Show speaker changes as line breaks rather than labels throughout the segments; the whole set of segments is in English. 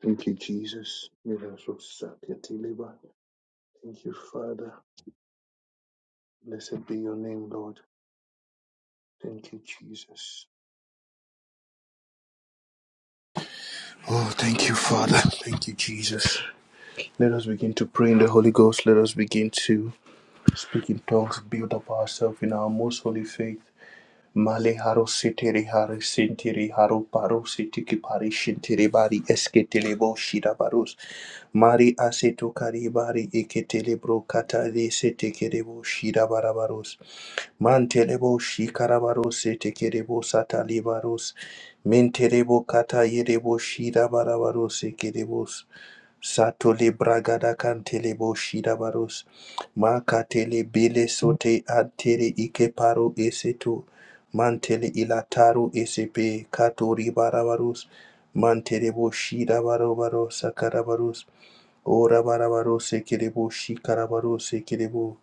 Thank you, Jesus. Miracle Sakati Liba. Thank you, Father. Blessed be your name, Lord. Thank you, Jesus.
Oh, thank you, Father. Thank you, Jesus. Let us begin to pray in the Holy Ghost. Let us begin to speak in tongues, build up ourselves in our most holy faith. Male haro seteri haro sentiri haro paro setiki pari shintiri bari esketele bo shira baros. Mari aseto kari bari eketele bro katale setekere bo shira barabaros. Mantele bo shikara baros setekere bo satali baros. Mentere bo kata yere bo shira barabaros ekerebos. Satole bragada cantele boshida baros. Makatele bele sote antere ikeparo eseto. Mantele ilataro esepe katori barabarus. Mantele boshida barobaro sakarabarus. Ora barabaro sekerebo shikarabarus sekerebo.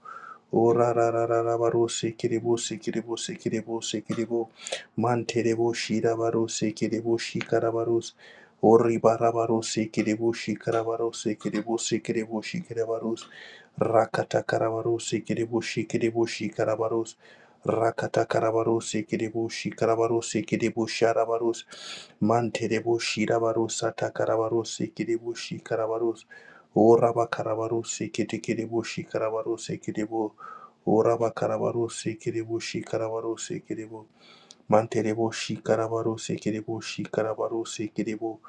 Ora ra ra ra ra baro sekirebo sekirebo sekirebo sekirebo manterebo shira baro sekirebo shikara baros ori bara baro sekirebo shikara baro sekirebo sekirebo shikara baros rakata kara baro sekirebo sekirebo shikara baros rakata kara baro sekirebo shikara baro sekirebo shara baros manterebo shira baro sata kara baro sekirebo shikara baros ora bakara baro sekirebo shikara baros sekirebo Uraba karabarusi kiribushi karabarusi kiribu. Manterebo shikarabarusi kiribu shikarabarusi kiribu.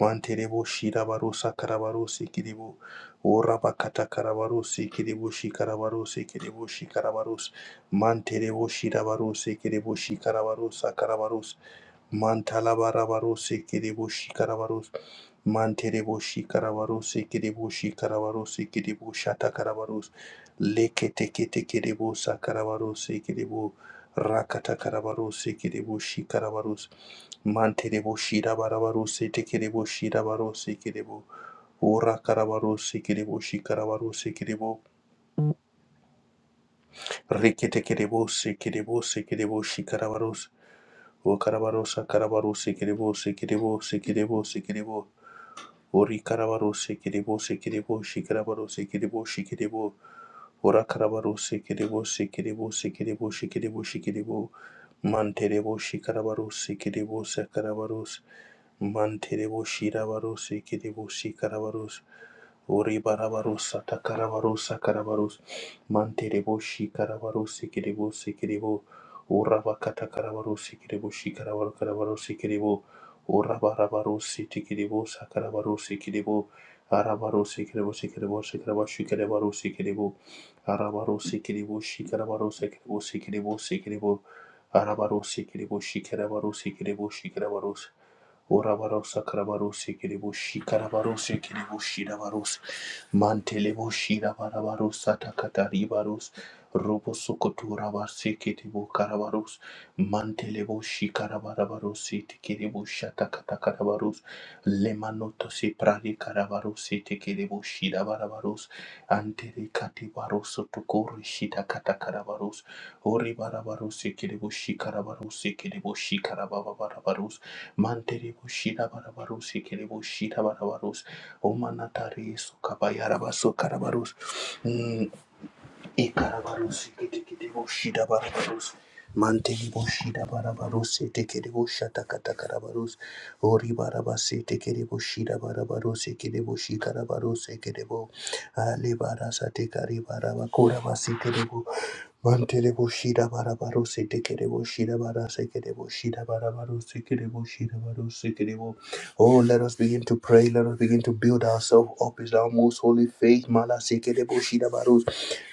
Manterebo shirabarusa karabarusi kiribu. Uraba kata karabarusi kiribu shikarabarusi kiribu shikarabarus. Manterebo shirabarusi kiribu shikarabarusa karabarus. Mantalabarabarosi kiribushi karabarus. Manteribushi karabarosi kiribushi karabarosi kiribu shata karabarus. Lekete kete kiribu sakarabarosi kiribu. Rakata karabarosi kiribu shi karabarus. Manteribushi rabarabarosi tekiribushi rabarosi kiribu. Ura karabarosi kiribu shi karabarosi kiribu. Rikete kiribu si kiribu si kiribu shi karabarus. O karabarosa karabarosi kiribu si kiribu si kiribu si kiribu. Ori karabaro sekirebo sekirebo shikarabaro sekirebo shikirebo Ora karabaro sekirebo sekirebo sekirebo shikirebo shikirebo Manterebo shikarabaro sekirebo sakarabaro Mantereboshi rabarose kereboshi karabarose. Oribarabarosa takarabarosa karabaros. Mantereboshi karabarose kerebose kerebo. Orabakata karabarose kereboshi karabaro karabarose kerebo. Orabarabarose tekerebosa karabarose kerebo. Arabarose kerebose kerebose karabashi kerebarose kerebo. Arabarose kereboshi karabarose kerebose kerebose kerebo. Arabarose kereboshi karabarose kereboshi Karabarosi Orabarosa Karabarosi Kiribushi Karabarosi Kiribushi Dabaros Mantelebushi Dabarabarosa Takataribaros Robosokotura Barsi Kiribu Karabaros Mantelebushi Karabarabarosi Tikiribusha Takatakabaros Lemanotosi Pradi Karabarosi Tikiribushi Dabarabaros Anteri Katibaroso Tukuri Shita Katakarabaros Oribarabarosi Kiribushi Karabarosi Kiribushi Karabarabaros Mantele bushira barabarus, ikele bushira barabarus, omanatari sukabayara basukarabarus. Ikarabarusi kitibusida barabarus. Manteli bushida barabarusi tikidibusha Ori barabasi tikidibushida barabarusi kidibushi karabarusi kidibu. Ali tikari barabakura basi kidibu. Manteli bushida barabarusi tikidibushida barasa kidibushida barabarusi kidibushida barusi kidibu. Oh, let us begin to pray. Let us begin to build ourselves up. Is our most holy faith. Mala sekere boshida baros.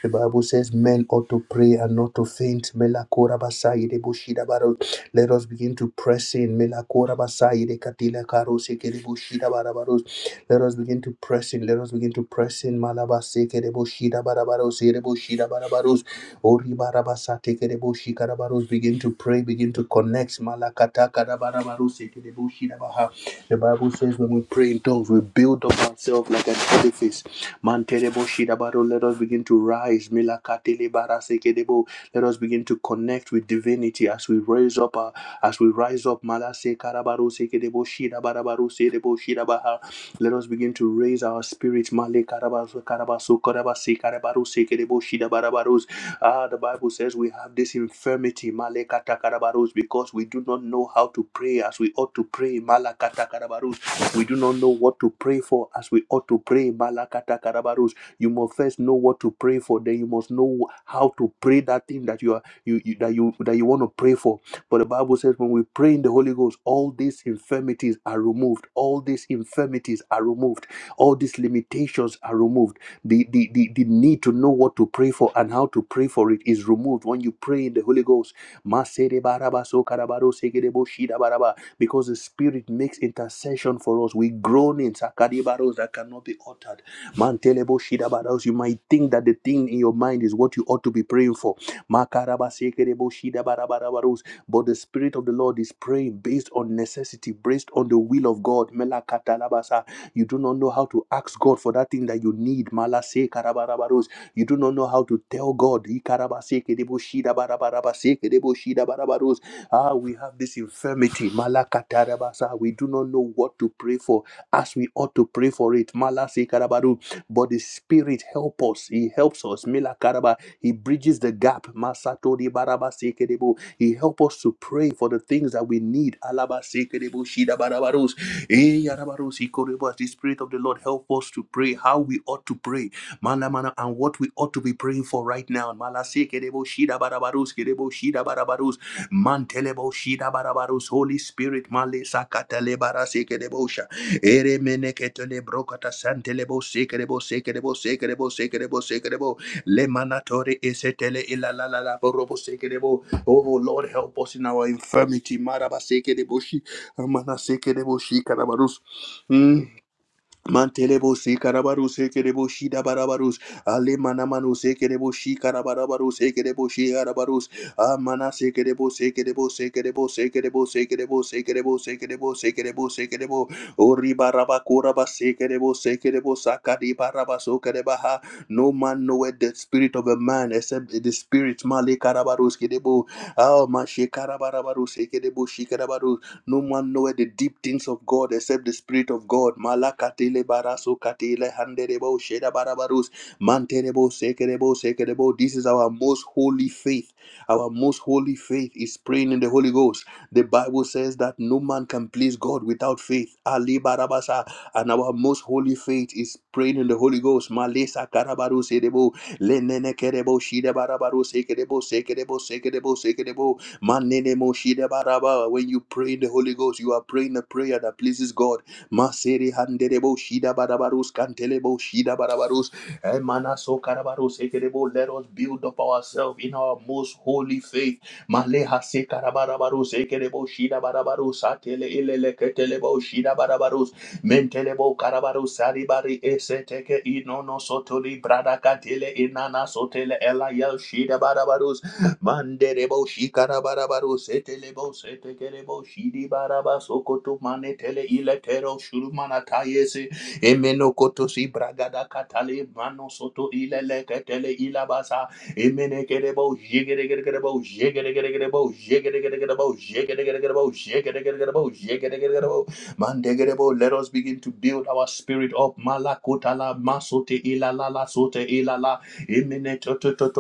The Bible says men ought to pray and not to faint. Melakora basai de bushida baro. Let us begin to press in. Melakora basai de katila karo seke de bushida barabaros. Let us begin to press in. Let us begin to press in. Malabaseke de bushida barabaros. Ere bushida barabaros. Ori barabasa teke de bushika barabaros. Begin to pray. Begin to connect. Malakata kara barabaros seke de bushida baha. The Bible says when we pray in tongues, we build up ourselves like an edifice. Manterebo Shidabaro, let us begin to rise. Milakatele Barasekedebo. Let us begin to connect with divinity as we raise up, uh, as we rise up. Malase Karabaro Sekedebo Shidabarabaru Sedebo Shidabaha. Let us begin to raise our spirit. Male Karabaso Karabaso Karabasi Karabaru Sekedebo Shidabarabarus. Ah, the Bible says we have this infirmity, Malekata Karabarus, because we do not know how to pray as we ought to pray. Malakata Karabarus. We do not know what to pray for as we ought to pray. Malakata karabarus. You must first know what to pray for. Then you must know how to pray that thing that you are you, you that you that you want to pray for. But the Bible says when we pray in the Holy Ghost, all these infirmities are removed. All these infirmities are removed. All these limitations are removed. The, the, the, the need to know what to pray for and how to pray for it is removed when you pray in the Holy Ghost. Maserebarabasokarabarosegereboshirabaraba. Because the Spirit makes intercession for us. We groanings sakadibaros, that cannot be uttered. Manteleboshirabaros. You might think that the thing in your mind is what you ought to be praying for Makarabasekereboshida barabarabarus, But the Spirit of the Lord is praying based on necessity, based on the will of God. Melakatalabasa. You do not know how to ask God for that thing that you need. Malasekarabarabaraus. You do not know how to tell God. Ikarabasekereboshida barabarabasekereboshida barabarus. Ah, we have this infirmity. Malakatarabasa. We do not know what to pray for as we ought to pray for it. Malasekarabaru. But the Spirit help us. He helps us. Melakaraba. He bridges the gap. Masatori barabasekerebo. He helps us to pray for the things that we need. Alabasekerebo, shidabarabaros. Eh, yarabaros, ikorebo. As The Spirit of the Lord help us to pray how we ought to pray. Mana mana and what we ought to be praying for right now. Malasekerebo, shidabarabaros, kerebo, shidabarabaros. Mantelebo, shidabarabaros. Holy Spirit, male sakatalebarasikerebosha. Ere meneketele brokata santelebo sekerebo sekerebo sekerebo sekerebo sekerebo. sekerebo. Le manatore esetele ila la la la borobo sekerebo. Oh oh, Lord, help us in our infirmity. Maraba sekerebo shi. Amana sekerebo shi karabarus. Mm. Mantelebo se karabaru se kerebo shi dabarabarus. Ale manamanu se kerebo shi karabarabaru se kerebo shi arabarus. Amana se kerebo se kerebo se kerebo se kerebo se kerebo se kerebo se kerebo se kerebo se kerebo. Ori baraba koraba se kerebo se kerebo sakadi baraba so kerebaha. No man knoweth the spirit of a man except the spirit male karabarus kerebo. Ah, ma she karabarabaru se kerebo shi karabarus. No man knoweth the deep things of God except the Spirit of God. Malakatele baraso katele handerebo sheda barabarus manterebo sekerebo sekerebo. This is our most holy faith. Our most holy faith is praying in the Holy Ghost. The Bible says that no man can please God without faith. Ali barabasa. And our most holy faith is praying in the Holy Ghost. Malesa karabarus edebo lenene kerebo shida barabarus sekerebo sekerebo sekerebo sekerebo. Manene mo shide baraba. When you pray in the Holy Ghost, you are praying a prayer that pleases God. Masere handerebo shida barabarus kantelebo shida barabarus. Emana so karabarus ekerebo. Let us build up ourselves in our most holy faith. Maleha se karabarabarus ekerebo shida barabarus atele ilele ketelebo shida barabarus. Mentelebo karabaru saribari eseteke inono sotoli brada katele inana sotele ela yel shida barabarus. Manderebo shikara barabaro setelebo setekerebo shidi baraba sokoto manetele iletero shurumana tayese emeno koto si bragada katale mano soto ilele ketele ilabasa emene kerebo jigeregerebo jigeregerebo jigeregerebo jigeregerebo jigeregerebo jigeregerebo mandegerebo let us begin to build our spirit up malakotala masote ilalala sote ilala Imene to to to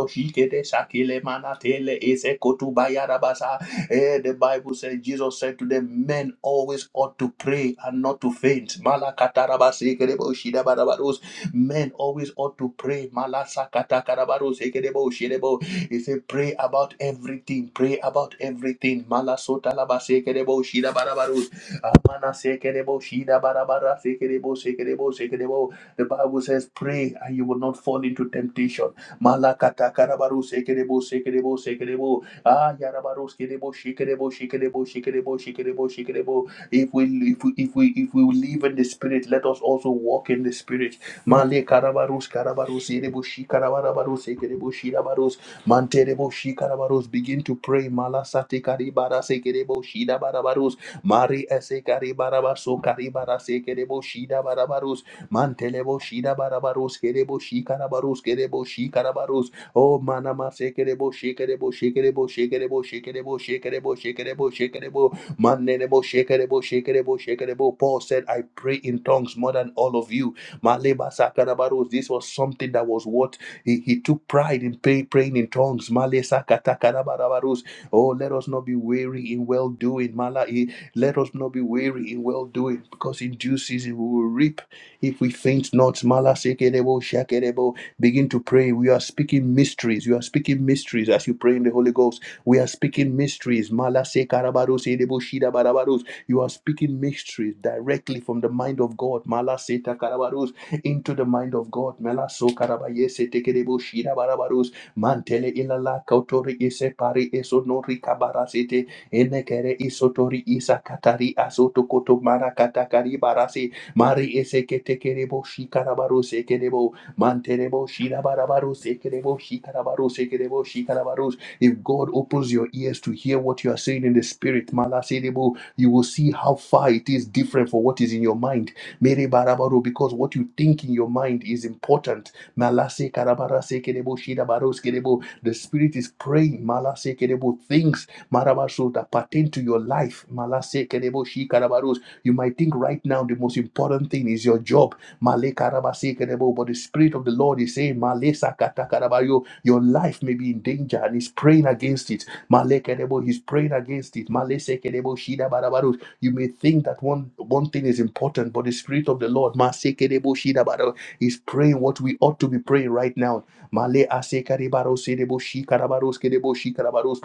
de shakile manatele ise kotu bayarabasa. Eh, the Bible says Jesus said to them, men always ought to pray and not to faint. Malakatarabasi kerebo shidabarabarus. Men always ought to pray. Malasakatakarabaro sekerebo shirebo. He said, pray about everything. Pray about everything. Malasotalaba sekerebo shidabarabarus. Amana sekerebo shidabarabara sekerebo sekerebo sekerebo. The Bible says, Pray and you will not fall into temptation. Malakata karabaru sekerebo sekerebo sekerebo. Ah, yarabaru skerebo shikerebo shikerebo shikerebo shikerebo shikerebo. If we if we if we if we live in the spirit, let us also walk in the spirit. Male karabarus karabarus erebo shikarabarabarus sekerebo shirabarus manterebo shikarabarus. Begin to pray. Malasate karibara sekerebo shidabarabarus. Mari ese karibarabaso karibara sekerebo shidabarabarus. Mantelebo shida barabaros kerebo shikarabaros kerebo shikarabaros. Oh manama kerebo shekerebo shekerebo shekerebo shekerebo shekerebo shekerebo shekerebo manenebo shekerebo shekerebo shekerebo. Paul said, I pray in tongues more than all of you. Maleba sakarabaros. This was something that was what he, he took pride in pray, praying in tongues. Male sakatakarabaros. Oh, let us not be weary in well doing. Mala, eh, let us not be weary in well doing because in due season we will reap if we faint not, malasekerebo, shakerebo, begin to pray. We are speaking mysteries. You are speaking mysteries as you pray in the Holy Ghost. We are speaking mysteries. Malasekarabaros, edebo, shidabarabaros. You are speaking mysteries directly from the mind of God. Malasetakarabaros, into the mind of God. Melasokarabayesetekerebo, shidabarabaros. Mantele ilala kautori ise pari eso nori kabarasete. Enekere isotori isa katari asoto koto mara katakari barasi Mari ese que te querebo, shikarabaru se querebo, manterebo, shirabarabaru se querebo, shikarabaru se querebo, shikarabaru. If God opens your ears to hear what you are saying in the spirit, malaserebo, you will see how far it is different for what is in your mind. Mere barabaru, because what you think in your mind is important. Malase karabara se querebo, shirabaru se querebo. The spirit is praying, malase querebo, things marabasu that pertain to your life. Malase querebo, shikarabaru you might think right now the most important thing is your job. Male karabasekerebo, But the Spirit of the Lord is saying, Male sakatarabayo, your life may be in danger and He's praying against it. Male kerebo, He's praying against it. Male sekerebo, shida barabaro. You may think that one, one thing is important, but the Spirit of the Lord masekerebo, shida barabaro, is praying what we ought to be praying right now. Male asekaribaro, sedebo, shikarabaros, kedebo, shikarabaros.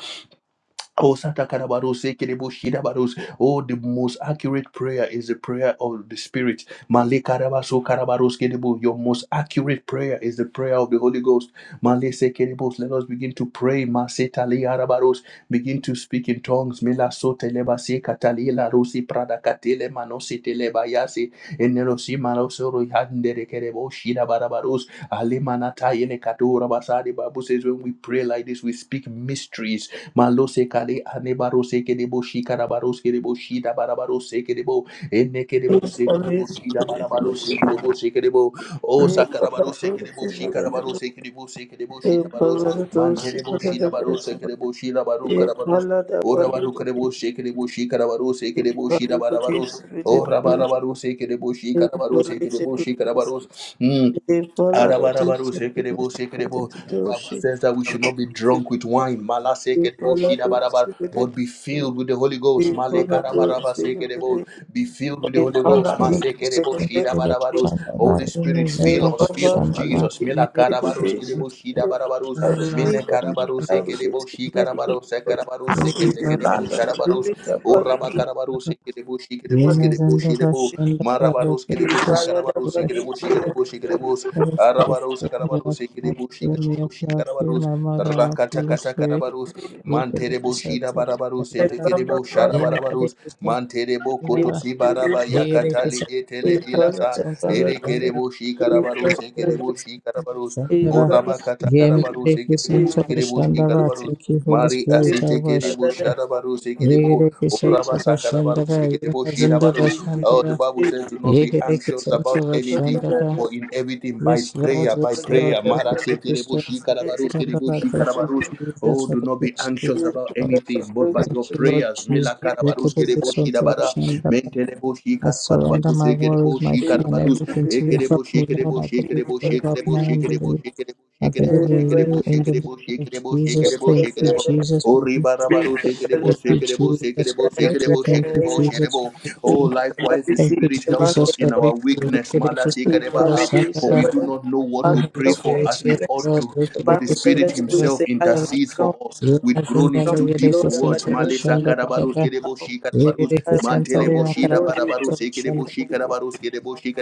Oh, Satakarabaros, Ekereboshirabaros. Oh, the most accurate prayer is the prayer of the Spirit. Male Karabaso karabaros kerebo. Your most accurate prayer is the prayer of the Holy Ghost. Malese kerebos. Let us begin to pray. Masetale arabaros. Begin to speak in tongues. Melasote lebase Prada larosi pradakatele Tele lebayase. Enerosi marosoro yandere kerebo shirabarabaros. Alemanata yene katora basari. Bible says when we pray like this, we speak mysteries Malose kare anebarose kerebo shikarabaros kerebo shida barabarose kerebo Enne kerebo
Thank
se
you.
kerebo shida barabarose kerebo se kerebo o sakarabarose kerebo shikarabarose kerebo se kerebo shida baros manterebo shida barose kerebo shida baru karabaros Ora baru kerebo se kerebo shikarabarose kerebo shida barabaros Ora barabarose kerebo shikarabarose kerebo shikarabaros Mm.
Thank
Arabarabaru sekerebo sekerebo. The Bible says that we should not be drunk with wine. Mala sekerebo shidabarabar, but be filled with the Holy Ghost. Male karabaraba sekerebo. Be filled with the Holy Ghost. Ma
Yemekleri
sekerebo
kısa, yemekleri
shidabarabarus. Holy Spirit,
I
fill
will
us, fill
live
us, Jesus. Mila karabarus kerebo shidabarabarus. Mene
and not
karabarus
die with it.
sekerebo shikarabarus sekarabarus
See the
seketekerebo
land of the
sharabarus.
living, the body
Oraba
is
karabarus sekerebo shikerebo
falling.
skerebo shirebo. Marabarus
The
kerebo
value of
shikarabarus
body,
sekerebo
the
shikerebo shikerebo Arabarus, Karabarus, Ekiribush, Ekiribush, Karabarus, Rakatakata Karabarus, Manterebo Shida Barabarus,
Brahma
Etekiribo
Brahma,
Shadabarabarus, Manterebo
the
Kotosi
Brahma the
Baraba Yakatali
kısa,
Brahma the
Etele
Brahma
Ilasa,
the Brahma
Erekerebo
the Brahma the
Shikarabarus, Ekiribo Shikarabarus,
Shandava.
Orabakata Karabarus,
Yemekideki
Ekiribo
Suntava
Shikiribo
Shandava.
Shikarabarus,
Thank you, Holy
Mari
Spirit. I
Asite
worship
Kiribo
you.
Shadabarus, Ekiribo,
Yegedeki Suntava
Orabasa
Shandava.
Karabarus, Ekiribo
Brahma the Brahma
Yemazindava
Shirabarus. Oh,
Shandava.
the Bible says, do
Brahma,
not be
Yegedeki
anxious
The
about
Suntava
Bible
anything
Shandava.
for
says,
in everything by
Yes, Lord.
prayer, by
Yes, Lord.
prayer. Mara se
Yegedeki
kerebo shi
Suntava
karabarus, kerebo
Shandava.
shi
Thank you,
karabarus.
Jesus,
Oh,
for
do
the
not be
grace to
anxious
pray,
about
Lord.
anything, but by
Thank
your
you, Lord
prayers.
Jesus.
Mela karabarus,
Yegedeki
kerebo shi
Suntava
dabara.
Shandava.
Mentelebo shi
I surrender
karabarabarus,
my
se kerebo
worries, my
shi
fear, and
karabarus.
everything
E
to you. Help
kerebo shi
me, Lord.
kerebo
I
shi
believe
kerebo
in you.
shi
Help
kerebo
my
shi kerebo
unbelief.
shi kerebo
I
shi
believe in
kerebo
you
shi
in the
kerebo
name
shi
of
kerebo shi kerebo shi
Jesus.
kerebo
Thank
shi
you,
kerebo.
Jesus,
Oh,
for victory.
ribarabarus, se kerebo
Thank
se
you,
kerebo se
Jesus, for
kerebo se
victory.
kerebo shi
Thank you,
kerebo shi
Jesus,
kerebo.
for
Oh,
victory.
likewise, the
Thank you,
Spirit helps us
Jesus, for
in our
victory.
weakness.
Victory for strength of
Malasikadabaha.
us and of
For we
our
do not know what to
Holy
pray for
Spirit.
as we
Yes,
ought
Lord,
to,
victory
but the
for
Spirit
Let
strength
the
of
weak
us
Himself
say,
and
I
of
am
our
intercedes
strong,
for us
I
with
am
groanings
strong in
Yunazindalo
the
too deep for
Yedese
Lord, and by
words.
the
Sentara
means of his
Shandaba
Malesakadabarus,
Baba
might.
kedeboshikadabarus,
Yedese
Show
Santale
me the
Makaraka
Lord who is
manteleboshidabarabarus,
Sentara Shandaba
with me.
ekedeboshikadabarus,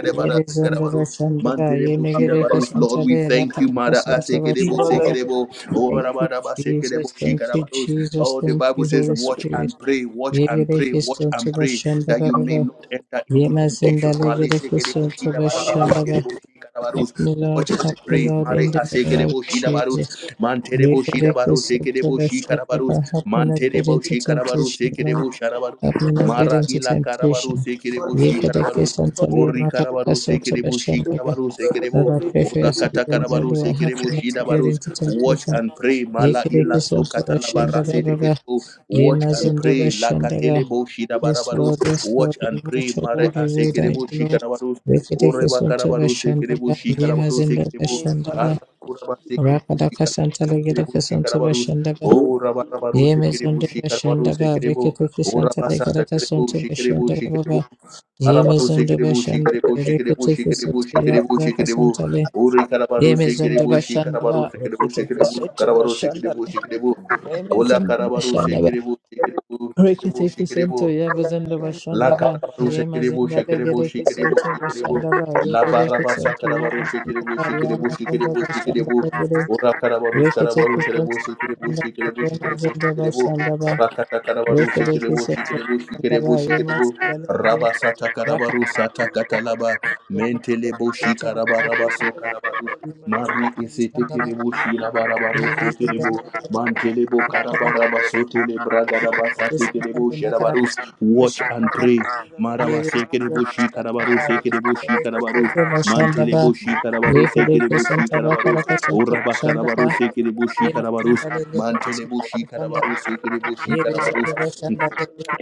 He is your
Yedese Shandaba Yemegedeke
manteleboshidabarabarus. Lord, we
Santale
thank you,
Rakaraka
Mara Asekedebo
Sentara
Sekedebo. Oh,
Thank you, Jesus. Thank you, Jesus.
Oh, the
Thank
Bible
you,
says,
Holy
watch
Spirit.
and pray, watch and pray,
Yegereke
watch
sonto
and pray,
bashanda
that you may
baba.
not enter into
Yemazinda
temptation. Male
legereke
sekerebo,
sonto
shidabarabaros,
bashanda ba.
kerebo,
Help
shikarabaros.
me, Lord.
Watch and
Help me,
pray.
Lord,
Mare
in the name of
asekerebo, shidabaros.
Jesus.
Manterebo,
Yegereke
shidabaros,
sonto
sekerebo,
bashanda
shikarabaros.
ba. Help me not get
Manterebo,
into
shikarabaros,
temptation, Lord.
sekerebo, sharabaros.
Help me not get
Mara
into
ila karabaros,
temptation.
sekerebo,
Yegereke
shikarabaros.
sonto
Ori
lemakaka
karabaros,
sonto
sekerebo,
bashanda ba.
shikarabaros,
Lord,
sekerebo.
I pray for your son,
Orakatakarabaro
Lord. Help me not to
shida
get
barus.
into
Watch
temptation.
and pray. Mala
Yekereke
ila so
Santara
praise.
katalabara
Shandara Baba.
setekerebo. Watch and
Yemazandara
pray. La
Shandara.
katelebo
Yes,
shidabarabaros.
Lord, yes, Lord,
Watch
we
and pray.
watch, O
Mare
Lord, we wait on you,
asekerebo
Lord.
shikarabaros.
Yekereke
Oreba
Santara
karabaro sekerebo
Shandara.
shikarabaro
Yemazandara
sekerebo.
Shandara.
Arabakuraba sekerebo
Rakadaka
shikarabaro
Santara Gereka
sekerebo
Santara
shikarabaros.
Shandara.
O rabarabaro sekerebo
Yemazandara
shikarabaro
Shandara.
sekerebo.
Yekereke
O
Santara
rabasata
Gereka
kerebo
Santara
shikerebo
Shandara
shikerebo.
Baba.
Arabaro
Yemazandara
sekerebo
Shandara.
shikerebo shikerebo
Yekereke
shikerebo
Santara
shikerebo
Gereka
shikerebo.
Santara.
Ori karabaru
Yemezonda
sekiribu shi
bashanda
karabaru
ba
sekiribu
rekete
sekiribu
kesoto
karabaru sekiribu sekiribu. Ola
Remezendo
karabaru
bashandaba,
sekiribu sekiribu
rekete
sekiribu sekiribu.
kusonto yabazendo
La
bashandaba,
carabaru shikiribu
yemazinda
shikiribu
legere
shikiribu
kusonto
shikiribu
bashandaba,
La
yegere
baraba
kusonto
sakarabaru shikiribu
yabazindaba,
shikiribu
yamazendo
shikiribu
bashandaba
shikiribu
gere,
Ura karabaru
rekete
skarabaru kiribu
kusonto
shikiribu
bashandaba,
shikiribu shikiribu
yemazendo
shikiribu
bashandaba,
Rakata karabaru
rekete
shikiribu
kusonto
shikiribu
bashandaba,
shikiribu shikiribu
yemazinda legere,
Raba sata
raka
karabaru sata
kusonto
katalaba
bashandaba, yemazendo
Mentelebu
kusonto bashandaba,
karabaraba so karabaru
yemazinde
Mari
kusonto
isete
bashandaba,
kerebo shirabarabaru
yemezinda
sekiribu
legere,
Mantelebo karabaraba sotele
Ye
bragaraba sate
Ibala
kiribu shirabaru
Thank
Watch and pray. Maraba sekerebo shi karabaro sekerebo shi karabaros. Mantelebo shi seke sekerebo shi karabaros. Oraba karabaru seke karabaro sekerebo shi karabaros. Mantelebo shi seke sekerebo shi karabaros.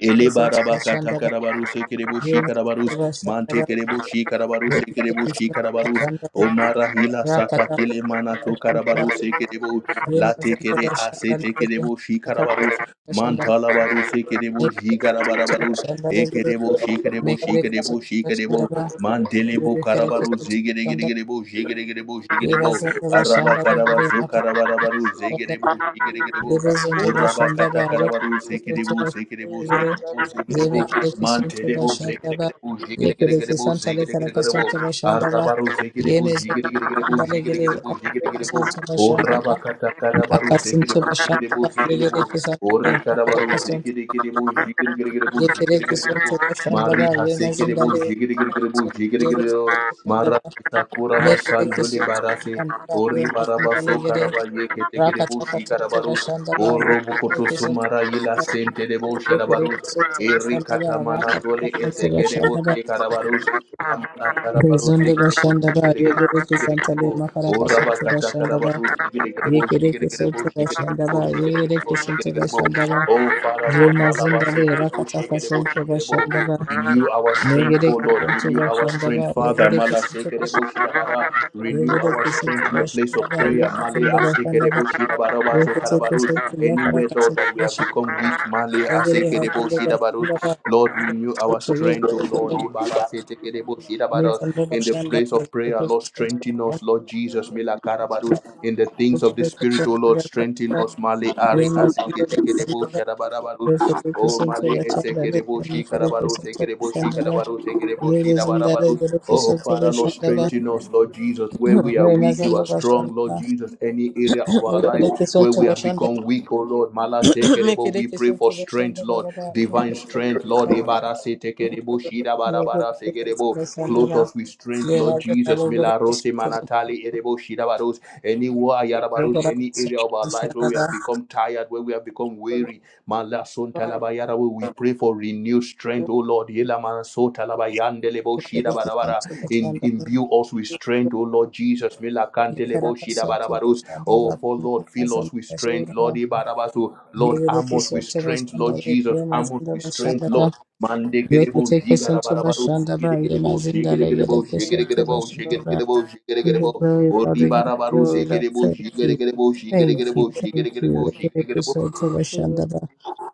Elebarabakata karabarus ekerebushi karabarus mante kerebushi karabarus ekerebushi karabarus omara hila sata kile mana to karabarus ekerebu late kere asete kerebushi karabarus mantala barus ekerebushi karabarabarus ekerebushi kerebushi kerebushi kerebushi kerebo
Mekerekeshandaba,
mandelebo karabarus
Rebekerekeshandaba,
ekerebu ekerebu ekerebu
Yevazanda
araba
Bashandaba,
karabazo
Yuremata
karabarabarus ekerebu ekerebu
Vivizandaba Shandaba, Revezonda Bashandaba,
Urabakata karabaru sekerebu
Rekerekesanta
sekerebu
Bashandaba,
sekerebu sekerebu
Zemekerekesanta
mantelebo
Bashandaba,
sekerebu sekerebu
Yekerekesanta
sekerebu
Lekarakasanta Bashandaba,
arabaru sekerebu
Yemezonda
sekerebu
Bashandaba,
sekerebu sekerebu
Rekerekesanta Bashandaba,
urabakata karabaru
Akasinto
sekerebu sekerebu
Bashandaba,
sekerebu ori karabaru
Rekerekesanta
sekerebu sekerebu
Yekereke soto
sekerebu
kashandaba
mari
ye
hasekerebu
mazindale
sekerebu
yebezo
sekerebu mara
kashandaba
sakura
mekereke
basandole
soto
barase
kashandaba ye
ori baraba
mazindale
so
gere
karaba ye yeke
rakataka soto
tekerebu
kashandaba
O
ye
robokoto
yekereke soto
somara yela
kashandaba
sente de bo
yekereke
sherabarus.
soto
Eri
kashandaba
katamana
rakataka
tole
soto
eseke de bo
kashandaba
shekarabarus. Lamana karabarus
bezondo
ege de bo
kashandaba
shigere gere bo
yekereke
shigere gere
santale
bo. O
makaraka soto
rabakata
kashandaba
karabarus ege de gere bo
yekereke
shigere gere
soto
bo shigere gere
kashandaba yekereke soto kashandaba
bo
ye
shigere gere
kereke
bo
santo
shigere
da
gere bo.
shandaba
Oh Father
ye
Lord, malaba
mazindale
seke de bo
rakataka
sheke de bo
soto
sheke de bo.
kashandaba
Renew our strength, O
Yegereke
Lord. Renew
suntura
our
shandaba,
strength, Father.
yegereke
Mala seke
suntura
de bo
shandaba,
shidabara. Renew our
yegereke
strength in the
suntura
place of
shandaba,
prayer.
yena
Male
suntura
aseke de
shandaba,
bo shidabaraba so
yegereke
karabarus.
suntura
Anywhere,
karaka
Lord, that we
suntura
have
shandaba,
become weak, Male,
yegereke
Asekedebo,
suntura shandaba,
Shidabaros. Lord, renew our
yegereke suntura shandaba,
strength, O Lord. Ibara, Setekedebo,
yegereke suntura shandaba, yena
Shidabaros.
suntura
In the
shandaba,
place
yegereke suntura shandaba,
of prayer, Lord, strengthen us, Lord
you.
Jesus, Mila Karabarus. In the things of
yegereke
the
suntura
Spirit, O
shandaba, yegereke suntura shandaba, yegereke
Lord, strengthen
suntura
us, Male, Ari,
shandaba, yegereke
Asekedebo, Shadabarabarus. O Mali Esekereboshi Karabaro Sekereboshi Karabaro Sekereboshi Dabarabarus. Oh Father, Lord, strengthen us, Lord Jesus. Where we are weak, you are
suntura
strong,
shandaba,
Lord Jesus. Any area of our lives
Mekereke
where
sonto
we have
bashandara.
become weak, oh Lord. Mala Sekerebo, we
Mekereke
pray
sonto
for strength,
bashandara
Lord.
baba
Divine
kuraka sonto
strength, Lord.
bashandara.
Ibara Sekereboshi Dabarabara
Mekereke sonto
Sekerebo clothe
bashandara.
us with strength, Lord
Levaze
Jesus.
nalogoro
Milarose
sonto
manatali erebo shidabaros. Anywhere ayarabaros,
bashandara.
any area of
Sonto
our life where we have
bashandara.
become tired, where we have become weary. Malason talabayara, where we pray for renewed strength, O Lord. Yela manaso talabayandelebo
Mekereke
shidabarabara.
sonto
In
bashandara.
imbue us with strength, O Lord Jesus. Milakantelebo
Mekereke sonto
shidabarabaros. Oh,
bashandara.
for Lord,
Kuraka
fill us
sonto
with strength,
bashandara.
Lord Ibarabaso. Lord, arm
Mekereke
us with
sonto
strength,
bashandara.
Lord Jesus. Arm us
Yemazinda
with strength, Lord.
bashandara.
Mande kere bo
Mekereke
jigara
sonto
bara baru
bashandara.
zigere kere bo jigere
Yemazindala
kere bo
yereke
jigere
sonto
kere bo jigere
bashandara.
kere bo jigere
Give
kere
you
bo
glory, Lord.
ori
We give
bara,
you glory, Lord.
Mandekerebo jigarabarabaru zigeregerebo
Thank you.
jigeregerebo jigeregerebo jigeregerebo jigeregerebo oribarabaru zigerebo jigeregerebo
Thank
jigeregerebo
you. Thank you.
jigeregerebo
Regereke
jigeregerebo
soto bashandaba.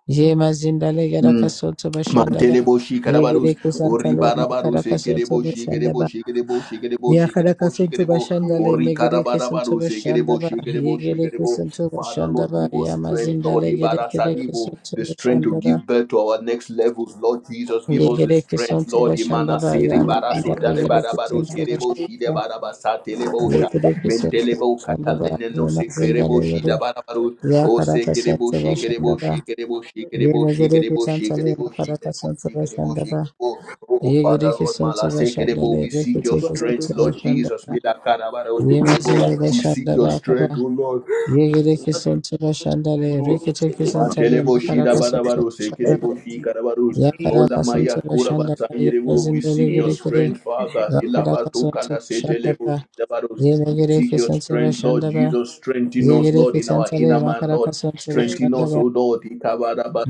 Ye mazindale yaraka soto bashandaba.
Manteleboshi
Ye
karabarus,
gereke
ori
santale
barabarus,
makaraka soto
ekereboshi,
bashandaba.
kereboshi, kereboshi,
Ya
kereboshi,
karaka
kereboshi,
soto
kerebo,
bashandale
ori
megereke soto
karabarabarus,
bashandaba.
ekereboshi,
Ye
kereboshi,
gereke
kerebo.
soto
Father, Lord,
bashandaba.
give
Ya
us strength, Lord,
mazindale gereke reke
ibarasadibo,
soto
the strength to
bashandaba.
give birth to our next levels, Lord Jesus, give
Ye
us the
gereke
strength,
soto
Lord, imana
bashandaba. Ya
imanasere
mazindale
barasota de
gereke
barabarus,
soto
kereboshi
bashandaba.
de barabasatelebosha,
Likidiki Central
mentelebo katala
Shandaba, Yema
nenosi
Zindale
kereboshi de
Yodo,
barabarus, O
Yakaraka
sekerebo
Central
Thank
shikerebo
Shandaba,
shikerebo shikerebo
Yema Gedeki
shikerebo shikerebo
Central,
shikerebo
Yakaraka Central
shikerebo
Shandaba,
shikerebo. Oh Father
Yegedeki
Lord Mala
Central
sekerebo,
Shandale,
we seek your
Rikitiki
strength,
Central
Lord Jesus.
Shandaba,
Mila karabara o
Yema
sekerebo,
Zindale
We seek your
Shandaba,
strength,
Kara,
O Lord.
Yegedeki Central Shandale,
Lord.
Rikitiki Central,
Mantelebo shida
Makaraka Central
barabaros,
Shandaba,
ekerebo shikarabaros, ola
Yakaraka
maya
Central Shandaba, Yema
kurabasayerebo. We
Zindale
seek your
Gedeki,
strength, Father.
Rakaraka
Ilabato
Central
kalasetelebo
Shandaba,
shidabaros.
Yema
We seek
Gedeki
your
Central
strength, Lord
Shandaba,
Jesus. Strengthen us, Lord,
Yereke
in our
santale
inner man,
makaraka
Lord.
santo
Strengthen us,
bashandaba
O Lord.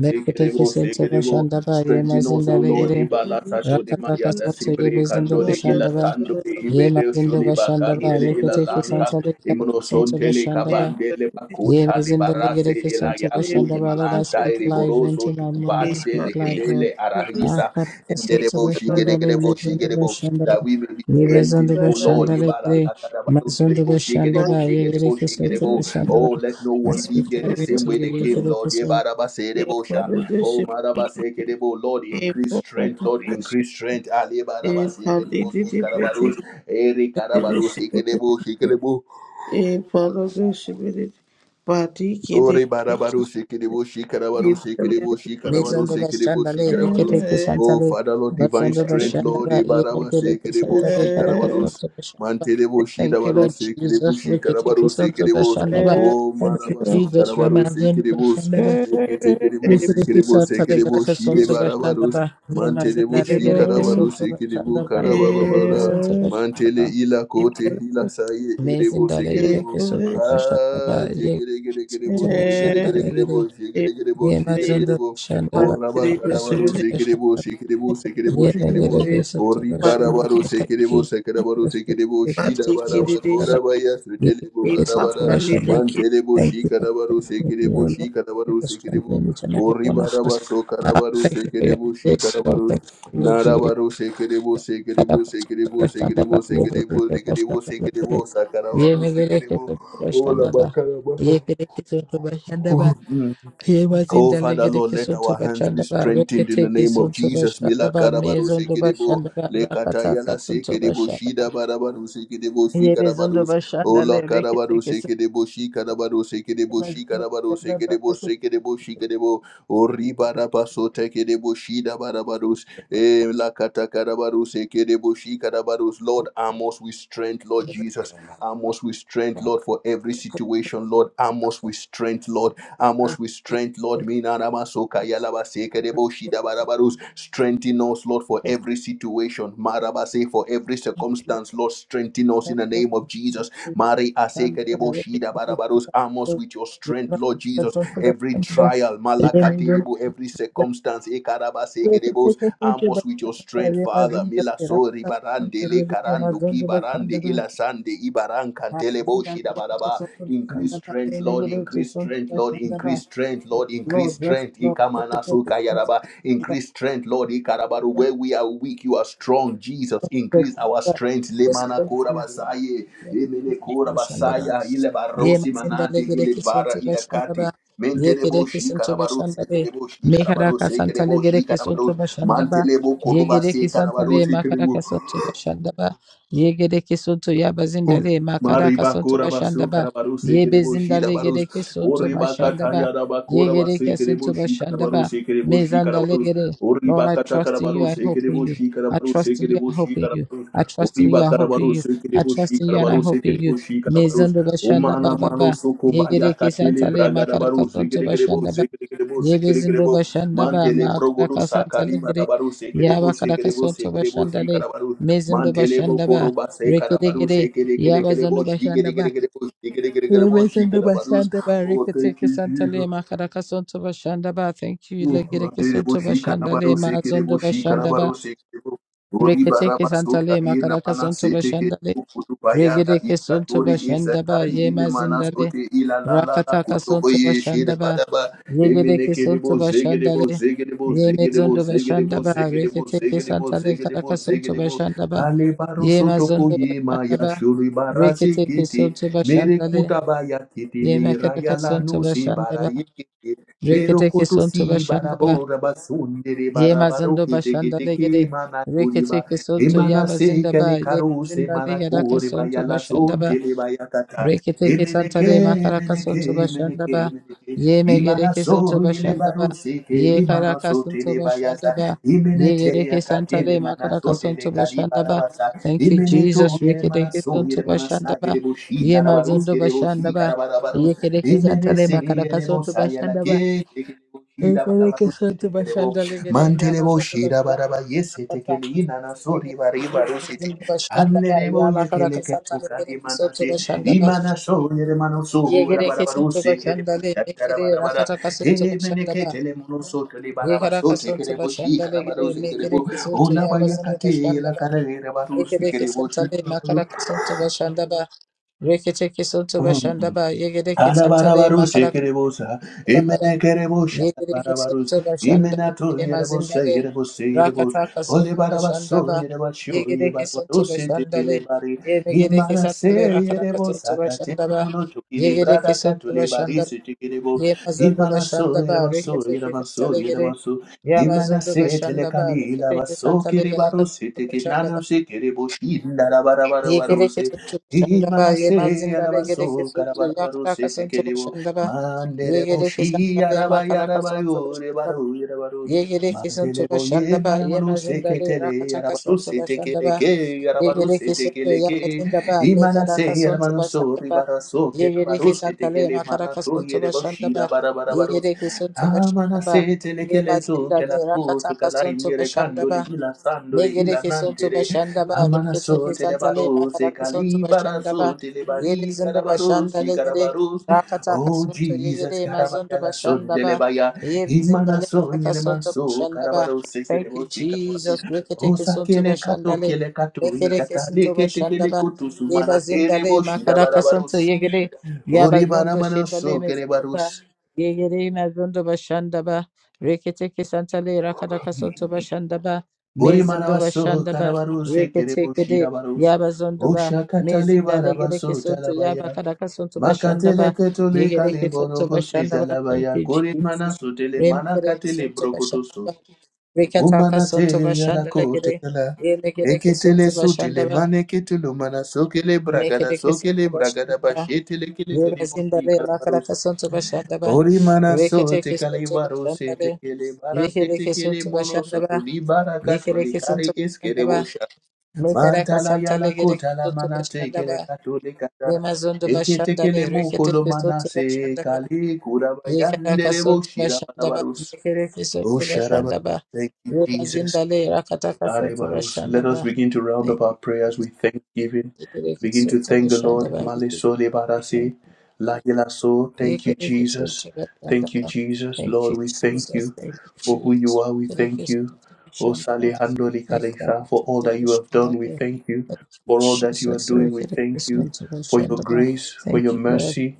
meketeke
sekerebo.
santo
sekerebo.
bashandaba ye
Strengthen us,
mazinda
O Lord.
legere
Ibalasatole
rakataka
maya
santo ye
dasibre
bezindo
kandole
bashandaba
ilatandole
ye
you.
ibere
mazindo bashandaba
Thank you.
shulibakantele
reketeke
ilalanka.
santale karaka santo
Imnoson tele
bashandaba
kabandele
Yea,
bakuta
is in the
libarase
legacy unto
elayaku
Vashanda Brother, I
imananta
speak life, live into
eriboroso
my mouth, I speak
tukubandele
live, Lord.
ketele
Ah,
arahisa
Karakasa to
enderebo
Vashanda,
shigerebo
Mazundu
shigerebo
Vashanda,
that we may be
Nivazundu
strengthened, O Lord.
Vashanda,
Ibarakarabados
Mazundu
kerebo
Vashanda,
shigerebo shigerebo
Yegrikis unto
shigerebo.
Vashanda,
Oh, let no
I
one
speak
leave here the
life,
same way they came, Lord.
into you,
Yebarabaserebo sha. Oh, marabasekerebo. Lord, increase strength, Lord, increase strength. Ali barabasekerebo shikarabarus. Eri karabarus Ikerebo, Ore barabaru shikiribu shikarabaru shikiribu shikarabaru
Mezando
shikiribu
bashandale rekete
shikarabarus.
ke
Oh,
santale
Father, Lord, divine
basando
strength, Lord,
bashandaba
ibaraba
yemeke reke
shikiribu
santale
shikarabarus.
karakasonto bashandaba.
Manterebo
Thank you,
shidabaru
Lord
shikiribu
Jesus. Rekete ke
shikarabaru
santo
shikiribus.
bashandaba.
Oh,
Thank you,
marabaso
Jesus.
karabaru
Ramazando
shikiribus.
bashandaba.
I'm
Leketekiribu
saying
Rekete ke
shikiribu
santale
shikiribu
karakasonto
shidebarabarus.
bashandaba.
Manterebo
Yemazindale gereke
shikarabaru
santo
shikiribu
bashandaba. Yekereke
karabababara.
santo
Mantele
bashandaba.
ila kote ila saye erebo
Mezindale
shikiribu.
gereke santo bashandaba.
Ah,
Yekereke santo
jigidigidigidibo,
bashandale
jigidigidigidibo,
gereke.
jigidigidibo,
Yemazando
jigidigidibo. Oh,
bashandaba
Rabba rabakadabaro, zigidibo,
karakasonto
zigidibo, zigidibo,
Yeah, they get
zigidibo.
a case of
Oh,
solution, but
rikadabaro,
I thank
zigidibo,
you.
zikadabaro,
Jesus, for
zigidibo,
the case of
shidabadaba,
solution, that I-
kodabaya,
Yeah, the
sutelebo,
case of
kadabada,
solution, that I
mantelebo,
Thank you for
shikadabaro,
strengthening me,
zigidibo,
O Lord. Thank you
shikadabaro,
for
zigidibo.
strengthening each and
Oh,
every one of us.
ribaraba,
Ah,
sokadabaro,
thank you for your
zigidibo,
grace, Lord.
shikadabaro,
Thank you for your glory.
Narabaro sekerebo
Father,
sekerebo
protect
sekerebo
us, Father,
sekerebo
that we will be
sekerebo
the best
sekerebo
of the
sekerebo
Lord. Yeah,
sakarabaro
they get a
sekerebo ola bakaraba
Yeah, he was in
Oh,
the
Father, Lord, let
legation to
our hands be
Bashandaba,
strengthened in the
Reketeke
name of
son to
Jesus. Mila
Bashandaba,
karabaru
Mason to
sekedebo,
Bashandaba,
le
Rakataka
katayala
son to
sekedebo,
Bashandaba.
shida barabaru sekedebo, shi
He was on the
karabarus, ola
Bashandale,
karabaru
Reketeke son
sekedebo, shi karabaru sekedebo, shi karabaru sekedebo, sekedebo, shi kedebo, ori barabaso tekedebo, shida barabarus, eh, la kata karabaru sekedebo, shi karabarus. Lord, arm us with strength, Lord Jesus. Arm us with strength, Lord, for every situation, Lord. Arm us with strength, Lord Amos with strength, Lord. Minaramasoka yalabasekereboshidabarabarus. Strengthen us, Lord, for every situation. Marabase, for every circumstance, Lord. Strengthen us in the name of Jesus.
to
Mari
Bashandaba.
asekereboshidabarabarus. Amos with your strength, Lord Jesus. Every trial, malakaterebo, every circumstance, ekarabasekerebos.
Yekapeka seke
Amos with your strength,
bakabaya
Father.
mazinda
Mila sori
terapta
barandele
elebe
karando
mazondo
ki
bakanda
barande
ba
ilasande ibarankan Kantelebo
mazinda yekapeka
Shidabadaba.
seke bakanda
Increase
ba
strength, Lord,
enegede
increase
cheson
strength, Lord,
chashanda ba
increase strength, Lord,
Lord
increase
bless
strength.
Lord
Ikamana
yekapeka seke
Sukayaraba.
bakanda ba
Increase strength, Lord, Ikarabaru. Where we are weak, you are strong, Jesus. Increase our strength.
Yes,
Lemana
thank you.
Korabasaye.
Yes,
Emene
thank you, Shanda
Korabasaya.
Ye
Ilebarosi
mazinda le
Manati.
gereki
Ilebara
suntu bashanda ba.
Ilekati.
Ye
Mentelebo
gereki suntu
Shikarabaru
bashanda be.
Sekelebo Shikarabaru
Meharaka santa le
Sekelebo
gereki suntu
Shikarabaru
bashanda ba.
Mantelebo
Ye
Koruba
gereki santa
Sekarabaru
le
Sekelebo
makaraka suntu bashanda ba. Ye gereki suntu ya bazinda le
Mari
makaraka suntu
bakura
bashanda
basu
ba.
karabaru
Ye
sekerebo shi
bezinda le
barus
gereki suntu
ori
bashanda
bakata
ba.
yada
Ye
bakura basu
gereki
kerebo
suntu
shi
bashanda
karabaru
ba.
sekerebo shi
Mezanda le
karabarus
gere.
ori
Lord, I
bakata
trust in you.
karabaru
I hope in
sekerebo
you.
shi
I
karabaru
trust in you. I
sekerebo
hope
shi
in you.
karabarus
I trust
ori
in you. I hope in
bakarabaru
you. I
sekerebo shi
trust in you and I
karabaru
hope in you.
sekerebo shi karabarus
Mezondo bashanda
Mana
baba
mano
ba
soko baya
yegereke
katele
santale
braga da
makara
baru
kasonto
zigeregerebo
bashanda ba
zigeregerebo
yebezindo
zigeregerebo
bashanda ba
mantele
makara
progodo sakari
kasantale gere
barabaru
yaba
sekerebo
kara
sekerebo
kasonto
sekerebo
bashanda le
sikarabaru
mezindo
mantele
bashanda
bokoro
ba
base
rekede
karabaru
gere
sekere kere
yaba zondo
kerebo
bashanda ba
zigeregerebo zigeregerebo
yebezindo
zikarabaru
bashanda ba
oh
rekete
thank you Jesus
kesantale makara kasonto bashanda ba thank you le legere kesonto
Tereboshi
bashanda le
karabaro se
mazondo
kereboshi
bashanda ba
karabaro se kerebo. Ori
rekete
baraba so
kesantale
kaye
makara
namana
kasonto
se teke
bashanda le
kutu
regede
bayala
kesonto
ikatori
bashanda ba
isakari ine
yema
mana
zindale
sote ila la la la
Rakataka
kuto
Sonto
boye shire
Bashandaba,
baraba emine
Rigideke Sonto
kerebo zegerebo
Bashandale,
zegerebo zegerebo
Yemezondo
zegerebo
Bashandaba,
zegerebo
Riketeke
zegerebo
Santale Karaka
zegerebo
Sonto
zegerebo
Bashandaba,
ale baro soto
Yemazondo
koye maya
Bashandaba,
shuri barasi
Riketeke
kiti
Sonto
mere
Bashandale,
kuta baya kiti li raya
Yemakadaka
la
Sonto
no si
Bashandaba,
baraye
Riketeke
Berokoto
Sonto
si
Bashandaba,
barabora basundere barabaro
Yemazondo
kete kete
Bashandale
ke
Gede,
mana kuriba
Riketeke Sonto
emana se kale
Yabazindaba,
karo se
Yemazindale
mana
Yaraka
kore
Sonto
baya la
Bashandaba,
sonte le baya kata
Reketeke
emene ke
santale makaraka
emene ke
soto
emene ke
bashandaba.
emene ke
Ye
imana
megereke soto
so yele
bashandaba.
baro se ke
Ye
limana
karaka
so
soto
tele baya sa
bashandaba.
imene
Ye
te
gereke
yakate
santale
mana
makaraka
so
soto
tele kari
bashandaba.
barabasa
Thank you,
imene to
Jesus.
yele mana
Reketeke
so
soto
yele mana sa
bashandaba.
yele boshi
Ye
narabarus
mazondo bashandaba.
ke
Ye kereke santale makaraka
Imeneselebo
soto bashandaba.
sayalake tekelebo
Ye
shida barabaru
gereke soto
setekelebo
bashandale gereke
mantelebo
mazondo
shida
bashandaba.
baraba yese tekeli
Rakataka soto
inana sori bariba
gereke
rosete
mazondo bashandaba.
hanlerebo
Ya makaraka
yekeleke
santale
tukali
gereke soto
manase
bashandaba.
imana soyere mano sora
Yegere kesin
barabaru
toba
sekelebo
şandale,
shadara
mekere
barabara
rakata kasın toba
emeneke
şandala.
telemono soteli baraba
Yegara kasın toba
sotekelebo
şandale
shikala
gere,
baru sekelebo
mekere kesin to
olaba
yabazın
yakate
toba şandala.
yelakarere baru
Yegere
sekelebo
kesin tale,
shikala
makara kasın toba şandala. Rekete kesin toba
baru
şandala, yegere kesin tale,
Arabarabarus,
makara kasın
Ekerebosa,
toba şandala.
Emenekerebosha,
Yedireke
Barabarus,
soto bashanda ba
Imenato,
yema
Yerebosa,
zindale
Yerebos, Yerebos,
rakataka soto bashanda
Olebarabaso,
ba
Yerebasho,
yegereke soto
Yebarabarus,
bashanda le
Tekelebari,
yemegereke sandale
Imanase,
rakataka soto
Yerebosa,
bashanda ba
Katemono,
yegereke
Tokilibrada,
soto bashanda
Katulibaris, Tekelebo,
yema zondo
Imanaso,
bashanda ba
Yerebaso,
reketeke
Yeremaso,
santale gere
Yeremaso,
yama zondo
Imanase,
bashanda ba
Telekali,
reketeke
Lavaso,
santale gere
Kiribaros,
soto bashanda
Tekinano,
ba
Sekereboshi,
yegereke soto bashanda ba yema
Imanase
zindale gereke
alabaso
soto
karabarabaru
yakataka soto
setekelewo
bashanda ba
manderebo
yegereke
shi
santale
araba
makaraka
yaraba
soto
yore
bashanda ba
baru yarabaru
Yegere kisun to
mandelebo ye
Bashandaba,
manamanu
Yemazindale,
seketele
Rakataka son
yarabaru
to Bashandaba,
setekeleke yarabaru
Yegere kisun to
setekeleke
Yabazindaba,
imanase
Negaraka son to
yaramanu so
Bashandaba,
ribaraso
Yegere
kerebaru
kisantale,
kele
Makaraka
manato
son to
yerebo shi
Bashandaba,
rabarabarabaru
Yegere kisun to Bashandaba,
amanase telekele to
Yemazindale,
kelaku
Rakataka
kala
son to
inyere kandoli
Bashandaba,
ila sandoli ila
Negereke sonto
nantere
bashanda ba reketeke
Amaraso
santale
telebaros e
makaraka sonto bashanda ba
calibaraso
yere
telebari
zindo
carabaros
bashanda
e
legere
carabaros.
rakataka
Oh
sonto
Jesus,
yegere mazondo
karabaya la son
bashanda ba
telebaya.
yere zinda
Imanaso
legeraka sonto
yenemanso
bashanda ba
carabaros e
thank you
kerevos e carabaros.
jesus
Oh
reketeke sonto
sakele
bashanda
kato
le
kele kato ye
rekereke
katale
sonto
kete
bashanda
kele
ba
kutu
yeba
sumana
zinda
tere
le
boshida
makaraka sonto
barabaros.
yegere yaba
Ori mana
zondo shida le
manaso
mezondo ba
kerebaros.
yegere mazondo bashanda ba reketeke santale rakataka sonto bashanda ba
Ori
Mezindoba
manaso
Shandaba
carabaros e kereboshida
Reketekede
baros.
Yaba
Oh
Zondoba
shakatale
Mezinda Legereke
barabaso
Soto Yaba
talabaya.
Kadaka Sonto
Makatele
Bashandaba
ketole kali
Yegereke Soto
borogo sita
Bashandaba Thank
labaya
you
kuri mana
Jesus
sutele mana
Remkereke
katele
Soto
brokotoso.
Bashandaba Rekataka
Umana te
Sonto
yala
Bashanda Legere
kotela.
Yemegereke Soto
Eketele sutele
Bashandaba
mane ketulu mana sokele bragada
Mekereke
sokele
Soto
bragada
Bashandaba
bashetele kele
Yeba
kele boshi
Zindale Makaraka
karabarus.
Sonto Bashandaba
Ori mana sote
Reketeke
kali
Soto
barose
Bashandale
tekele barate
Yekereke
tekele
Soto
mono
Bashandaba
sotoli barakatoli
Yekereke
kare
Soto
eskere
Mekaraka
Mantala
Santa
yala
Legere
kota la
Soto
mana tekele
Bashandaba,
kato de kata.
Remazondo
Ete
Bashandale,
tekele mo
Rekete
kolo mana
Soto
se
Bashandaba,
kali kuraba
Yekaraka
yandere bo
Soto
shira
Bashandaba,
barabarus.
Mekereke
Oh,
Soto
shara
Bashandaba,
Thank you, Jesus.
Remazindale, Rakataka Soto
Arevaros. Let us
Bashandaba.
begin to round
Thank
up our
you.
prayers with thanksgiving.
Yekereke
Begin to
Soto
thank the Lord.
Bashandaba. We give you
Maleso
Thank
lebarase,
you.
lahelaso.
You
Thank
can
you,
make it so
Jesus.
to get done,
Thank you,
Baba.
Jesus.
Thank you,
Lord, we thank
Jesus.
you
Thank
for
you,
who you
Jesus.
are. We
Thank
thank you.
you,
O
Shandra.
Salihando
Thank
Likalesa, for all that
you,
you have done, we
Shandra.
thank you.
Thank you,
For all that you are
Jesus. You
doing, we
can make it
thank
so
you.
to be
For
shunned,
your
Baba.
grace, for your
Thank you, Lord.
mercy,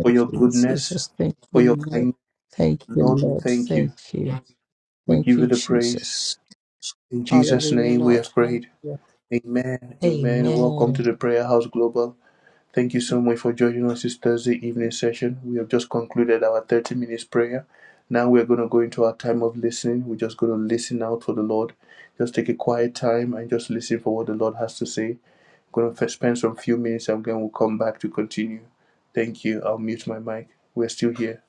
for your
you,
goodness,
Jesus. Thank
for
you,
your
Lord.
kindness.
Thank you,
Lord, we
Lord.
thank
Thank
you.
you.
We
Thank
give
you,
you the praise.
Jesus.
In Jesus'
Hallelujah,
name we
Lord.
have prayed.
Hallelujah.
Amen. Amen. Welcome
Amen.
to the Prayer House Global. Thank you so much for joining us this Thursday evening session. We have just concluded our 30 minutes prayer. Now we're going to go into our time of listening. We're just going to listen out for the Lord. Just take a quiet time and just listen for what the Lord has to say. going to spend some few minutes and then we'll come back to continue. Thank you. I'll mute my mic. We're still here.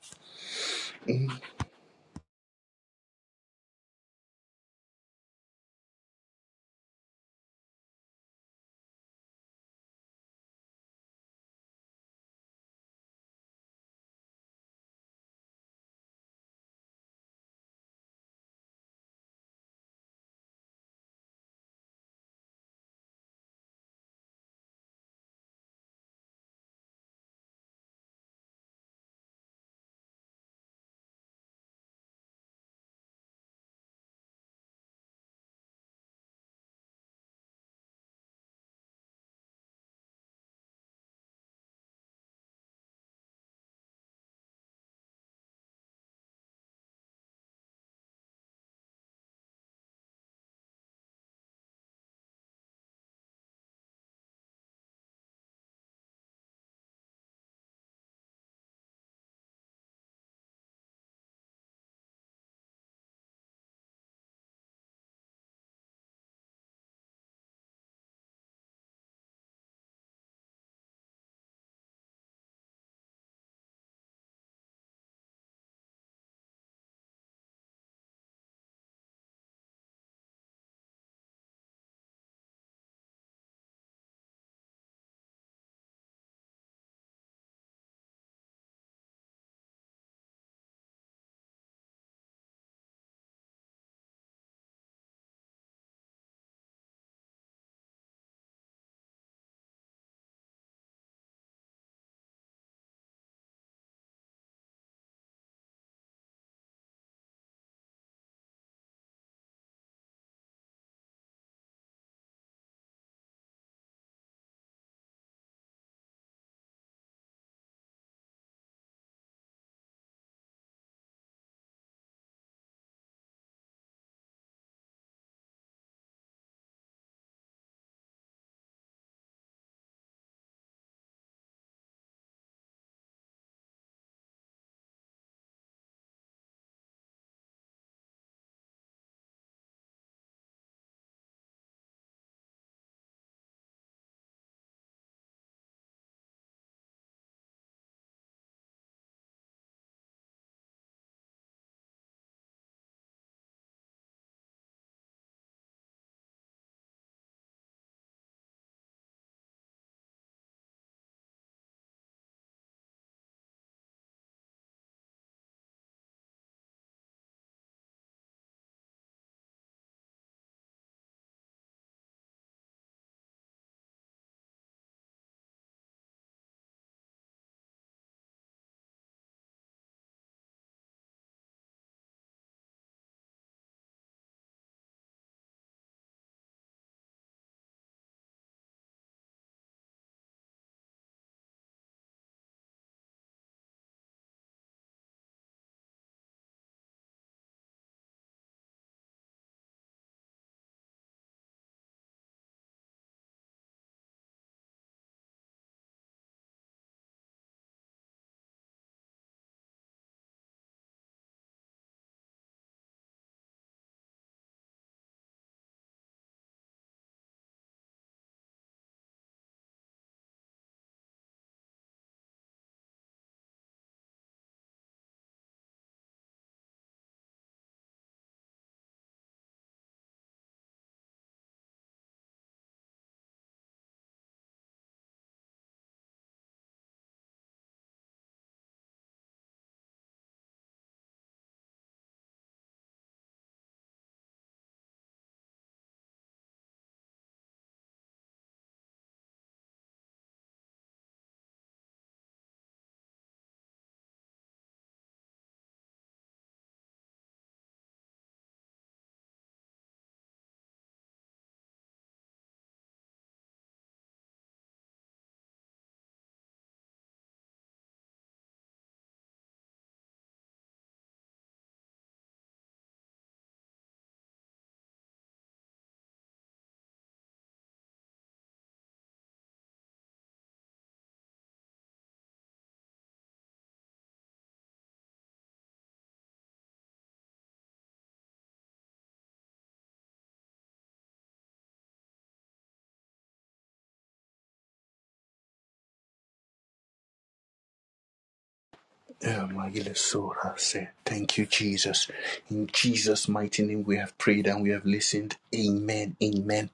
Yeah, my little soul has said, Thank you, Jesus. In Jesus' mighty name, we have prayed and we have listened. Amen. Amen.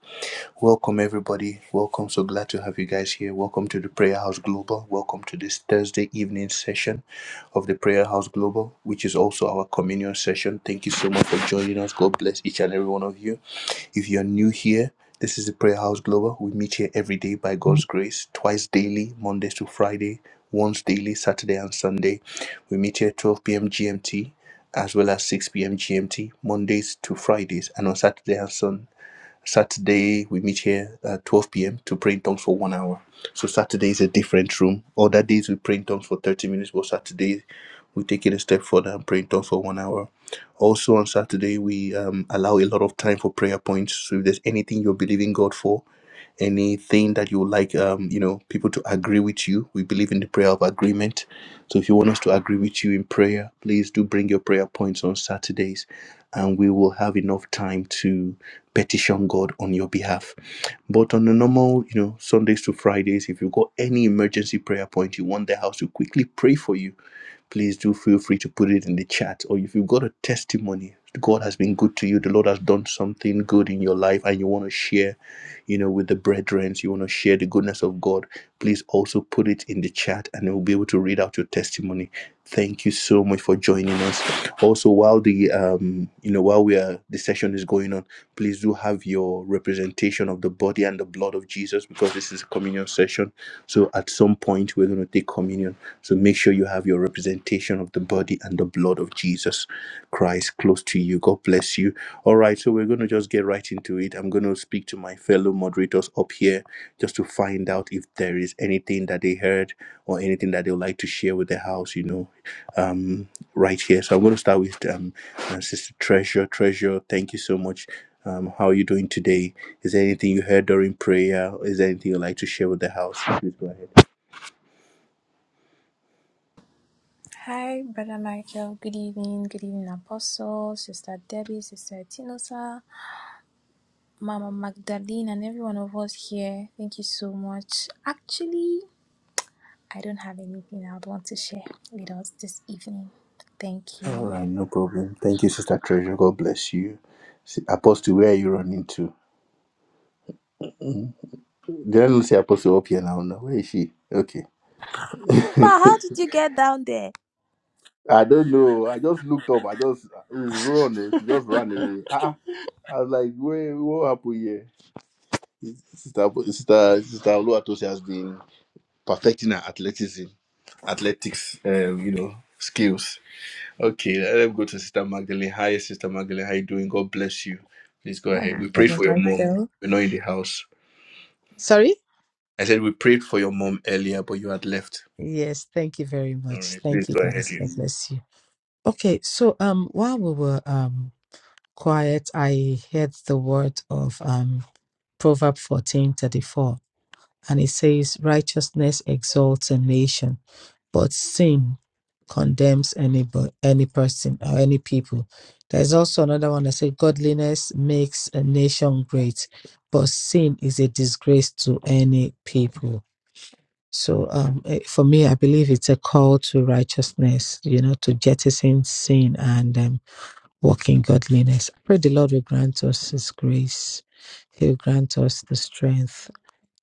Welcome, everybody. Welcome. So glad to have you guys here. Welcome to the Prayer House Global. Welcome to this Thursday evening session of the Prayer House Global, which is also our communion session. Thank you so much for joining us. God bless each and every one of you. If you're new here, this is the Prayer House Global. We meet here every day by God's grace, twice daily, Mondays to Friday, once daily, Saturday and Sunday. We meet here 12 p.m. GMT as well as 6 p.m. GMT, Mondays to Fridays, and on Saturday and Sunday. Saturday, we meet here at 12 p.m. to pray in tongues for one hour. So Saturday is a different room. Other days, we pray in tongues for 30 minutes, but Saturday, we take it a step further and pray in tongues for one hour. Also, on Saturday, we um, allow a lot of time for prayer points. So if there's anything you're believing God for, anything that you would like um, you know people to agree with you we believe in the prayer of agreement so if you want us to agree with you in prayer please do bring your prayer points on saturdays and we will have enough time to petition god on your behalf but on the normal you know sundays to fridays if you got any emergency prayer point you want the house to quickly pray for you please do feel free to put it in the chat. Or if you've got a testimony, God has been good to you, the Lord has done something good in your life, and you want to share, you know, with the brethren, so you want to share the goodness of God, please also put it in the chat and we'll be able to read out your testimony. Thank you so much for joining us. Also, while the um, you know, while we are the session is going on, please do have your representation of the body and the blood of Jesus because this is a communion session. So at some point we're going to take communion. So make sure you have your representation of the body and the blood of Jesus Christ close to you. God bless you. All right, so we're going to just get right into it. I'm going to speak to my fellow moderators up here just to find out if there is anything that they heard or anything that they would like to share with the house, you know, um, right here. So I'm going to start with um, uh, Sister Treasure. Treasure, thank you so much. Um, how are you doing today? Is there anything you heard during prayer? Is there anything you'd like to share with the house? Please go ahead.
Hi, Brother Michael. Good evening. Good evening, Apostle, Sister Debbie, Sister Tinosa, Mama Magdalene, and everyone of us here. Thank you so much. Actually, I don't have anything I'd want to share with us this evening. Thank
All
you.
right, no problem. Thank you, Sister Treasure. God bless you. Si- Apostle, where are you running to? Did I not see Apostle up here now? No, where is she? Okay.
Ma,
I
how did you get down there?
don't know. I just looked up. I just he's run. oh, She just ran away. Ah, ah. I was like, wait, what happened here? Sister, sister, sister Oluwatosi has been perfecting her athleticism, athletics, um, you know, skills. Okay, let me go to Sister Magdalene. Hi, Sister Magdalene. How you doing? God bless you. Please go
Hi,
ahead. We pray
Brother
for your mom.
Michael.
We're not in the house.
Sorry?
I said we prayed for your mom earlier, but you had left.
Yes, thank you very
All
much.
right,
Thank
please
you,
go ahead,
guys.
you.
God bless you. Okay, so um, while we were um quiet, I heard the word of um Proverb fourteen thirty four, and it says, "Righteousness exalts a nation, but sin condemns any bo- any person or any people." There's also another one that says, "Godliness makes a nation great, but sin is a disgrace to any people." So um, eh, for me, I believe it's a call to righteousness, you know, to jettison sin and um, walk in godliness. I pray the Lord will grant us His grace. He will grant us the strength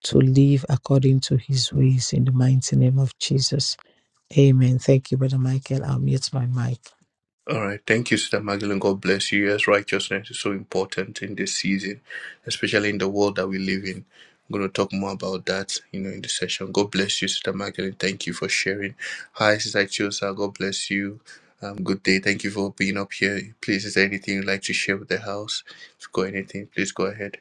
to live according to His ways in the mighty name of Jesus. Amen. Thank you, Brother Michael. I'll mute my mic.
All right, thank you, Sister Magdalene. God bless you. Yes, righteousness is so important in this season, especially in the world that we live in. I'm going to talk more about that, you know, in the session. God bless you, Sister Magdalene. Thank you for sharing. Hi, Sister Chiosa. God bless you. Um, good day. Thank you for being up here. Please, is there anything you'd like to share with the house? If you have got anything, please go ahead.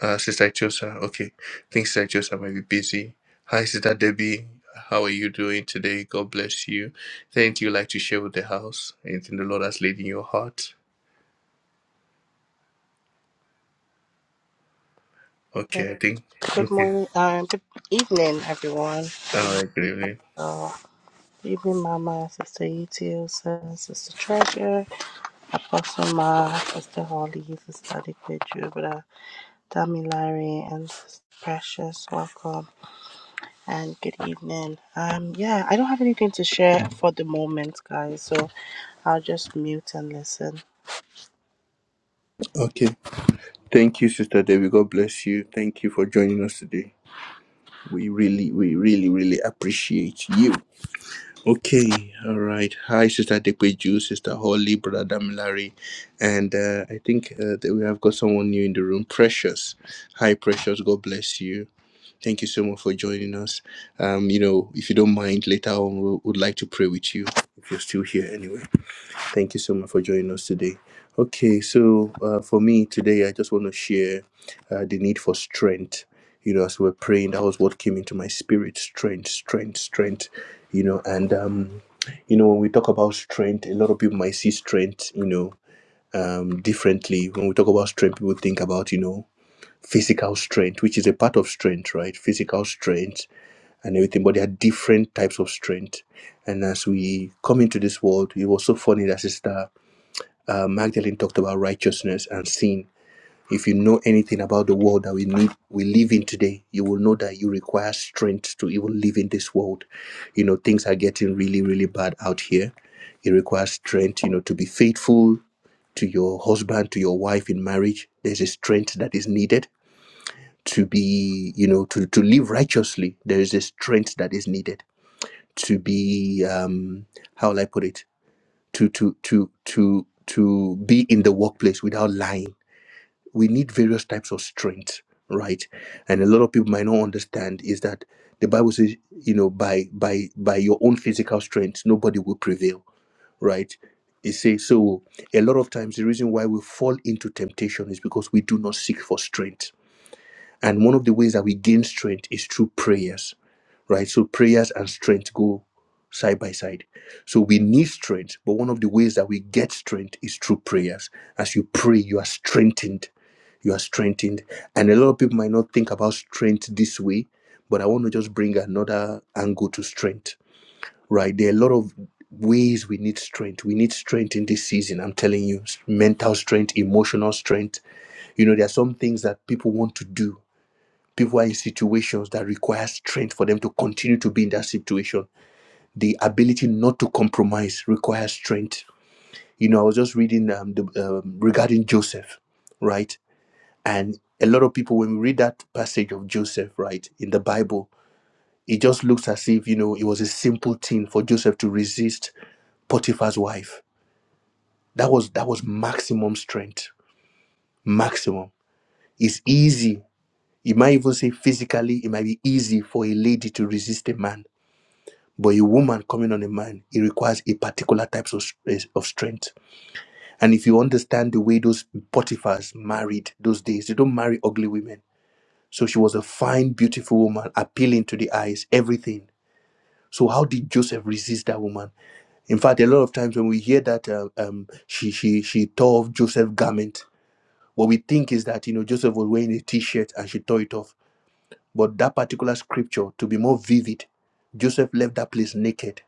Uh, Sister Chosa, okay. I think Sister Chosa might be busy. Hi, Sister Debbie. How are you doing today? God bless you. Is there Anything you'd like to share with the house? Anything the Lord has laid in your heart?
Okay.
Okay, I think.
Good
Okay.
morning, uh, good evening, everyone.
All right, good evening.
Uh, good evening, Mama, Sister Etio, Sister Treasure, Apostle Ma, Sister Holly, Sister Liquid Jubila, Dami Larry, and Sister Precious. Welcome and good evening. Um, yeah, I don't have anything to share for the moment, guys, so I'll just mute and listen.
Okay. Thank you, Sister Debbie. God bless you. Thank you for joining us today. We really, we really, really appreciate you. Okay, all right. Hi, Sister Dekweju, Sister Holly, Brother Damilari, and uh, I think uh, that we have got someone new in the room, Precious. Hi, Precious. God bless you. Thank you so much for joining us. Um, you know, if you don't mind, later on we would like to pray with you if you're still here anyway. Thank you so much for joining us today. Okay, so uh, for me today, I just want to share uh, the need for strength. You know, as we were praying, that was what came into my spirit strength, strength, strength. You know, and, um, you know, when we talk about strength, a lot of people might see strength, you know, um, differently. When we talk about strength, people think about, you know, physical strength, which is a part of strength, right? Physical strength and everything, but there are different types of strength. And as we come into this world, it was so funny that sister uh, Magdalene talked about righteousness and sin. If you know anything about the world that we need, we live in today, you will know that you require strength to even live in this world. You know, things are getting really, really bad out here. It requires strength, you know, to be faithful to your husband, to your wife in marriage. There's a strength that is needed to be, you know, to, to live righteously. There is a strength that is needed to be, um, how will I put it? To, to, to, to, to be in the workplace without lying we need various types of strength right and a lot of people might not understand is that the bible says you know by by by your own physical strength nobody will prevail right it says so a lot of times the reason why we fall into temptation is because we do not seek for strength and one of the ways that we gain strength is through prayers right so prayers and strength go side by side so we need strength but one of the ways that we get strength is through prayers as you pray you are strengthened you are strengthened. And a lot of people might not think about strength this way, but I want to just bring another angle to strength, right? There are a lot of ways we need strength. We need strength in this season. I'm telling you, mental strength, emotional strength. You know, there are some things that people want to do. People are in situations that require strength for them to continue to be in that situation. The ability not to compromise requires strength. You know, I was just reading um, the, um, regarding Joseph, right? And a lot of people, when we read that passage of Joseph, right, in the Bible, it just looks as if, you know, it was a simple thing for Joseph to resist Potiphar's wife. That was that was maximum strength. Maximum. It's easy. You might even say physically, it might be easy for a lady to resist a man. But a woman coming on a man, it requires a particular type of, of strength. And if you understand the way those Potiphars married those days, they don't marry ugly women So she was a fine, beautiful woman, appealing to the eyes, everything. So how did Joseph resist that woman? In fact, a lot of times when we hear that uh, um, she she she tore off Joseph's garment, what we think is that you know Joseph was wearing a t-shirt and she tore it off. But that particular scripture, to be more vivid, Joseph left that place naked.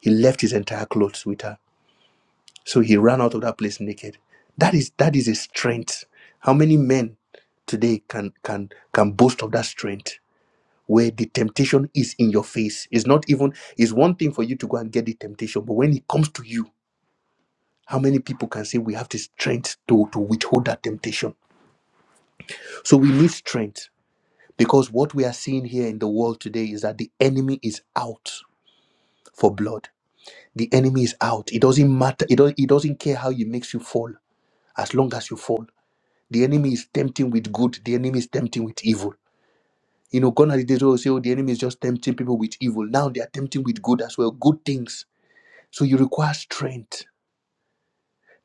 He left his entire clothes with her. So he ran out of that place naked. That is that is a strength. How many men today can can can boast of that strength? where the temptation is in your face. It's not even, it's one thing for you to go and get the temptation, but when it comes to you, how many people can say we have the strength to, to withhold that temptation? So we need strength because what we are seeing here in the world today is that the enemy is out for blood. The enemy is out. It doesn't matter. It, don't, it doesn't care how it makes you fall as long as you fall. The enemy is tempting with good, the enemy is tempting with evil. You know, gone are the days where we say, oh, the enemy is just tempting people with evil. Now they are tempting with good as well, good things So you require strength.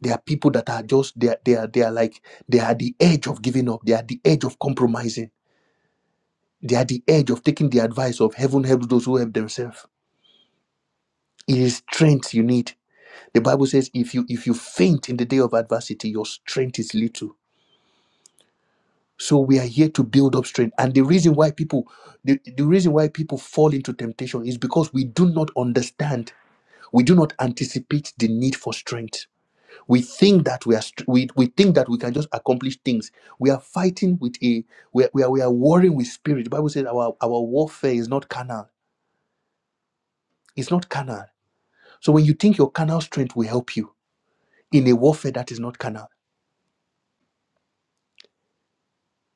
There are people that are just they are, they are they are like they are at the edge of giving up. They are at the edge of compromising. They are at the edge of taking the advice of heaven helps those who help themselves. It is strength you need. The Bible says if you if you faint in the day of adversity, your strength is little. So we are here to build up strength. And the reason why people the, the reason why people fall into temptation is because we do not understand. We do not anticipate the need for strength we think that we are str- we, we think that we can just accomplish things we are fighting with a we are, we are, we are warring with spirit the bible says our our warfare is not carnal it's not carnal so when you think your carnal strength will help you in a warfare that is not carnal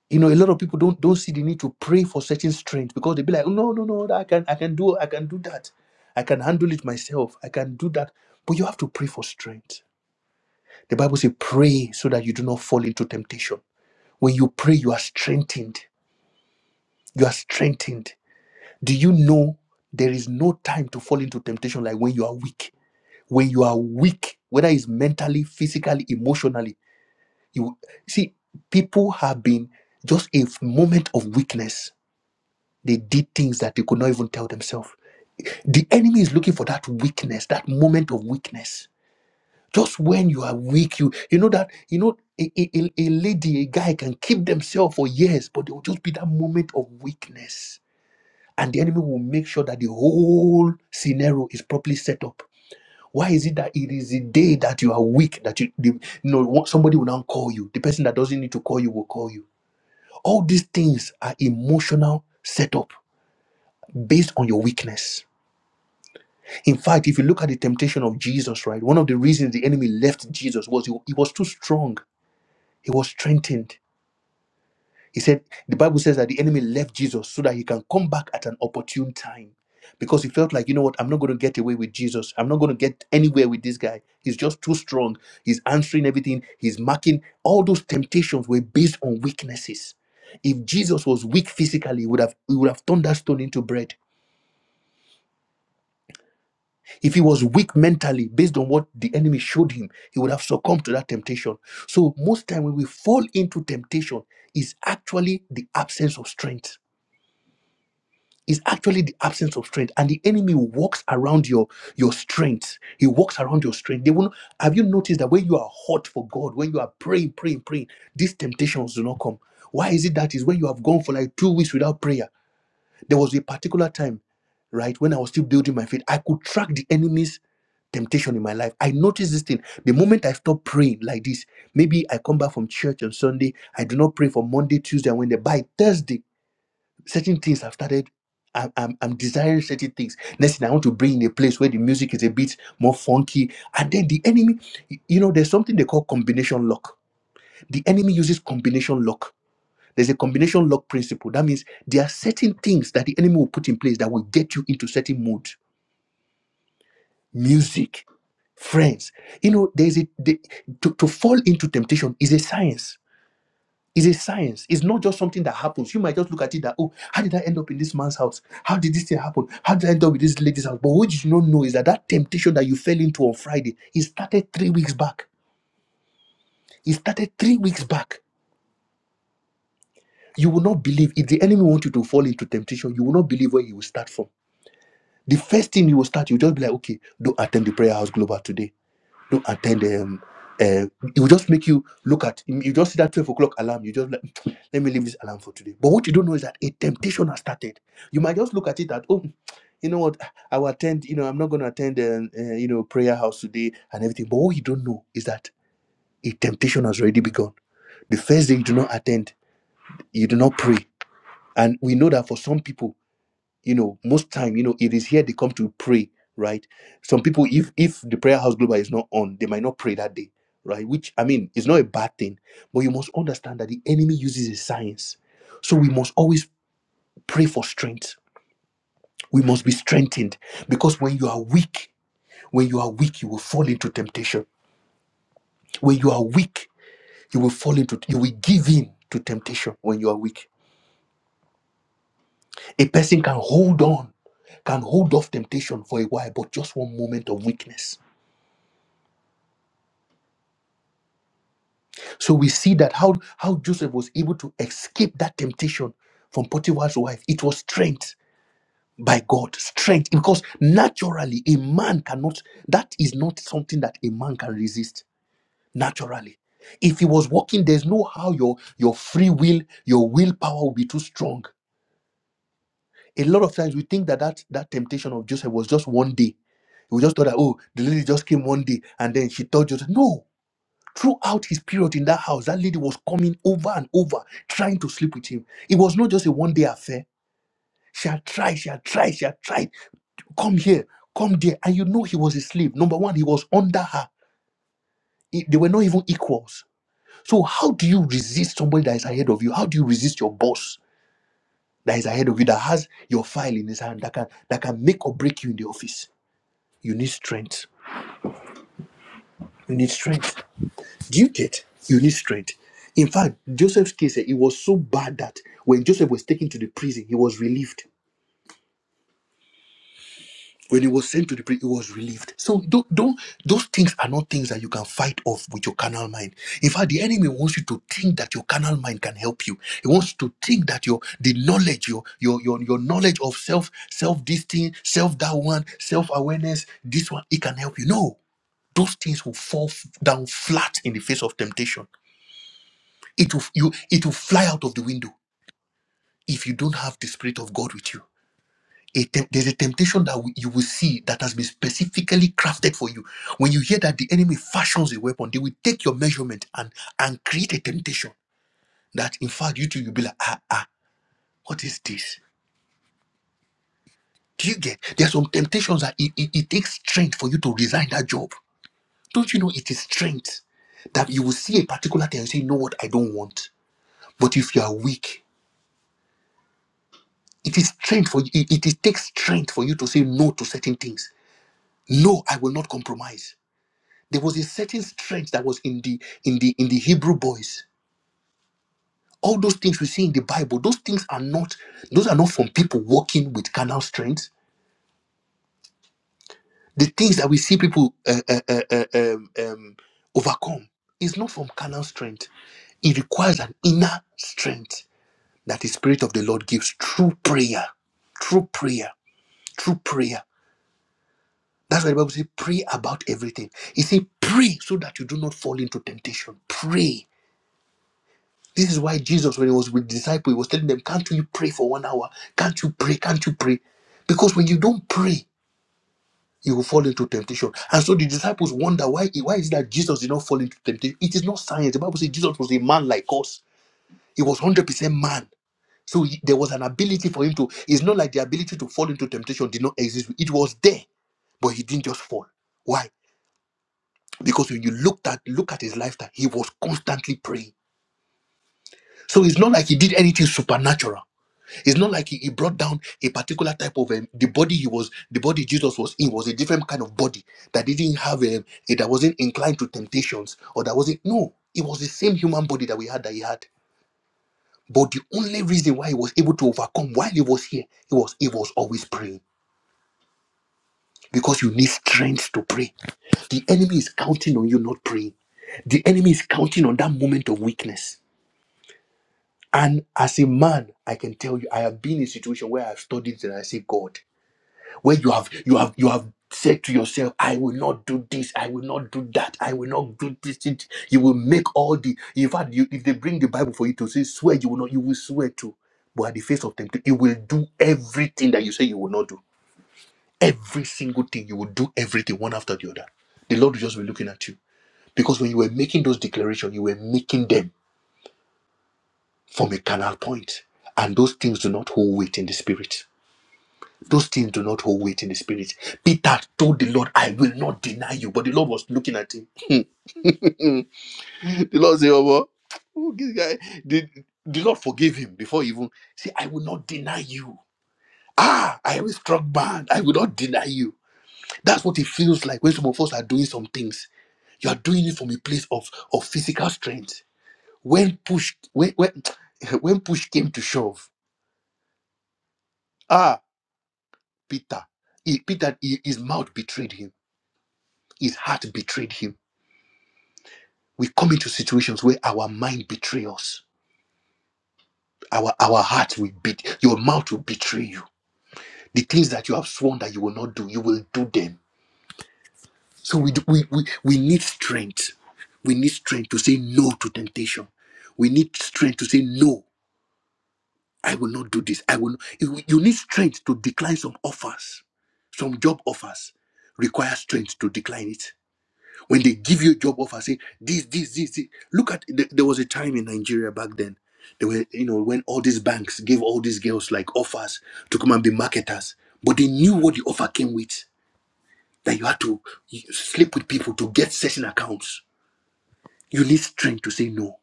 you know a lot of people don't don't see the need to pray for certain strength because they be like no no no i can i can do i can do that i can handle it myself i can do that but you have to pray for strength the bible says pray so that you do not fall into temptation when you pray you are strengthened You are strengthened. Do you know there is no time to fall into temptation like when you are weak? When you are weak, whether it's mentally, physically, emotionally, you see, people have been just a f- moment of weakness. They did things that they could not even tell themselves. The enemy is looking for that weakness, that moment of weakness. Just when you are weak, you you know that you know a, a, a a lady, a guy can keep themselves for years, but there will just be that moment of weakness and the enemy will make sure that the whole scenario is properly set up. Why is it that it is the day that you are weak that you, the, you know what- somebody will now call you? The person that doesn't need to call you will call you. All these things are emotional setup based on your weakness. In fact, if you look at the temptation of Jesus, right, one of the reasons the enemy left Jesus was he, he was too strong. He was strengthened. He said, the Bible says that the enemy left Jesus so that he can come back at an opportune time because he felt like, you know what, I'm not going to get away with Jesus. I'm not going to get anywhere with this guy. He's just too strong. He's answering everything, he's marking. All those temptations were based on weaknesses. If Jesus was weak physically, he would have he would have turned that stone into bread. If he was weak mentally, based on what the enemy showed him, he would have succumbed to that temptation. So most time when we fall into temptation, is actually the absence of strength is actually the absence of strength and the enemy walks around your your strength he walks around your strength they will not, have you noticed that when you are hot for god when you are praying praying praying these temptations do not come why is it that is when you have gone for like two weeks without prayer there was a particular time right when i was still building my faith i could track the enemy's temptation in my life. I notice this thing. The moment I stop praying like this, maybe I come back from church on Sunday, I do not pray for Monday, Tuesday, and Wednesday. By Thursday, certain things I've started. I'm, I'm, I'm desiring certain things. Next thing I want to bring in a place where the music is a bit more funky. And then the enemy, you know, there's something they call combination lock. The enemy uses combination lock. There's a combination lock principle. That means there are certain things that the enemy will put in place that will get you into certain mood. Music, friends. You know, there's a the, to, to fall into temptation is a science It's a science. It's not just something that happens. You might just look at it that, oh, how did I end up in this man's house? How did this thing happen? How did I end up with this lady's house? But what you do not know is that that temptation that you fell into on Friday, it started three weeks back. It started three weeks back. You will not believe. If the enemy wants you to fall into temptation, you will not believe where he will start from. The first thing you will start, you'll just be like, okay, don't attend the prayer house global today don't attend um uh, it will just make you look at you just see that 12 o'clock alarm you just like let me leave this alarm for today but what you don't know is that a temptation has started you might just look at it that oh you know what i will attend you know i'm not going to attend um, uh, you know prayer house today and everything but what you don't know is that a temptation has already begun the first day you do not attend you do not pray and we know that for some people you know most time you know it is here they come to pray right some people if if the prayer house global is not on they might not pray that day right which i mean is not a bad thing but you must understand that the enemy uses his science so we must always pray for strength we must be strengthened because when you are weak when you are weak you will fall into temptation when you are weak you will fall into you will give in to temptation when you are weak a person can hold on can hold off temptation for a while but just one moment of weakness So we see that how, how Joseph was able to escape that temptation from Potiphar's wife. It was strength by God, strength, because naturally a man cannot, that is not something that a man can resist naturally. If he was walking, there's no how your, your free will, your willpower will be too strong. A lot of times we think that, that that temptation of Joseph was just one day. We just thought that, oh, the lady just came one day and then she told Joseph. No, Throughout his period in that house, that lady was coming over and over trying to sleep with him. It was not just a one day affair. She had tried, she had tried, she had tried. Come here, come there. And you know he was a slave. Number one, he was under her. He- they were not even equals. So, how do you resist somebody that is ahead of you? How do you resist your boss that is ahead of you, that has your file in his hand, that can, that can make or break you in the office? You need strength. You need strength. Do you get? You need strength. In fact, Joseph's case, eh, it was so bad that when Joseph was taken to the prison, he was relieved. When he was sent to the prison, he was relieved. So don't, don't those things are not things that you can fight off with your carnal mind. In fact, the enemy wants you to think that your carnal mind can help you. He wants you to think that your the knowledge, your your your, your knowledge of self, self this thing, self that one, self-awareness, this one, it can help you. No, those things will fall f- down flat in the face of temptation. It will you it will fly out of the window if you don't have the spirit of God with you. A tem- there's a temptation that you will see that has been specifically crafted for you. When you hear that the enemy fashions a weapon, they will take your measurement and and create a temptation that in fact you too you'll be like ah ah what is this? Do you get? There are some temptations that it, it, it takes strength for you to resign that job. Don't you know it is strength that you will see a particular thing and say, you know what, I don't want. But if you are weak, It is strength for you. It, it it takes strength for you to say no to certain things. No, I will not compromise. There was a certain strength that was in the in the in the Hebrew boys. All those things we see in the Bible, those things are not those are not from people walking with carnal strength. The things that we see people uh, uh, uh, uh, um, um, overcome is not from carnal strength. It requires an inner strength that the Spirit of the Lord gives through prayer, through prayer, through prayer. That's why the Bible says, pray about everything. He said, pray so that you do not fall into temptation. Pray. This is why Jesus, when he was with the disciples, he was telling them, Can't you pray for one hour? Can't you pray? Can't you pray? Because when you don't pray, you will fall into temptation. And so the disciples wonder why, why is it that Jesus did not fall into temptation? It is not science. The Bible says Jesus was a man like us, he was 100% man. So he- there was an ability for him to, it's not like the ability to fall into temptation did not exist. It was there, but he didn't just fall. Why? Because when you looked at look at his lifetime, he was constantly praying. So it's not like he did anything supernatural. It's not like he, he brought down a particular type of um, the body he was the body Jesus was in was a different kind of body that didn't have um, a that wasn't inclined to temptations or that wasn't no. It was the same human body that we had that he had. But the only reason why he was able to overcome while he was here, it was he was always praying because you need strength to pray. The enemy is counting on you not praying. The enemy is counting on that moment of weakness And as a man, I can tell you, I have been in a situation where I've studied and I say, God, where you have you have you have said to yourself, I will not do this, I will not do that, I will not do this. this." You will make all the in fact, you, if they bring the Bible for you to say swear, you will not, you will swear to. But at the face of temptation, you will do everything that you say you will not do. Every single thing, you will do everything one after the other. The Lord will just be looking at you. Because when you were making those declarations, you were making them from a carnal point. And those things do not hold weight in the spirit. Those things do not hold weight in the spirit. Peter told the Lord, I will not deny you. But the Lord was looking at him. The Lord said, Oh, well, oh, this guy, the, the Lord forgave him before he even see. I will not deny you. Ah, I am struck bad. I will not deny you. That's what it feels like when some of us are doing some things. You are doing it from a place of, of physical strength. When push, when, when, when push came to shove, ah. Peter, he, Peter, he- his mouth betrayed him. His heart betrayed him. We come into situations where our mind betray us. Our our heart will beat. Your mouth will betray you. The things that you have sworn that you will not do, you will do them. So we do, we, we we need strength. We need strength to say no to temptation. We need strength to say no. I will not do this. I will. Not. You you need strength to decline some offers. Some job offers require strength to decline it When they give you a job offer, say this, this, this, this. Look at th- there was a time in Nigeria back then. They were, you know, when all these banks gave all these girls like offers to come and be marketers, but they knew what the offer came with. That you had to sleep with people to get certain accounts. You need strength to say no.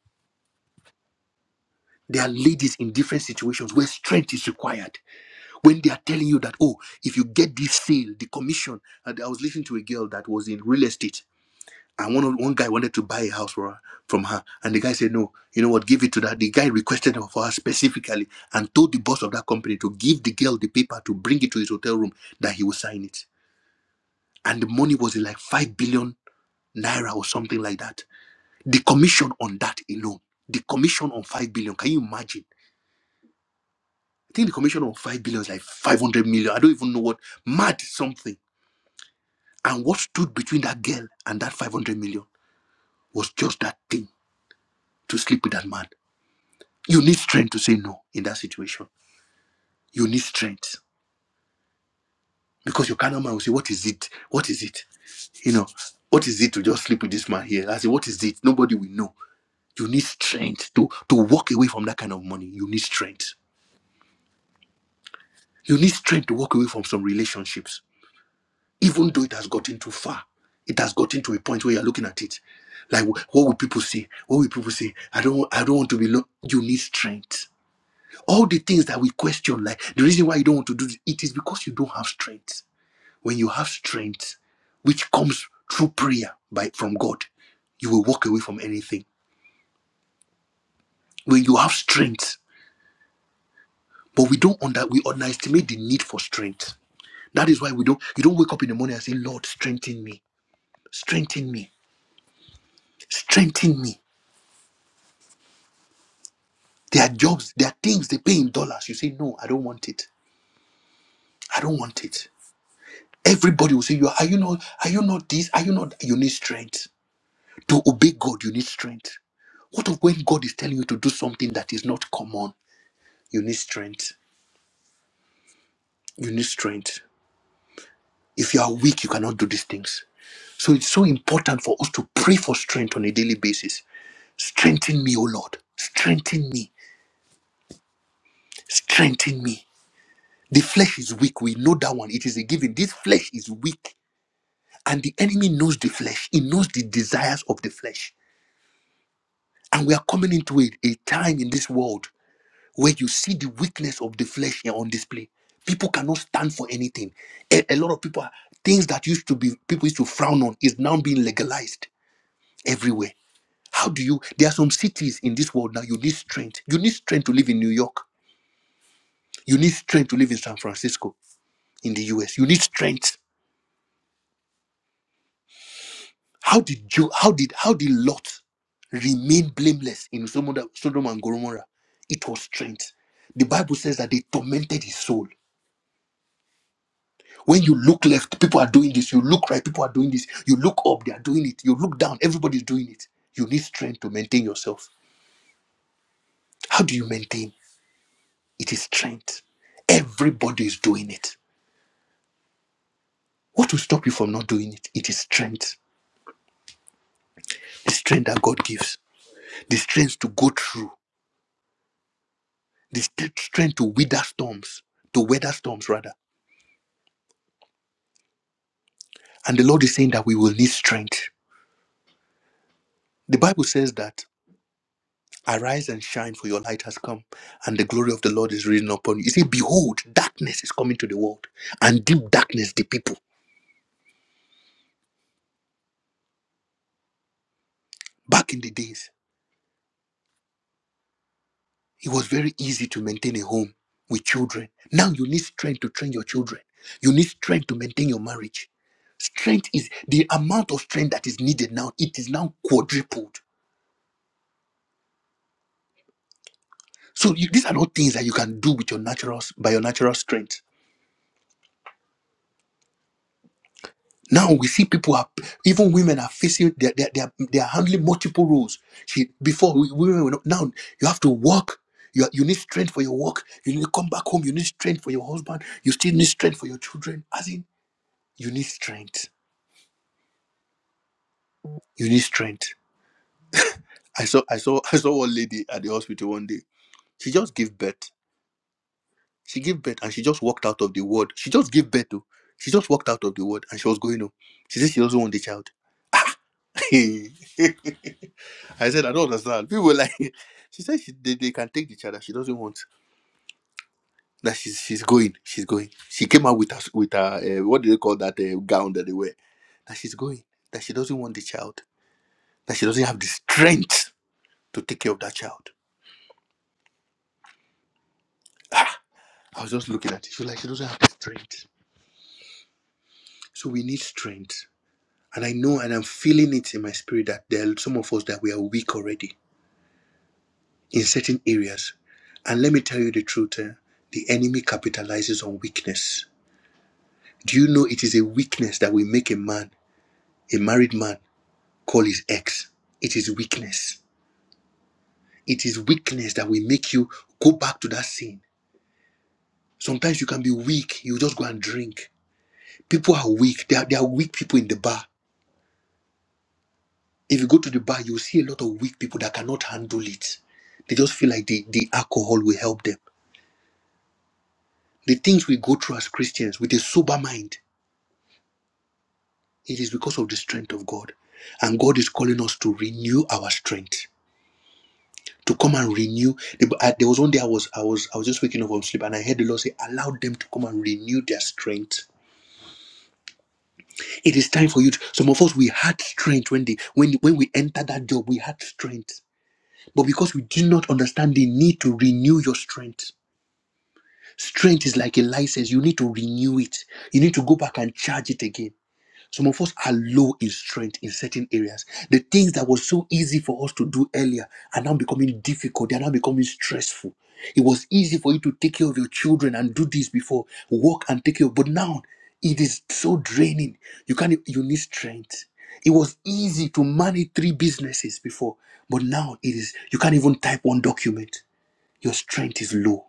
There are ladies in different situations where strength is required. When they are telling you that, oh, if you get this sale, the commission. And I was listening to a girl that was in real estate And one of- one guy wanted to buy a house for her, from her, and the guy said, "No, you know what? Give it to that." The guy requested her for her specifically, and told the boss of that company to give the girl the paper to bring it to his hotel room that he would sign it. And the money was like five billion naira or something like that. The commission on that alone, the commission on five billion. Can you imagine? I think the commission on five billion is like five hundred million. I don't even know what mad something. And what stood between that girl and that five hundred million was just that thing to sleep with that man You need strength to say no in that situation. You need strength because your carnal man will say, What is it? What is it? You know, what is it to just sleep with this man here? I say, What is it? Nobody will know. You need strength to, to walk away from that kind of money. You need strength. You need strength to walk away from some relationships, even though it has gotten too far. It has gotten to a point where you're looking at it. Like, wh- what will people say? What will people say? I don't, I don't want to be. Lo-. You need strength. All the things that we question, like the reason why you don't want to do it, it is because you don't have strength when you have strength which comes through prayer by from god you will walk away from anything when you have strength but we don't under we underestimate the need for strength that is why we don't you don't wake up in the morning and say lord strengthen me strengthen me strengthen me there are jobs there are things they pay in dollars you say no i don't want it i don't want it everybody will say you are you not are you not this are you not you need strength to obey god you need strength what of when god is telling you to do something that is not common You need strength. You need strength. If you are weak, you cannot do these things. So it's so important for us to pray for strength on a daily basis. Strengthen me, O Lord. Strengthen me. Strengthen me. The flesh is weak. We know that one. It is a given. This flesh is weak. And the enemy knows the flesh. He knows the desires of the flesh. And we are coming into a, a time in this world. where you see the weakness of the flesh here on display. People cannot stand for anything. A, a lot of people, are, things that used to be people used to frown on, is now being legalized everywhere. How do you? There are some cities in this world now. You need strength. You need strength to live in New York. You need strength to live in San Francisco, in the U.S. You need strength. How did jo- How did how did Lot remain blameless in Sodom Sodom and Gomorrah? It was strength. The Bible says that they tormented his soul. When you look left, people are doing this. You look right, people are doing this. You look up, they are doing it. You look down, everybody's doing it. You need strength to maintain yourself. How do you maintain? It is strength. Everybody is doing it. What will stop you from not doing it? It is strength. The strength that God gives, the strength to go through, the st- strength to weather storms, to weather storms rather. And the Lord is saying that we will need strength. The Bible says that Arise and shine, for your light has come, and the glory of the Lord is risen upon you. You see, behold, darkness is coming to the world, and deep darkness the people. Back in the days, it was very easy to maintain a home with children. Now you need strength to train your children. You need strength to maintain your marriage. Strength is the amount of strength that is needed now. It is now quadrupled. So you, these are not things that you can do with your natural by your natural strength. Now we see people are even women are facing they are, they are, they are, they are handling multiple roles. She before we, women were not, now you have to work. You, are- you need strength for your work. You need to come back home. You need strength for your husband. You still need strength for your children. As in, you need strength. You need strength. I saw I saw I saw one lady at the hospital one day. She just gave birth. She gave birth and she just walked out of the ward. She just gave birth to. She just walked out of the ward and she was going home. She said she doesn't want the child. I said, I don't understand. People were like, she said she, they, they can take the child that she doesn't want. That she's she's going, she's going. She came out with her with her uh, what do they call that uh, gown that they wear? That she's going. That she doesn't want the child. That she doesn't have the strength to take care of that child. Ah, I was just looking at it. She was like, she doesn't have the strength. So we need strength. And I know, and I'm feeling it in my spirit that there are some of us that we are weak already in certain areas. And let me tell you the truth. eh, the enemy capitalizes on weakness Do you know it is a weakness that will make a man, a married man, call his ex? It is weakness. It is weakness that will make you go back to that sin. Sometimes you can be weak, you just go and drink. People are weak. There are, there are weak people in the bar. If you go to the bar, you'll see a lot of weak people that cannot handle it. They just feel like the, the alcohol will help them. The things we go through as Christians with a sober mind, it is because of the strength of God. And God is calling us to renew our strength to come and renew. The- I- There was one day I was I was I was just waking up from sleep and I heard the Lord say, "Allow them to come and renew their strength." It is time for you. To, some of us we had strength when the when when we entered that job, we had strength, but because we did not understand the need to renew your strength. Strength is like a license; you need to renew it. You need to go back and charge it again. Some of us are low in strength in certain areas. The things that were so easy for us to do earlier are now becoming difficult. They are now becoming stressful. It was easy for you to take care of your children and do this before, work and take care of, but now it is so draining. You can't you need strength. It was easy to manage three businesses before, but now it is you can't even type one document. Your strength is low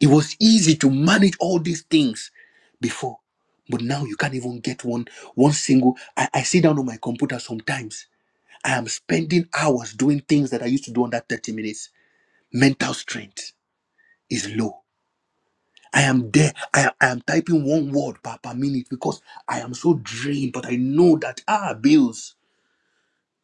it was easy to manage all these things before, but now you can't even get one one single. I, I sit down on my computer sometimes. I am spending hours doing things that I used to do under 30 minutes. Mental strength is low. I am there. I, I am typing one word per, per minute because I am so drained, but I know that ah bills.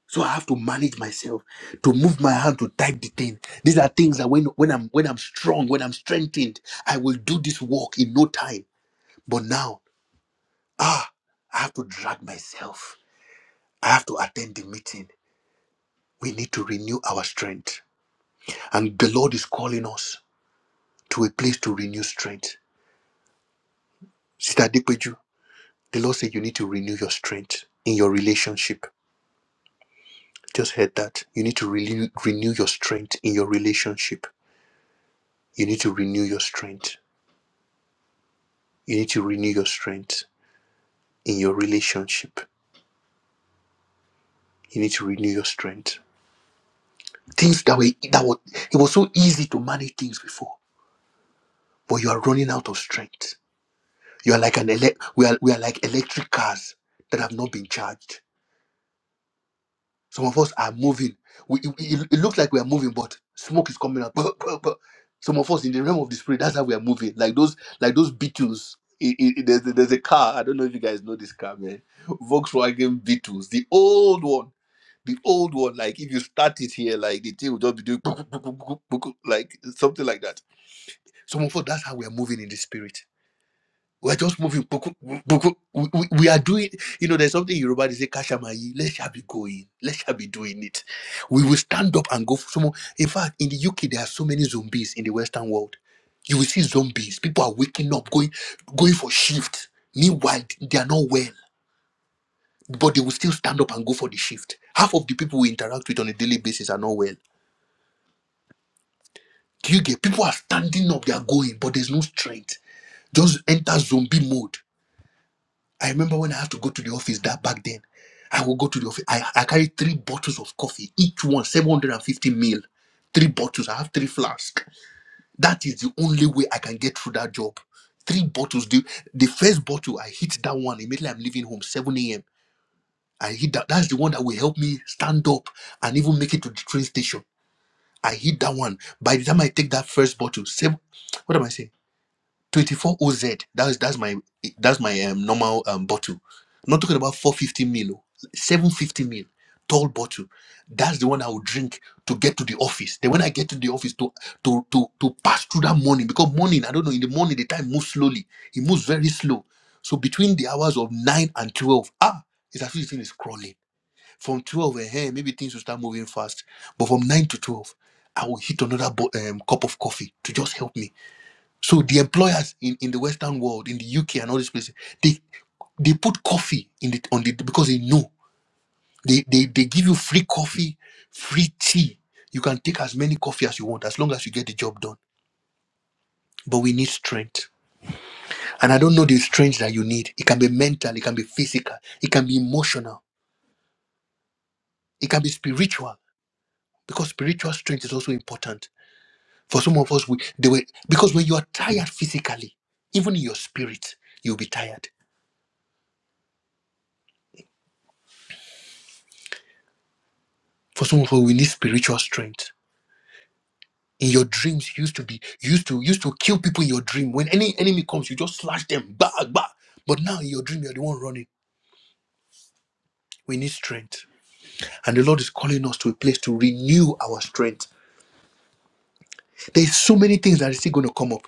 So I have to manage myself to move my hand to type the thing. These are things that when when I'm when I'm strong, when I'm strengthened, I will do this work in no time But now, ah, I have to drag myself. I have to attend the meeting. We need to renew our strength. And the Lord is calling us to a place to renew strength. Sister Adekweju, the Lord said you need to renew your strength in your relationship. Just heard that. You need to renew, renew your strength in your relationship. You need to renew your strength. You need to renew your strength in your relationship. You need to renew your strength. Things that were that were it was so easy to manage things before. but you are running out of strength. You are like an ele- we are we are like electric cars that have not been charged. Some of us are moving. We, it, it- it looks like we are moving, but smoke is coming out. Bah, bah, bah. Some of us in the realm of the spirit, that's how we are moving. Like those like those Beetles. It- it- it- there's, there's a car. I don't know if you guys know this car, man. Volkswagen Beetles, the old one. The old one, like if you start it here, like the thing will just be doing like something like that. Some of us, that's how we are moving in the spirit We're just moving. Puku, puku. We, we, we are doing, you know, there's something Yoruba they say, Kashamayi, let's shall be going, let's shall be doing it. We will stand up and go for someone. In fact, in the UK, there are so many zombies in the Western world. You will see zombies. People are waking up, going, going for shift. Meanwhile, they are not well, but they will still stand up and go for the shift. Half of the people we interact with on a daily basis are not well. Do you get people are standing up, they are going, but there's no strength. Just enter zombie mode I remember when I had to go to the office that back then. I would go to the office. I, I carried three bottles of coffee, each one 750 mil. Three bottles. I have three flasks. That is the only way I can get through that job. Three bottles. The, the first bottle, I hit that one immediately. I'm leaving home, 7 a.m. I hit that. That's the one that will help me stand up and even make it to the train station. I hit that one. By the time I take that first bottle, seven, what am I saying? 24 OZ. That's that's my that's my um, normal um, bottle. I'm not talking about 450 mil, oh, 750 mil tall bottle. That's the one I would drink to get to the office. Then when I get to the office to to to to pass through that morning because morning I don't know in the morning the time moves slowly. It moves very slow. So between the hours of nine and twelve, ah, it's actually thing is crawling. From twelve, eh, eh, maybe things will start moving fast. But from nine to twelve, I will hit another bo- um, cup of coffee to just help me so the employers in, in the Western world, in the UK and all these places, they they put coffee in the on the because they know they, they they give you free coffee, free tea. You can take as many coffee as you want as long as you get the job done. But we need strength, and I don't know the strength that you need. It can be mental, it can be physical, it can be emotional, it can be spiritual because spiritual strength is also important. For some of us, we they were because when you are tired physically, even in your spirit, you'll be tired. For some of us, we need spiritual strength in your dreams used to be used to used to kill people in your dream. When any enemy comes, you just slash them, bah, bah. But now in your dream, you're the one running. We need strength, and the Lord is calling us to a place to renew our strength. There's so many things that are still going to come up.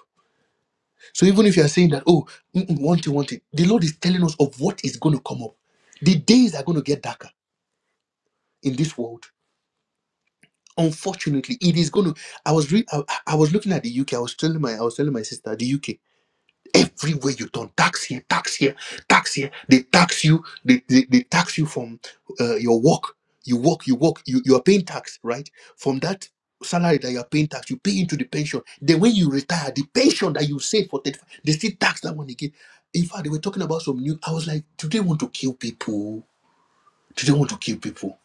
So even if you are saying that, oh, mm-mm, one thing, one thing, the Lord is telling us of what is going to come up. The days are going to get darker in this world. Unfortunately, it is going to. I was re- I, I was looking at the UK. I was telling my I was telling my sister the UK. Everywhere you turn, tax here, tax here, tax here. They tax you. They, they, they tax you from uh, your work. You work, you work. You, you are paying tax, right? From that salary that you are paying tax, you pay into the pension. Then when you retire, the pension that you save for 35, they still tax that one again. In fact, they were talking about some new. I was like, do they want to kill people? Do they want to kill people?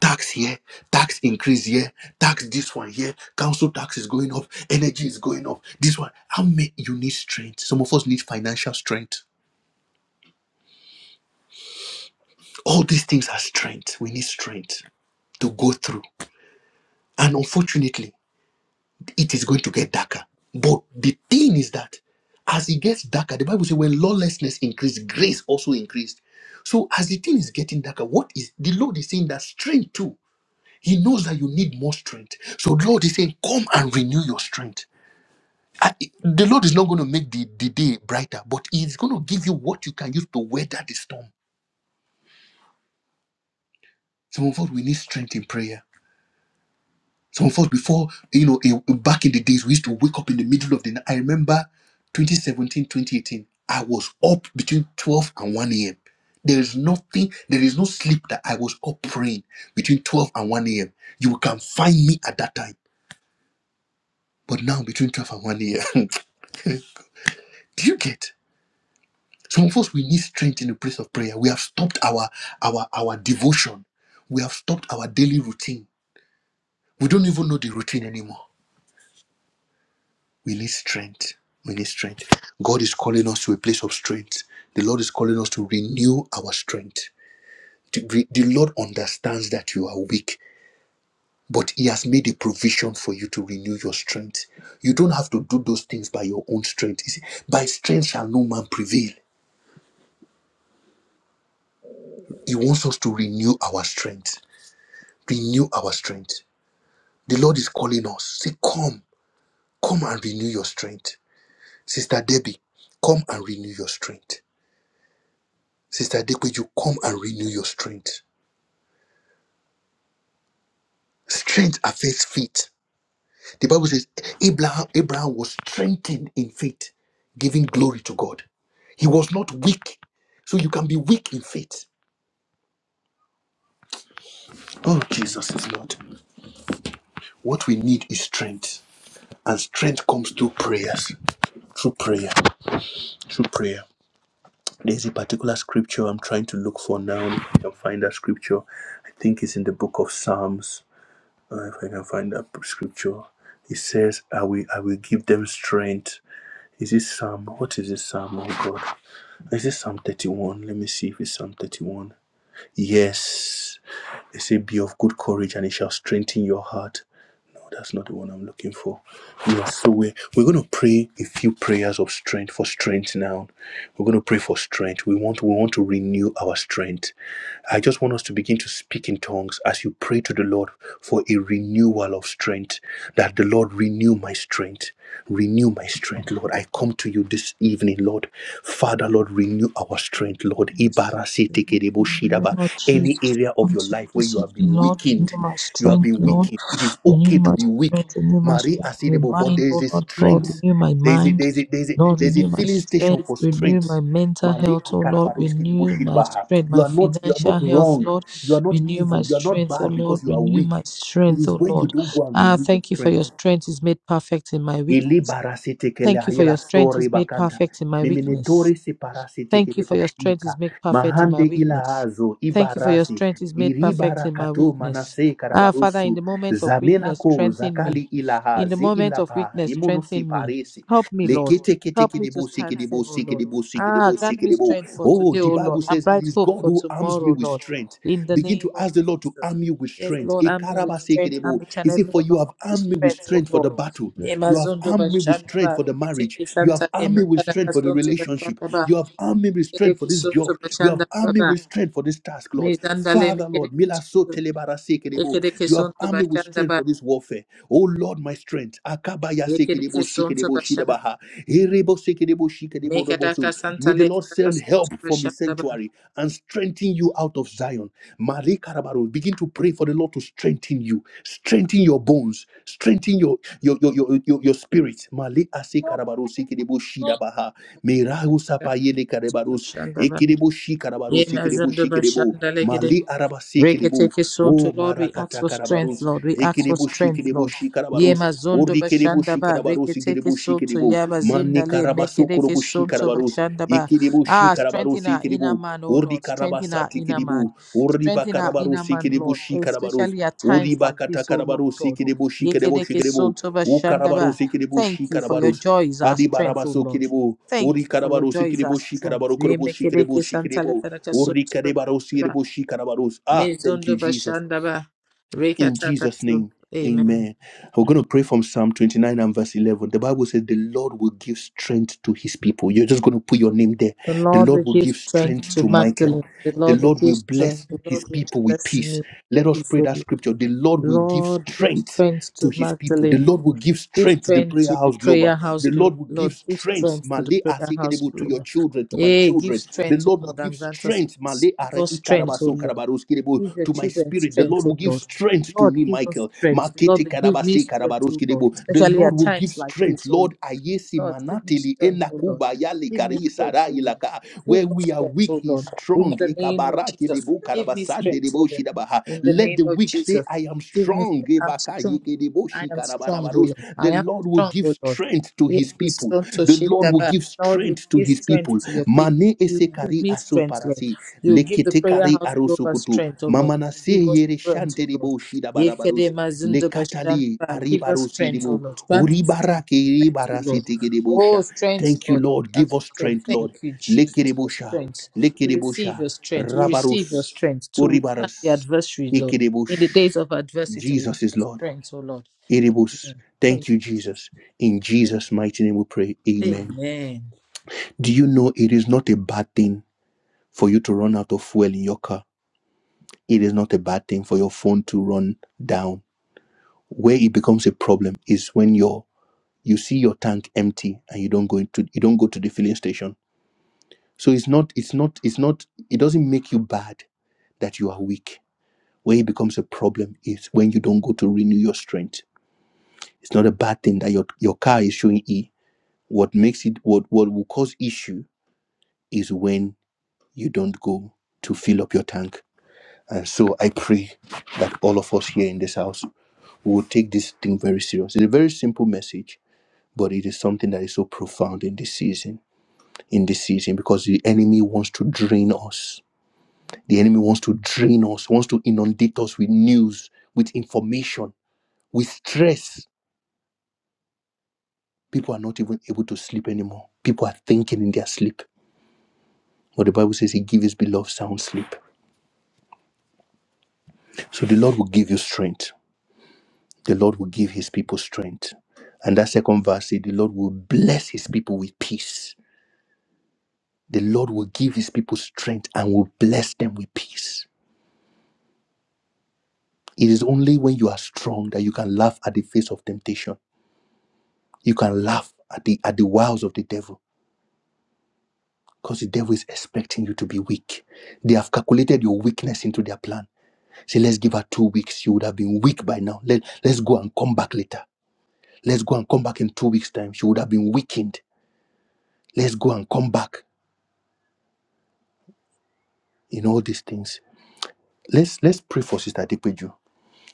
tax here, tax increase here, tax this one here, council tax is going up, energy is going up, this one. How many you need strength? Some of us need financial strength. All these things are strength. We need strength to go through. And unfortunately, it is going to get darker. But the thing is that as it gets darker, the Bible says when lawlessness increased, grace also increased. So as the thing is getting darker, what is the Lord is saying that strength too? He knows that you need more strength. So the Lord is saying, Come and renew your strength. I- the Lord is not going to make the, the day brighter, but He's going to give you what you can use to weather the storm. Some of us, we need strength in prayer. Some of us, before, you know, eh, back in the days, we used to wake up in the middle of the night. I remember 2017, 2018, I was up between 12 and 1 a.m. There is nothing, there is no sleep that I was up praying between 12 and 1 a.m. You can find me at that time. But now, between 12 and 1 a.m., do you get? Some of us we need strength in the place of prayer. We have stopped our our our devotion. We have stopped our daily routine. We don't even know the routine anymore. We need strength. We need strength. God is calling us to a place of strength. The Lord is calling us to renew our strength. To re- The Lord understands that you are weak, but He has made a provision for you to renew your strength. You don't have to do those things by your own strength. He said, By strength shall no man prevail. He wants us to renew our strength. Renew our strength The Lord is calling us. Say, come, come and renew your strength. Sister Debbie, come and renew your strength. Sister Dekwe, come and renew your strength. Strength affects faith. The Bible says Abraham, Abraham was strengthened in faith, giving glory to God. He was not weak. So you can be weak in faith. Oh, Jesus is Lord. What we need is strength. And strength comes through prayers. Through prayer. Through prayer. There's a particular scripture I'm trying to look for now. If I can find that scripture, I think it's in the book of Psalms. Uh, if I can find that scripture, it says, "I will, I will give them strength." Is this Psalm? What is this Psalm? Oh God, is this Psalm 31? Let me see if it's Psalm 31. Yes, it says, "Be of good courage, and it shall strengthen your heart." Oh, that's not the one I'm looking for. Yeah, so we're, we're going to pray a few prayers of strength for strength now. We're going to pray for strength. We want we want to renew our strength. I just want us to begin to speak in tongues as you pray to the Lord for a renewal of strength. That the Lord renew my strength. Renew my strength, Lord. I come to you this evening, Lord. Father, Lord, renew our strength, Lord.
Yes, Lord, In the
Ibarasitekereboshidaba.
name of
Any
Jesus, I
area of
come
your
to you
life where
this
you have
evening,
been
Lord. Renew
weakened,
my
you have
strength,
been
Lord.
weakened. It is
Renew
okay to
my
be weak.
strength, renew my
Marie
strength, my
Asidebo, but
mind,
there is
oh
a
Lord God,
strength.
renew my
There is a,
mind.
there is a, there is a,
Lord,
there is a
renew my
filling station
strength,
for
renew
strength.
my mental health,
Malika
oh Lord,
akarabaruski di
renew my
bushirabaha.
strength,
You
my
are not you are
financial
not
health,
wrong.
Lord,
You are not
renew my
evil. You are not
strength, oh
bad
Lord,
because you are
renew
weak.
my
It
strength,
is
oh
when you
Lord.
don't go and
Ah,
renew your
thank you for your
strength
strength is made perfect in my weakness. Thank you for your
ilibarasitekelahira
strength is
sori
made
bakanta
perfect in my weakness.
miminitori
Thank you for your strength
siparasitekeleboshika
is made perfect in my
mahande
weakness.
ilahazo
Thank you for your
ibarasi
strength is made
iri
perfect in my
barakato
weakness.
manase
Ah, Father, in the
karabarusu
moment of
Zamela
weakness,
ko
strengthen
zakali
me. In the
ilahazi
moment of
ilapa
weakness, strengthen me.
rimonusiparesi
Help me, Lord. Help me to stand firm, O Lord. Ah, grant me
leketeketekelebosikelebosikelebosikelebosikelebo
strength for
oh
today,
the
O Lord,
bible
and
says it
bright
is
hope
god
for
who arms me
tomorrow,
with
Lord.
strength
In the
begin
name
to
of
ask the lord to
Jesus.
arm you with
Yes,
strength
Lord, arm me with strength. Arm
Ikarabasekelebo.
each and
he
every
said for
one
you
of
have
us with
armed me with
strength, O
strength for the
Lord.
battle you have
Nemazondo
armed me with strength
bashandaba,
for the marriage.
reketeke
You have
santa,
armed me with strength for the
nemakadakasonto
relationship.
bashandaba.
You have armed me with strength for
Ekereke
this
suntu
job. You have
bashanda
armed me
baba.
with strength for this task, Lord.
Mizandale
Father, Lord,
mekereke
mila so
suntu.
telebara sekerebo.
Ekereke
you have
suntu
armed me with
bashanda
strength
ba.
for this warfare. Oh Lord, my strength. Akabaya
Ekereke
sekerebo,
suntu
shikerebo,
bashanda.
shidabaha. Herebo sekerebo, shikerebo,
Mekeraka
roboso. May
santale
the Lord
keraka
send
suntu
help from his
bashanda ba.
sanctuary and strengthen you out of Zion. Marie Karabaro, begin to pray for the Lord to strengthen you, strengthen your bones bones, strengthen your your your your, your, your spirit. Male ase karabaros ekerebo shidabaha. Merahu sapayele karabaros
Bashanda ba.
ekerebo shi
ye
karabaros ekerebo
Yemazundu
shi kerebo.
bashanda legere.
Male arabase kerebo. Oh
Reketekesonto, Lord, we ask
marakata
for strength,
karabaros
Lord. We ask for
ekerebo shi
strength,
kerebo
Lord.
shi
Ye
karabaros.
mazondo
Ori kerebo shi
bashandaba,
karabaros ekerebo shi
reketekesonto,
kerebo. Mane
yabazindale,
karabaso korobo shi
mekedekesonto
karabaros
bashandaba.
ekerebo shi
Ah, strengthen
karabaros
our inner
ekerebo.
man, oh
Ori
Lord. Strengthen our
karabasati
inner man.
kerebo. Ori
Strengthen our inner
bakarabaros
man,
ekerebo
Lord,
shi karabaros.
especially at times
Uriba
like
kata
this, oh Lord
karabaru
God.
sikiribu shikiribu shikiribu.
Yekedekesonto
Ukarabaru
bashandaba.
sikiribu
Thank you for your
shikarabarus.
joy is our
Adi
strength, oh
Barabaso
Lord.
kiribu.
Thank
Uri
you for your
karabaru
joy is our
sikiribu
strength.
shikarabaru kurubu shikiribu
Remekedekesantale,
shikiribu. Uri
ferakesonto
karibaru
bashandaba.
sikiribu shikarabarus. Ah, thank
Mezondo
you, Jesus.
Bashandaba
In Jesus'
Rekatakasu.
name,
Amen.
amen. We're going to pray from Psalm 29 and verse 11. The Bible says, The Lord will give strength to his people. You're just going to put your name there
The
the
Lord will
Lord will
give
give
strength
strength
to
to Michael.
Magdalene. The
The
Lord will
Lord
give
will bless
strength. The Lord
his
will
people with
bless
peace.
me
Let us pray
before
that
you.
scripture. The Lord will give
Lord, give
strength
strength
to
to
his people. The
Magdalene.
Lord will give
Give
strength to the
strength
prayer
to the
house
prayer
global.
house
The
group.
Lord will give
Lord, give
strength,
strength to the
Malay
prayer house
Asekedebo, to
group.
your children, to my
Hey, give
children. The
strength, O
Lord will
Lord,
give
and grant us
strength,
peace.
Malay Are
Give us strength, O
Ikarabaso
Lord.
Karabaros Kedebo,
Give your
to my
children
spirit. The Lord
strength, O
will give
Lord.
strength to
Lord,
me,
give us
Michael.
strength.
Makete
Lord, give me
Karabase
strength,
Karabaros
O Lord,
Kedebo. The
especially
Lord
at
will give
times like
strength.
this, O Lord.
Lord, Ayesi
Lord, give me
Manateli
strength, O Lord. Give me
likari
strength,
sara
O Lord.
ilaka.
Give
Where
me
we are
strength,
weak,
O
he is
Lord. In
strong.
the name of
Ikabaraki
Jesus,
libu
give me
karabasande
strength, O
libu
Lord.
shidabaha.
In the
Let
name
the
of
weak say,
Jesus,
I am
give me
strong.
strength. I'm
Ibaka
strong.
yiki libu
I am strong, O
shikarabarabarabarus.
Lord.
The
I am
Lord will
strong,
give
O Lord.
strength to
If
his
it's
people.
strong to
The
shift
Lord
the
will
back,
give
Lord, you
strength to
give
his
strength
people.
to your people.
Mane
You give
esekari
me
aso
strength, Lord.
parasi.
You give the prayer
Lekitekari
house global
arosokoto.
strength, O Lord.
Mamana
You
se
Give us
yere
strength,
shante
O Lord.
libu
Yekede
shidabarabarus.
mazundo bashanda.
Lekatali
Give us
aribarusi
strength, O
libu.
Lord. Grant us strength.
Uribaraki
Strength, O Lord.
ribarasi
Oh, strength,
Thank you,
Lord. We
Lord. Give
ask for
us
strength.
strength, Lord.
Thank you, Jesus, for
Lekerebosha,
strength. We receive
lekerebosha,
your strength. We receive your
rabarus,
strength to withstand the
uribarus,
adversary, Lord. In the
ikerebush.
days of adversity, we
Jesus is
have
Lord.
strength, O Lord.
Erebus.
Amen. Thank you,
Thank you,
Jesus.
Jesus.
Thank
In
you, Lord.
Jesus' mighty name we pray. Amen.
Amen.
Do you know it is not a bad thing for you to run out of fuel in your car? It is not a bad thing for your phone to run down. Where it becomes a problem is when your you see your tank empty and you don't go into you don't go to the filling station So it's not, it's not, it's not, it doesn't make you bad that you are weak. Where it becomes a problem is when you don't go to renew your strength. It's not a bad thing that your, your car is showing E. What makes it what what will cause issue is when you don't go to fill up your tank. And so I pray that all of us here in this house will take this thing very serious. It's a very simple message, but it is something that is so profound in this season. In this season, because the enemy wants to drain us The enemy wants to drain us, wants to inundate us with news, with information, with stress. People are not even able to sleep anymore. People are thinking in their sleep. But the Bible says he gives his beloved sound sleep. So the Lord will give you strength. The Lord will give his people strength. And that second verse says the Lord will bless his people with peace. The Lord will give his people strength and will bless them with peace. It is only when you are strong that you can laugh at the face of temptation. You can laugh at the at the wiles of the devil Because the devil is expecting you to be weak. They have calculated your weakness into their plan. Say, let's give her two weeks. She would have been weak by now. Let, let's go and come back later. Let's go and come back in two weeks' time. She would have been weakened. Let's go and come back in all these things. Let's let's pray for Sister Dipeju.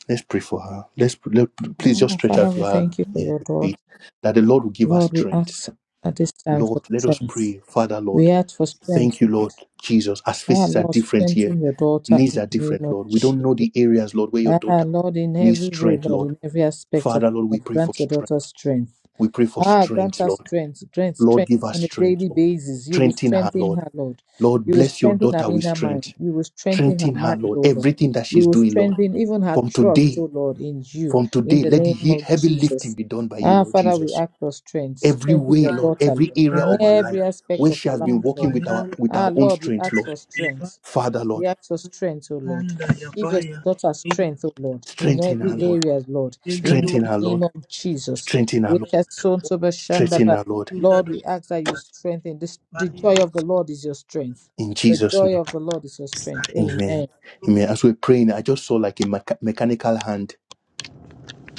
Let's pray for her. Let's let, please just
Oh,
stretch
Father,
out to
we
her
thank you for
yeah,
your daughter.
faith that the Lord will give us
Lord, we
strength.
ask at this time for
Lord, let us
strength.
pray. Father, Lord,
We ask for strength,
thank you,
Lord.
Lord Jesus, as
Ah,
faces are
Lord,
different here.
strengthen your daughter
needs
in
are
the name
different,
of
Lord. We don't
Jesus.
know the areas, Lord, where your
Ah,
daughter
Lord, in
needs
every way,
strength,
Lord,
Lord.
in every aspect of
Father, Lord,
our
we
life,
pray for
grant your daughter
strength.
strength.
We pray for
Ah, grant
strength,
her
Lord.
strength, grant
Lord,
strength
give us
on a
strength,
daily
Lord.
basis. You will
Strengthen her,
strengthen
Lord.
her, Lord.
Lord,
You will
bless your
strengthen her
daughter with
inner mind.
strength.
You will strengthen her
Strengthen her,
mind,
Lord.
O Lord.
Everything that
You
she's
will
doing, Lord.
strengthen even her
From
trust, O
today,
Lord, in you,
from
in
today,
the
let the
name
he-
of
heavy lifting
Jesus.
be done by you,
Ah,
Lord
Father, we
Jesus.
ask for strength.
Every
Strengthen
way,
your
Lord,
And the
daughter,
every
Lord,
area
in
of her
divine,
life
every
I
aspect
where
of
she
her
has
life,
been
am for
walking
Lord.
with our with
Ah,
our own
Lord, we
strength,
ask
Lord.
for strength.
you.
Father,
We
Lord,
ask for strength, O Lord.
Sanda ya
Give your
baya
daughter
ila
strength, O Lord, in
barosa
strengthen
every
her,
baya
Lord.
area, Lord,
ipele
in
do
Strengthen
the
her,
name
Lord.
of Jesus.
sali
Strengthen her, Lord
abaya okanana de
strengthen
Rekasonsobashandaba.
our Lord
dinda
Lord,
do
we ask that you
sanda
strengthen this. The
ibali do
joy of the Lord is your strength.
sanda
in
The
Jesus'
ya
joy
name.
of
ela
the
na
Lord is your strength.
bisai
Amen.
Amen.
alado
Amen. As we're praying, I just saw like a mecha- mechanical hand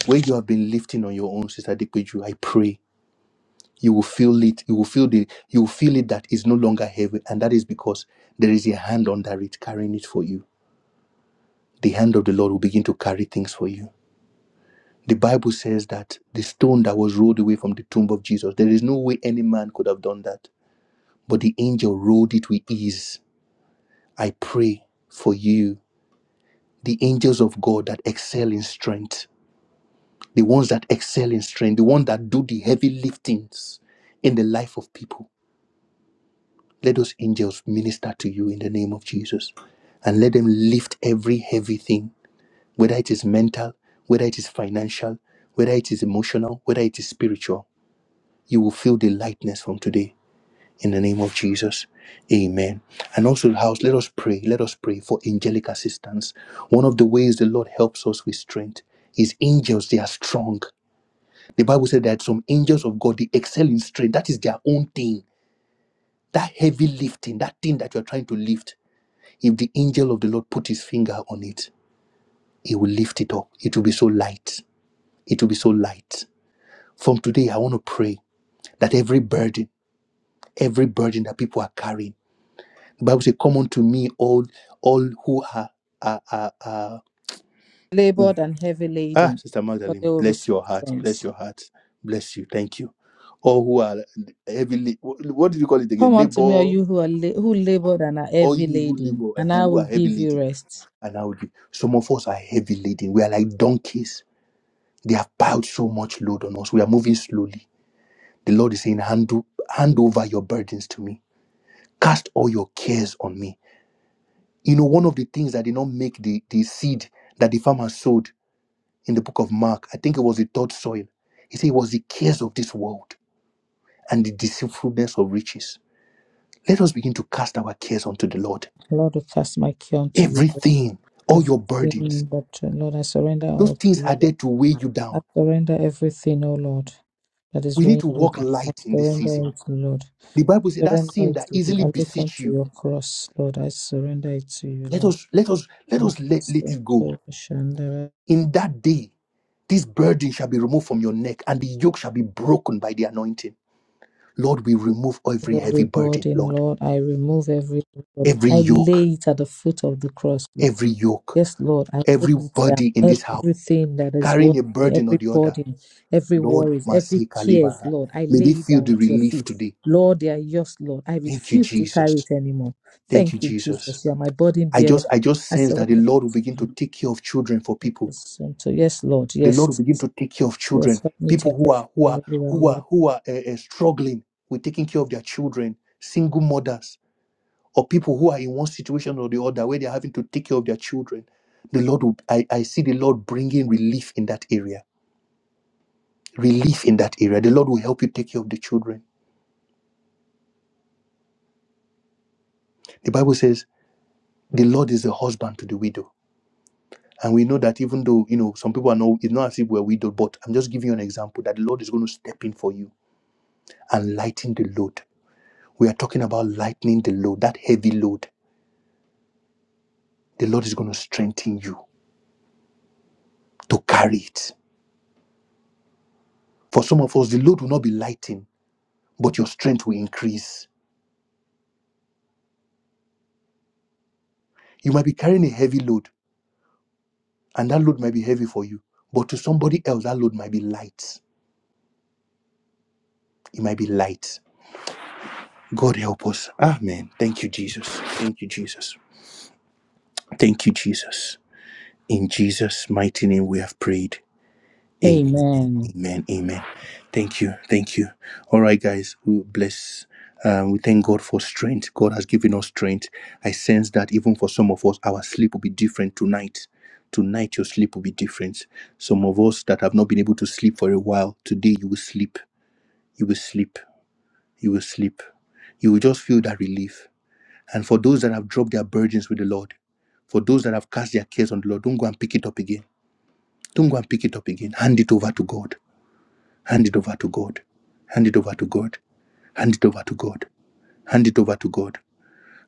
where you have been lifting on your own, Sister Depeju. I pray you will feel it. You will feel the. You will feel it that is no longer heavy, and that is because there is a hand under it carrying it for you. The hand of the Lord will begin to carry things for you. The Bible says that the stone that was rolled away from the tomb of Jesus, there is no way any man could have done that, but the angel rolled it with ease. I pray for you the angels of God that excel in strength, the ones that excel in strength, the ones that do the heavy liftings in the life of people. Let those angels minister to you in the name of Jesus and let them lift every heavy thing, whether it is mental, whether it is financial, whether it is emotional, whether it is spiritual. You will feel the lightness from today in the name of Jesus. Amen. And also, house, let us pray. Let us pray for angelic assistance. One of the ways the Lord helps us with strength is angels, they are strong. The Bible said that some angels of God, they excel in strength. That is their own thing. That heavy lifting, that thing that you are trying to lift, if the angel of the Lord put his finger on it, he will lift it up. It will be so light. It will be so light. From today, I want to pray that every burden, every burden that people are carrying, Bible says, Come unto me, all all who are are are, are Mm.
Labored and heavy
ah,
laden,
Sister
but they
Magdalene,
will
bless
receive
your heart, bless
strength.
your heart, bless you, thank you. All who are heavily what what did you call it
Come
again?
unto me, all
Labor,
you who are la- who labored and are
all
heavy
you who
laden,
labor
and
uh,
I
who
will
are heavy
give you
laden.
rest.
And I would be some of us are heavy laden. We are like donkeys. They have piled so much load on us. We are moving slowly. The Lord is saying, hand, o- hand over your burdens to me. Cast all your cares on me. You know, one of the things that did not make the, the seed that the farmer sowed in the book of Mark. I think it was the third soil. He said it was the cares of this world and the deceitfulness of riches. Let us begin to cast our cares onto the Lord.
Lord, I cast my care unto you
Everything, all your burdens,
everything that Lord, I surrender
those
all to
things are
you.
there to weigh you
I
down.
surrender everything, O Lord, that is
We need
weighing
to
me
walk
down. I
light in this
surrender
season.
it to Lord.
The Bible said that
Surrender
sin
it
that
to you.
easily
I look
beseech
unto
you.
your cross, Lord. I surrender it to you,
Let
Lord.
us let us let us let, let it go. In that day, this burden shall be removed from your neck, and the yoke shall be broken by the anointing. Lord, we remove every heavy
Every
burden,
burden,
Lord.
Lord, I remove every burden.
Every
I
yoke,
lay it at the foot of the cross, Lord.
every yoke.
Yes, Lord, I lay it
everybody in
down.
this house
Everything that is worrying
carrying a
me,
burden or
every
the other.
burden, every
Lord,
worries, every
Masi
cares,
Kalibaha.
Lord, I
May they
lay it
feel
down
the
at your
relief
feet.
today.
Lord, they are yours, Lord. I
Thank you,
refuse to carry
Jesus.
it anymore.
Thank you,
Thank you,
Jesus.
Jesus. You are my burden
I
bearer.
just I just
I
sense that the
surrender
Lord will
to
begin to
you.
take care of children for people.
Yes, and so yes, Lord.
The Lord will
Yes,
begin to take care of
yes.
children.
Help me take
People who
it
are who
from
are
everywhere,
who
Lord.
are who are eh, eh, struggling with taking care of their children, single mothers, or people who are in one situation or the other where they're having to take care of their children. The Lord will I, I see the Lord bringing relief in that area relief in that area. The Lord will help you take care of the children. The Bible says the Lord is the husband to the widow. And we know that even though, you know, some people are not, it's not as if we're widowed, but I'm just giving you an example that the Lord is going to step in for you and lighten the load. We are talking about lightening the load, that heavy load. The Lord is going to strengthen you to carry it. For some of us, the load will not be lightened, but your strength will increase. You might be carrying a heavy load, and that load might be heavy for you, but to somebody else, that load might be light. It might be light God help us. Amen. Thank you, Jesus. Thank you, Jesus. Thank you, Jesus. In Jesus' mighty name we have prayed. Amen.
Amen.
Amen. Amen. Thank you. Thank you. All right, guys. We bless. Um, we thank God for strength. God has given us strength. I sense that even for some of us, our sleep will be different tonight. Tonight, your sleep will be different. Some of us that have not been able to sleep for a while, today you will sleep. You will sleep. You will sleep. You will just feel that relief And for those that have dropped their burdens with the Lord, for those that have cast their cares on the Lord, don't go and pick it up again. Don't go and pick it up again. Hand it over to God. Hand it over to God. Hand it over to God. Hand it over to God. Hand it over to God.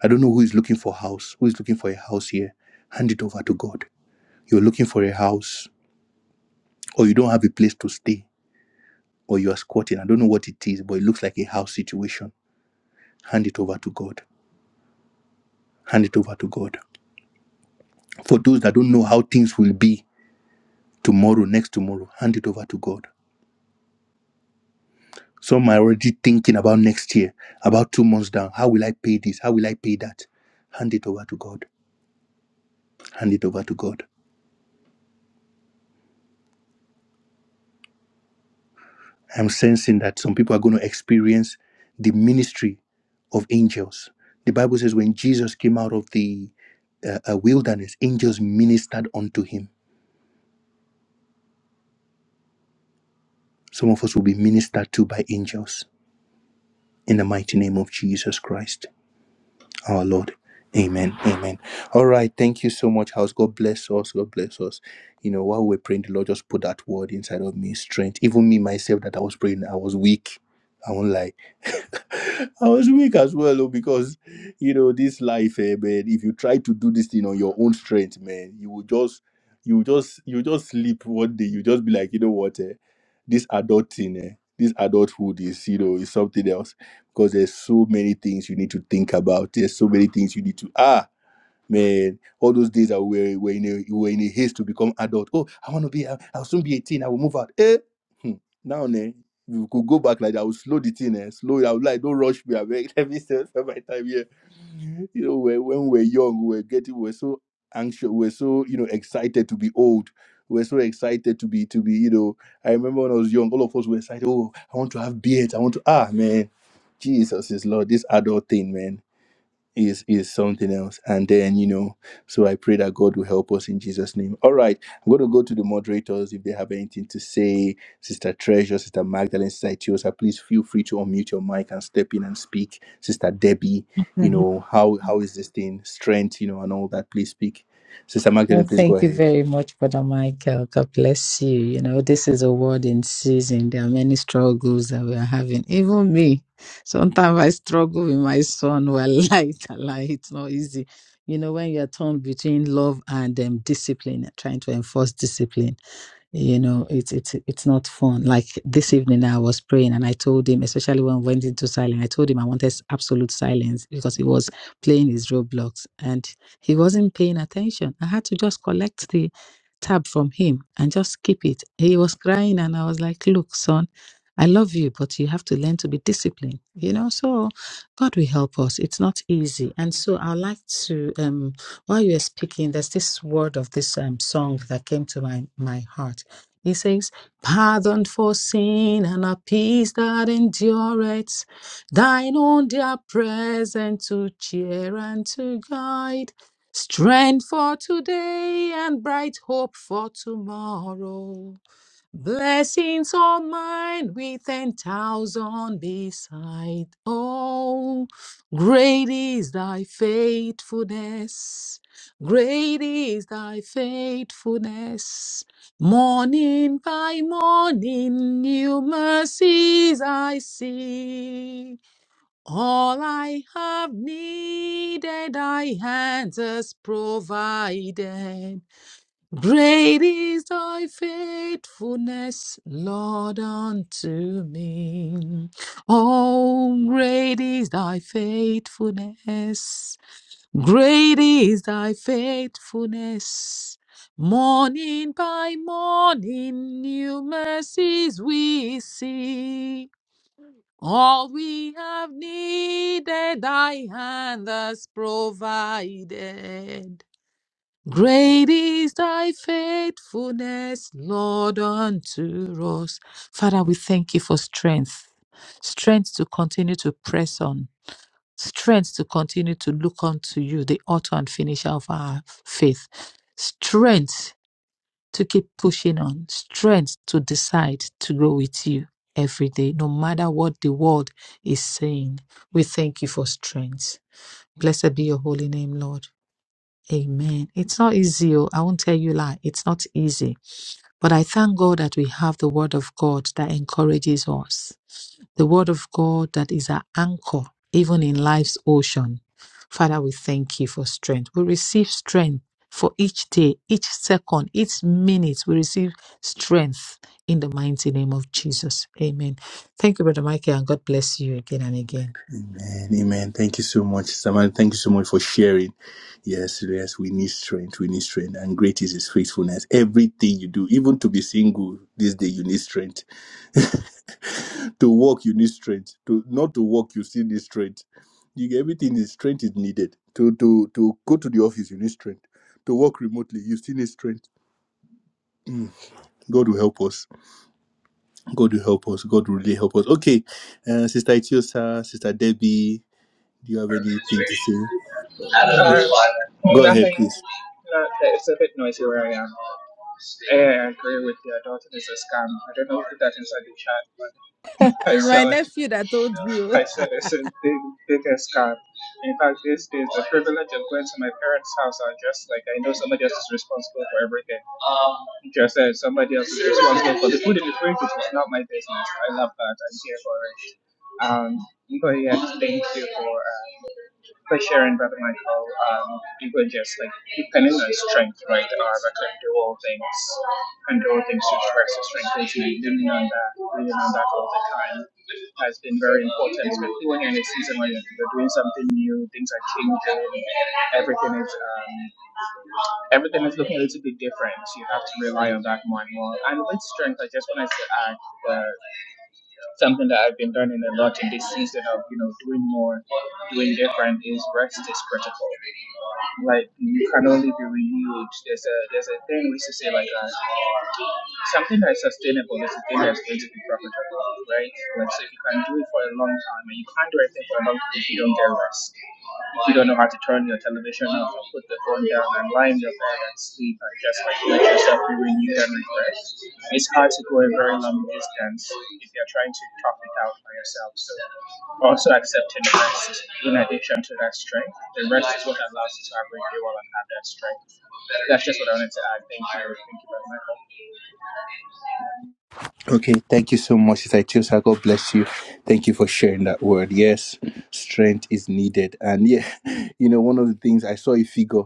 I don't know who is looking for a house, who is looking for a house here. Hand it over to God. You're looking for a house, or you don't have a place to stay, or you are squatting. I don't know what it is, but it looks like a house situation. Hand it over to God. Hand it over to God. For those that don't know how things will be, tomorrow, next tomorrow, hand it over to God. Some are already thinking about next year, about two months down. How will I pay this? How will I pay that? Hand it over to God. Hand it over to God. I'm sensing that some people are going to experience the ministry of angels. The Bible says when Jesus came out of the uh, uh, wilderness, angels ministered unto him. Some of us will be ministered to by angels in the mighty name of Jesus Christ. our Lord. Amen. Amen. All right. Thank you so much, house. God bless us. God bless us. You know, while we're praying, the Lord just put that word inside of me, strength. Even me myself that I was praying, I was weak. I won't lie. I was weak as well, oh, because you know this life, eh, man. If you try to do this thing on your own strength, man, you will just, you will just, you will just sleep one day. You just be like, you know what, eh, this adult thing, eh, this adulthood is, you know, is something else. Because there's so many things you need to think about. There's so many things you need to ah. Man, all those days that we were, were in a we were in a haste to become adult. Oh, I want to be. I'll I'll soon be eighteen. I will move out. Eh? Hmm. Now, ne, if we could go back like that. I would slow the thing. Eh? Slow. it. I would like don't rush me. I beg. Let me save save my time here. You know, when, when we were young, we were getting. We were so anxious. We were so you know excited to be old. We were so excited to be to be you know. I remember when I was young, all of us were excited. Oh, I want to have beards. I want to ah man, Jesus is Lord. This adult thing, man is, is something else. And then, you know, so I pray that God will help us in Jesus' name. All right. I'm going to go to the moderators if they have anything to say. Sister Treasure, Sister Magdalene, Sister Tiosa, please feel free to unmute your mic and step in and speak. Sister Debbie, you know, how how is this thing? Strength, you know, and all that. Please speak. Sister
Well,
Magdalene, please go
thank you
ahead.
very much, Brother Michael. God bless you. You know, this is a word in season. There are many struggles that we are having. Even me. Sometimes I struggle with my son. Well, light, light, it's not easy. You know, when you are torn between love and um, discipline, trying to enforce discipline you know it's it's it's not fun like this evening i was praying and i told him especially when we went into silence i told him i wanted s- absolute silence because he was playing his roadblocks and he wasn't paying attention i had to just collect the tab from him and just keep it he was crying and i was like look son i love you but you have to learn to be disciplined you know so god will help us it's not easy and so i'd like to um while you were speaking there's this word of this um song that came to my my heart he says, Pardon for sin and a peace that endureth, thine own dear present to cheer and to guide, strength for today and bright hope for tomorrow. Blessings all mine with ten thousand beside. Oh, great is thy faithfulness. Great is thy faithfulness. Morning by morning, new mercies I see. All I have needed, thy hands has provided. Great is thy faithfulness, Lord, unto me. Oh, great is thy faithfulness. Great is thy faithfulness. Morning by morning, new mercies we see. All we have needed, thy hand has provided. Great is thy faithfulness, Lord, unto us. Father, we thank you for strength, strength to continue to press on, strength to continue to look unto you, the author and finisher of our faith, strength to keep pushing on, strength to decide to go with you every day, no matter what the world is saying. We thank you for strength. Blessed be your holy name, Lord. Amen. It's not easy. oh. I won't tell you lie. It's not easy. But I thank God that we have the word of God that encourages us. The word of God that is our anchor, even in life's ocean. Father, we thank you for strength. We receive strength for each day, each second, each minute. We receive strength in the mighty name of Jesus. Amen. Thank you, Brother Michael, and God bless you again and again.
Amen. Amen. Thank you so much, Samantha. Thank you so much for sharing. Yes, yes, we need strength. We need strength. And great is his faithfulness. Everything you do, even to be single this day, you need strength. to walk, you need strength. To not to walk, you still need strength. You, everything is strength is needed. To to to go to the office, you need strength. To work remotely, you still need strength. Mm. God will help us. God will help us. God will really help us. Okay, uh, Sister Itiosa, Sister Debbie, do you have anything to say?
Uh,
Go ahead,
nothing.
please.
Not, it's a bit noisy where I am. I agree with you. Dalton is a scam. I don't know if that's inside the chat. I
It's my
saw it.
nephew that told me. oh.
I said it's the big, biggest God. In fact, these days, the privilege of going to my parents' house are just like I know somebody else is responsible for everything. Just as somebody else is responsible for the food in the fridge, which is not my business. I love that. I'm here for it. Um, but yeah, thank you for uh, for sharing, Brother Michael. Um, you were just like depending on strength, right? Um, I can do all things and do all things to stress the strength which you leaning on that, leaning on that all the time has been very important, especially when you're in a season where you're doing something new, things are changing, everything is um, everything is looking a little bit different. You have to rely on that more and more. And with strength, I just wanted to add that something that I've been learning a lot in this season of you know doing more, doing different is rest is critical. Like you can only be renewed. There's a there's a thing we used to say like that something that is sustainable is the thing that's going to be profitable, right? Like, so if you can do it for a long time, and you can't do anything for a long time if you don't get rest, if you don't know how to turn your television off and put the phone down and lie in your bed and sleep and just like let yourself be renewed and refreshed, it's hard to go a very long distance if you're trying to top it out by yourself. So also accepting rest in addition to that strength. The rest is what allows you to have renewal and have that strength. That's just what I wanted to add. Thank you. Thank you very much.
Okay, thank you so much, Sister Chiosa. God bless you. Thank you for sharing that word. Yes, strength is needed. And yeah, you know, one of the things I saw a figure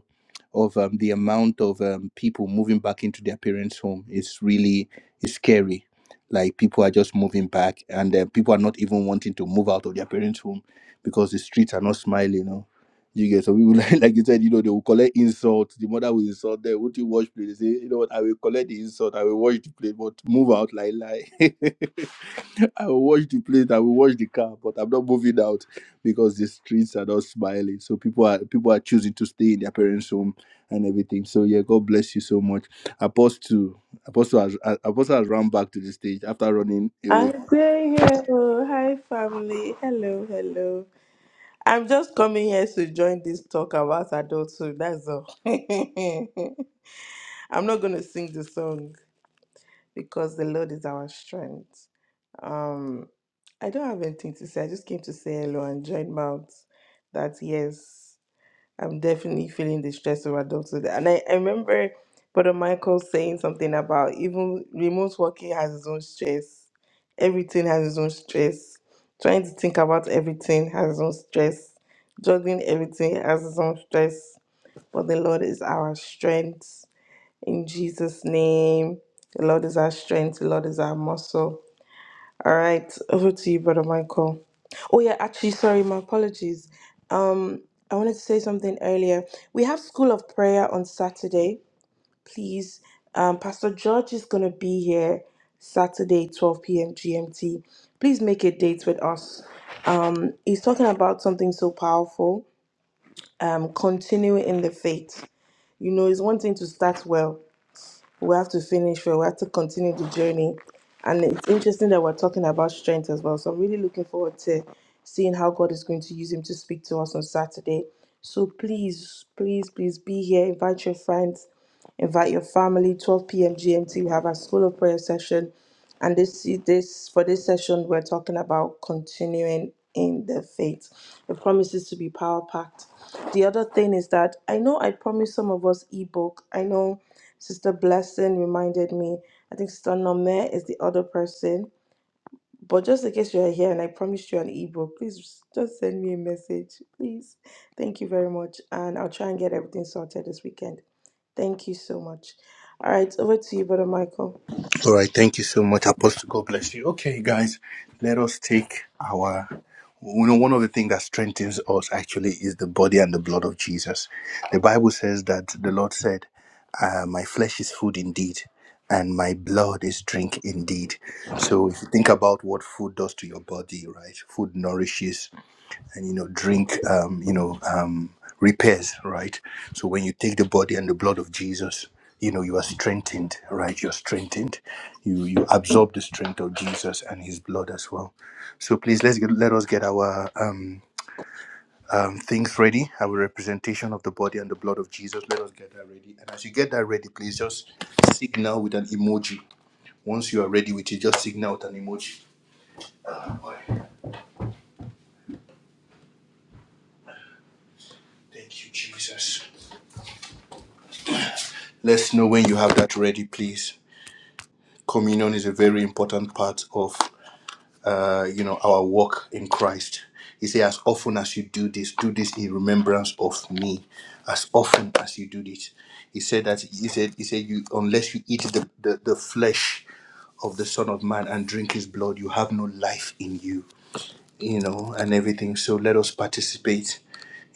of um, the amount of um, people moving back into their parents' home is really is scary. Like people are just moving back, and uh, people are not even wanting to move out of their parents' home because the streets are not smiling. You know? You get so people like, like you said, you know, they will collect insult. The mother will insult them. Won't you watch play? They say, you know what, I will collect the insult, I will watch the play, but move out like lie. I will watch the plate, I will watch the car, but I'm not moving out because the streets are not smiling. So people are people are choosing to stay in their parents' home and everything. So yeah, God bless you so much. Apostle Apostle has Apostle has run back to the stage after running away
Hello, hi family. Hello, hello. I'm just coming here to join this talk about adulthood. That's all. I'm not going to sing the song because the Lord is our strength. Um, I don't have anything to say. I just came to say hello and join mouth that yes, I'm definitely feeling the stress of adulthood. And I, I remember Brother Michael saying something about even remote working has its own stress. Everything has its own stress. Trying to think about everything has its own stress. Juggling everything has its own stress. But the Lord is our strength. In Jesus' name, the Lord is our strength. The Lord is our muscle. All right, over to you, Brother Michael. Oh, yeah, actually, sorry, my apologies. Um, I wanted to say something earlier. We have School of Prayer on Saturday, please. Um, Pastor George is going to be here Saturday, 12 p.m. GMT. Please make a date with us. Um, he's talking about something so powerful, um, continuing in the faith. You know, it's one thing to start well, we have to finish well, we have to continue the journey. And it's interesting that we're talking about strength as well. So I'm really looking forward to seeing how God is going to use him to speak to us on Saturday. So please, please, please be here. Invite your friends, invite your family. 12 p.m. GMT, we have our school of prayer session. And this this for this session, we're talking about continuing in the faith. The promise is to be power packed. The other thing is that I know I promised some of us ebook. I know Sister Blessing reminded me. I think Sister Nome is the other person. But just in case you're here and I promised you an ebook, please just send me a message. Please. Thank you very much. And I'll try and get everything sorted this weekend. Thank you so much. All right, over to you, Brother Michael.
All right, thank you so much, Apostle. God bless you. Okay, guys, let us take our. You know,
sanda
one of the things that strengthens us actually is the body and the blood of Jesus. The Bible says that the Lord said, uh, "My flesh is food indeed, and my blood is drink indeed." So, if you think about what food does to your body, right? Food nourishes and you know drink um, you know um, repairs right so when you take the body and the blood of jesus you know you are strengthened right you're strengthened you you absorb the strength of jesus and his blood as well so please let's get, let us get our um, um, things ready our representation of the body and the blood of jesus let us get that ready and as you get that ready please just signal with an emoji once you are ready with it just signal with an emoji Alright. thank you jesus let's know when you have that ready please communion is a very important part of uh, you know our walk in Christ. He says, as often as you do this, do this in remembrance of me. As often as you do this, he said that he said he said you unless you eat the, the, the flesh of the Son of Man and drink his blood, you have no life in you, you know, and everything. So let us participate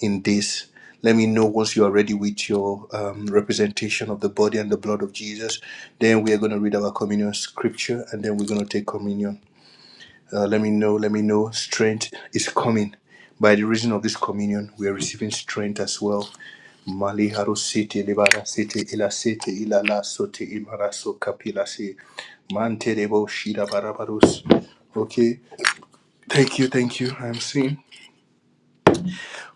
in this. Let me know once you are ready with your um, representation of the body and the blood of Jesus. Then we are going to read our communion scripture and then we're going to take communion. Uh, let me know, let me know. Strength is coming. By the reason of this communion, we are receiving strength as well. Mali haro sete lebara sete ila sete ila la sote imara so kapila se mante shira barabarus. Okay, thank you, thank you. I'm seeing.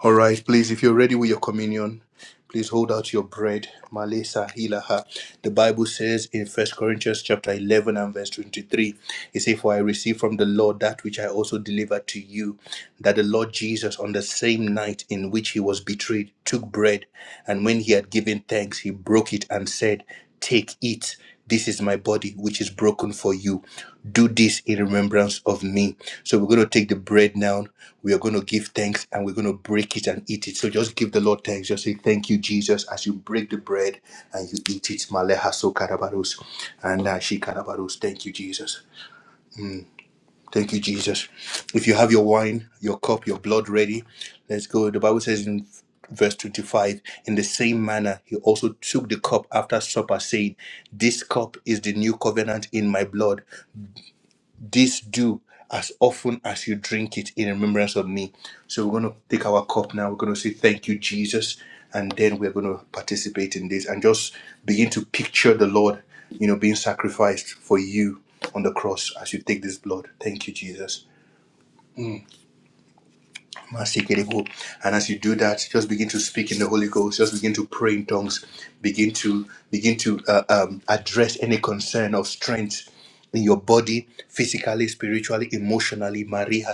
All right, please, if you're ready with your communion, please hold out your bread. Malesa hilaha. The Bible says in First Corinthians chapter 11 and verse 23, it says, For I received from the Lord that which I also delivered to you, that the Lord Jesus, on the same night in which he was betrayed, took bread, and when he had given thanks, he broke it and said, 'Take, Take it. This is my body, which is broken for you. Do this in remembrance of me. So we're going to take the bread now we are going to give thanks and we're going to break it and eat it. So just give the Lord thanks. Just say, Thank you, Jesus, as you break the bread and you eat it. Maleha so karabarus and ashi karabarus. Thank you, Jesus. Thank you, Jesus. If you have your wine, your cup, your blood ready, let's go. The Bible says in verse 25, in the same manner, he also took the cup after supper, saying, This cup is the new covenant in my blood. This do as often as you drink it in remembrance of me. So we're going to take our cup now. We're going to say thank you, Jesus. And then we're going to participate in this and just begin to picture the Lord, you know, being sacrificed for you on the cross as you take this blood. Thank you, Jesus. Masikiribu. And as you do that, just begin to speak in the Holy Ghost. Just begin to pray in tongues. Begin to begin to uh, um, address any concern of strength in your body, physically, spiritually, emotionally. Maria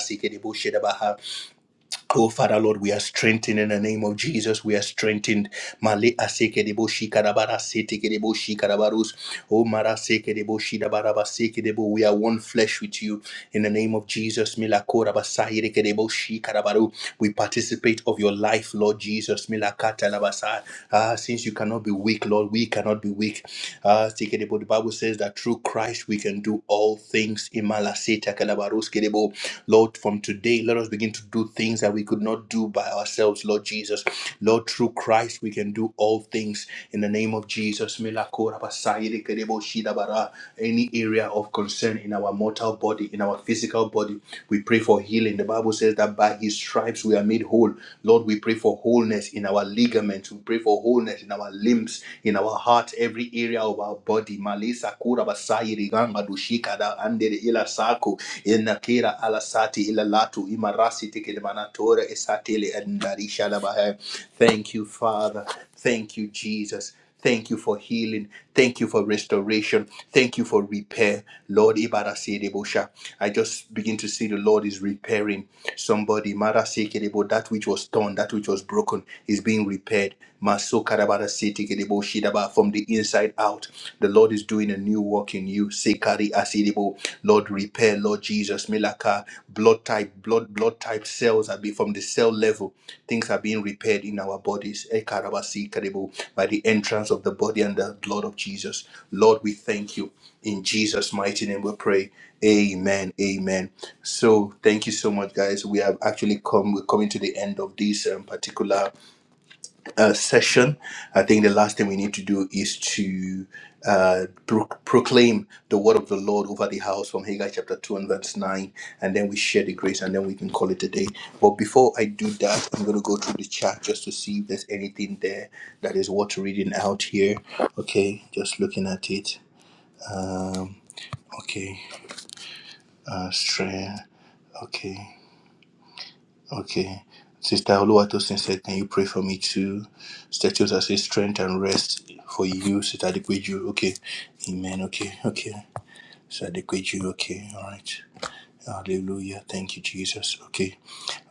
Oh, Father Lord, we are strengthened in the name of Jesus. We are strengthened. Male aseke debo shikarabara sete kedebo shikarabarus. Oh, mara seke debo shidabaraba seke debo. We are one flesh with you in the name of Jesus. Milakora basahire kedebo shikarabaru. We participate of your life, Lord Jesus. Milakata labasa. Ah, since you cannot be weak, Lord, we cannot be weak every week. Uh, Tikedebo, the Bible says that through Christ we can do all things. Imalaseta kalabaros kedebo. Lord, from today, let us begin to do things that we could not do by ourselves, Lord Jesus. Lord, through Christ we can do all things. In the name of Jesus, Milakora basayede kedebo shidabara. any area of concern in our mortal body, in our physical body. We pray for healing. The Bible says that by his stripes we are made whole. Lord, we pray for wholeness in our ligaments. We pray for wholeness in our limbs, in our heart, every area of our body. Malisa kura basai riganga dushika da andere ila sako ina alasati ala sati ila latu imarasi tikilimanatore esatele andarisha labahe. Thank you, Father. Thank you, Jesus. Thank you for healing. Thank you for restoration. Thank you for repair. Lord, Ibarasidebosha. I just begin to see the Lord is repairing somebody. Marasekedebo, That which was torn, that which was broken is being repaired. Masokarabarasetekedebo, Shidaba, From the inside out, the Lord is doing a new work in you. Sekari asidebo. Lord, repair, Lord Jesus milaka blood type blood blood type cells are be from the cell level things are being repaired in our bodies Ekarabasi karibu, by the entrance of the body and the blood of jesus lord we thank you in jesus mighty name we pray amen amen so thank you so much guys we have actually come we're coming to the end of this um, particular uh, session. I think the last thing we need to do is to uh, pro- proclaim the word of the Lord over the house from Haggai chapter 2 and verse 9, and then we share the grace and then we can call it a day. But before I do that, I'm going to go through the chat just to see if there's anything there that is worth reading out here. Okay, just looking at it. Um, okay, uh, Straya, okay. Okay. Sister Oluwatosin said, Can you pray for me too? Statues as a strength and rest for you, Sister Adequiju. Okay. Amen. Okay. Okay. Sister Adequiju. Okay. All right. Hallelujah. Thank you, Jesus. Okay.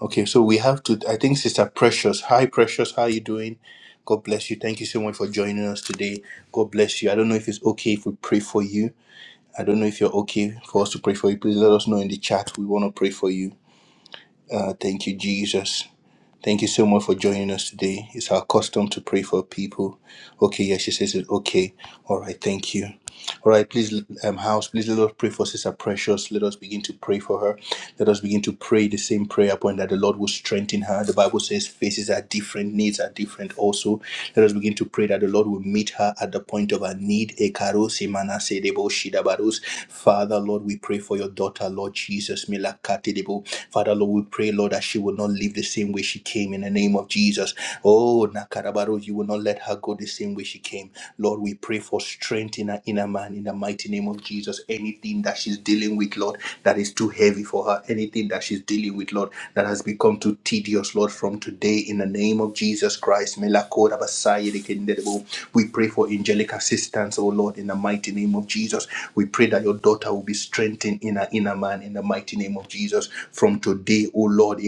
Okay. So we have to, I think, Sister Precious. Hi, Precious. How are you doing? God bless you. Thank you so much for joining us today. God bless you. I don't know if it's okay if we pray for you. I don't know if you're okay for us to pray for you. Please let us know in the chat. We want to pray for you. Uh, thank you, Jesus. Thank you so much for joining us today. It's our custom to pray for people. Okay, yeah, she says it. Okay. All right, thank you. All right, please, um, house, please let us pray for Sister Precious. Let us begin to pray for her. Let us begin to pray the same prayer point that the Lord will strengthen her. The Bible says faces are different, needs are different also. Let us begin to pray that the Lord will meet her at the point of her need. Ekaro simana sedebo shidabarus. Father, Lord, we pray for your daughter, Lord Jesus. milakate debo. Father, Lord, we pray, Lord, that she will not live the same way she came in the name of Jesus. Oh, Nakarabaru, you will not let her go the same way she came. Lord, we pray for strength in her inner man in the mighty name of Jesus. Anything that she's dealing with, Lord, that is too heavy heavy for her. Anything that she's dealing with, Lord, that has become too tedious, Lord, from today, in the name of Jesus Christ. We pray for angelic assistance, oh Lord, in the mighty name of Jesus. We pray that your daughter will be strengthened in her inner man, in the mighty name of Jesus. From today, oh Lord,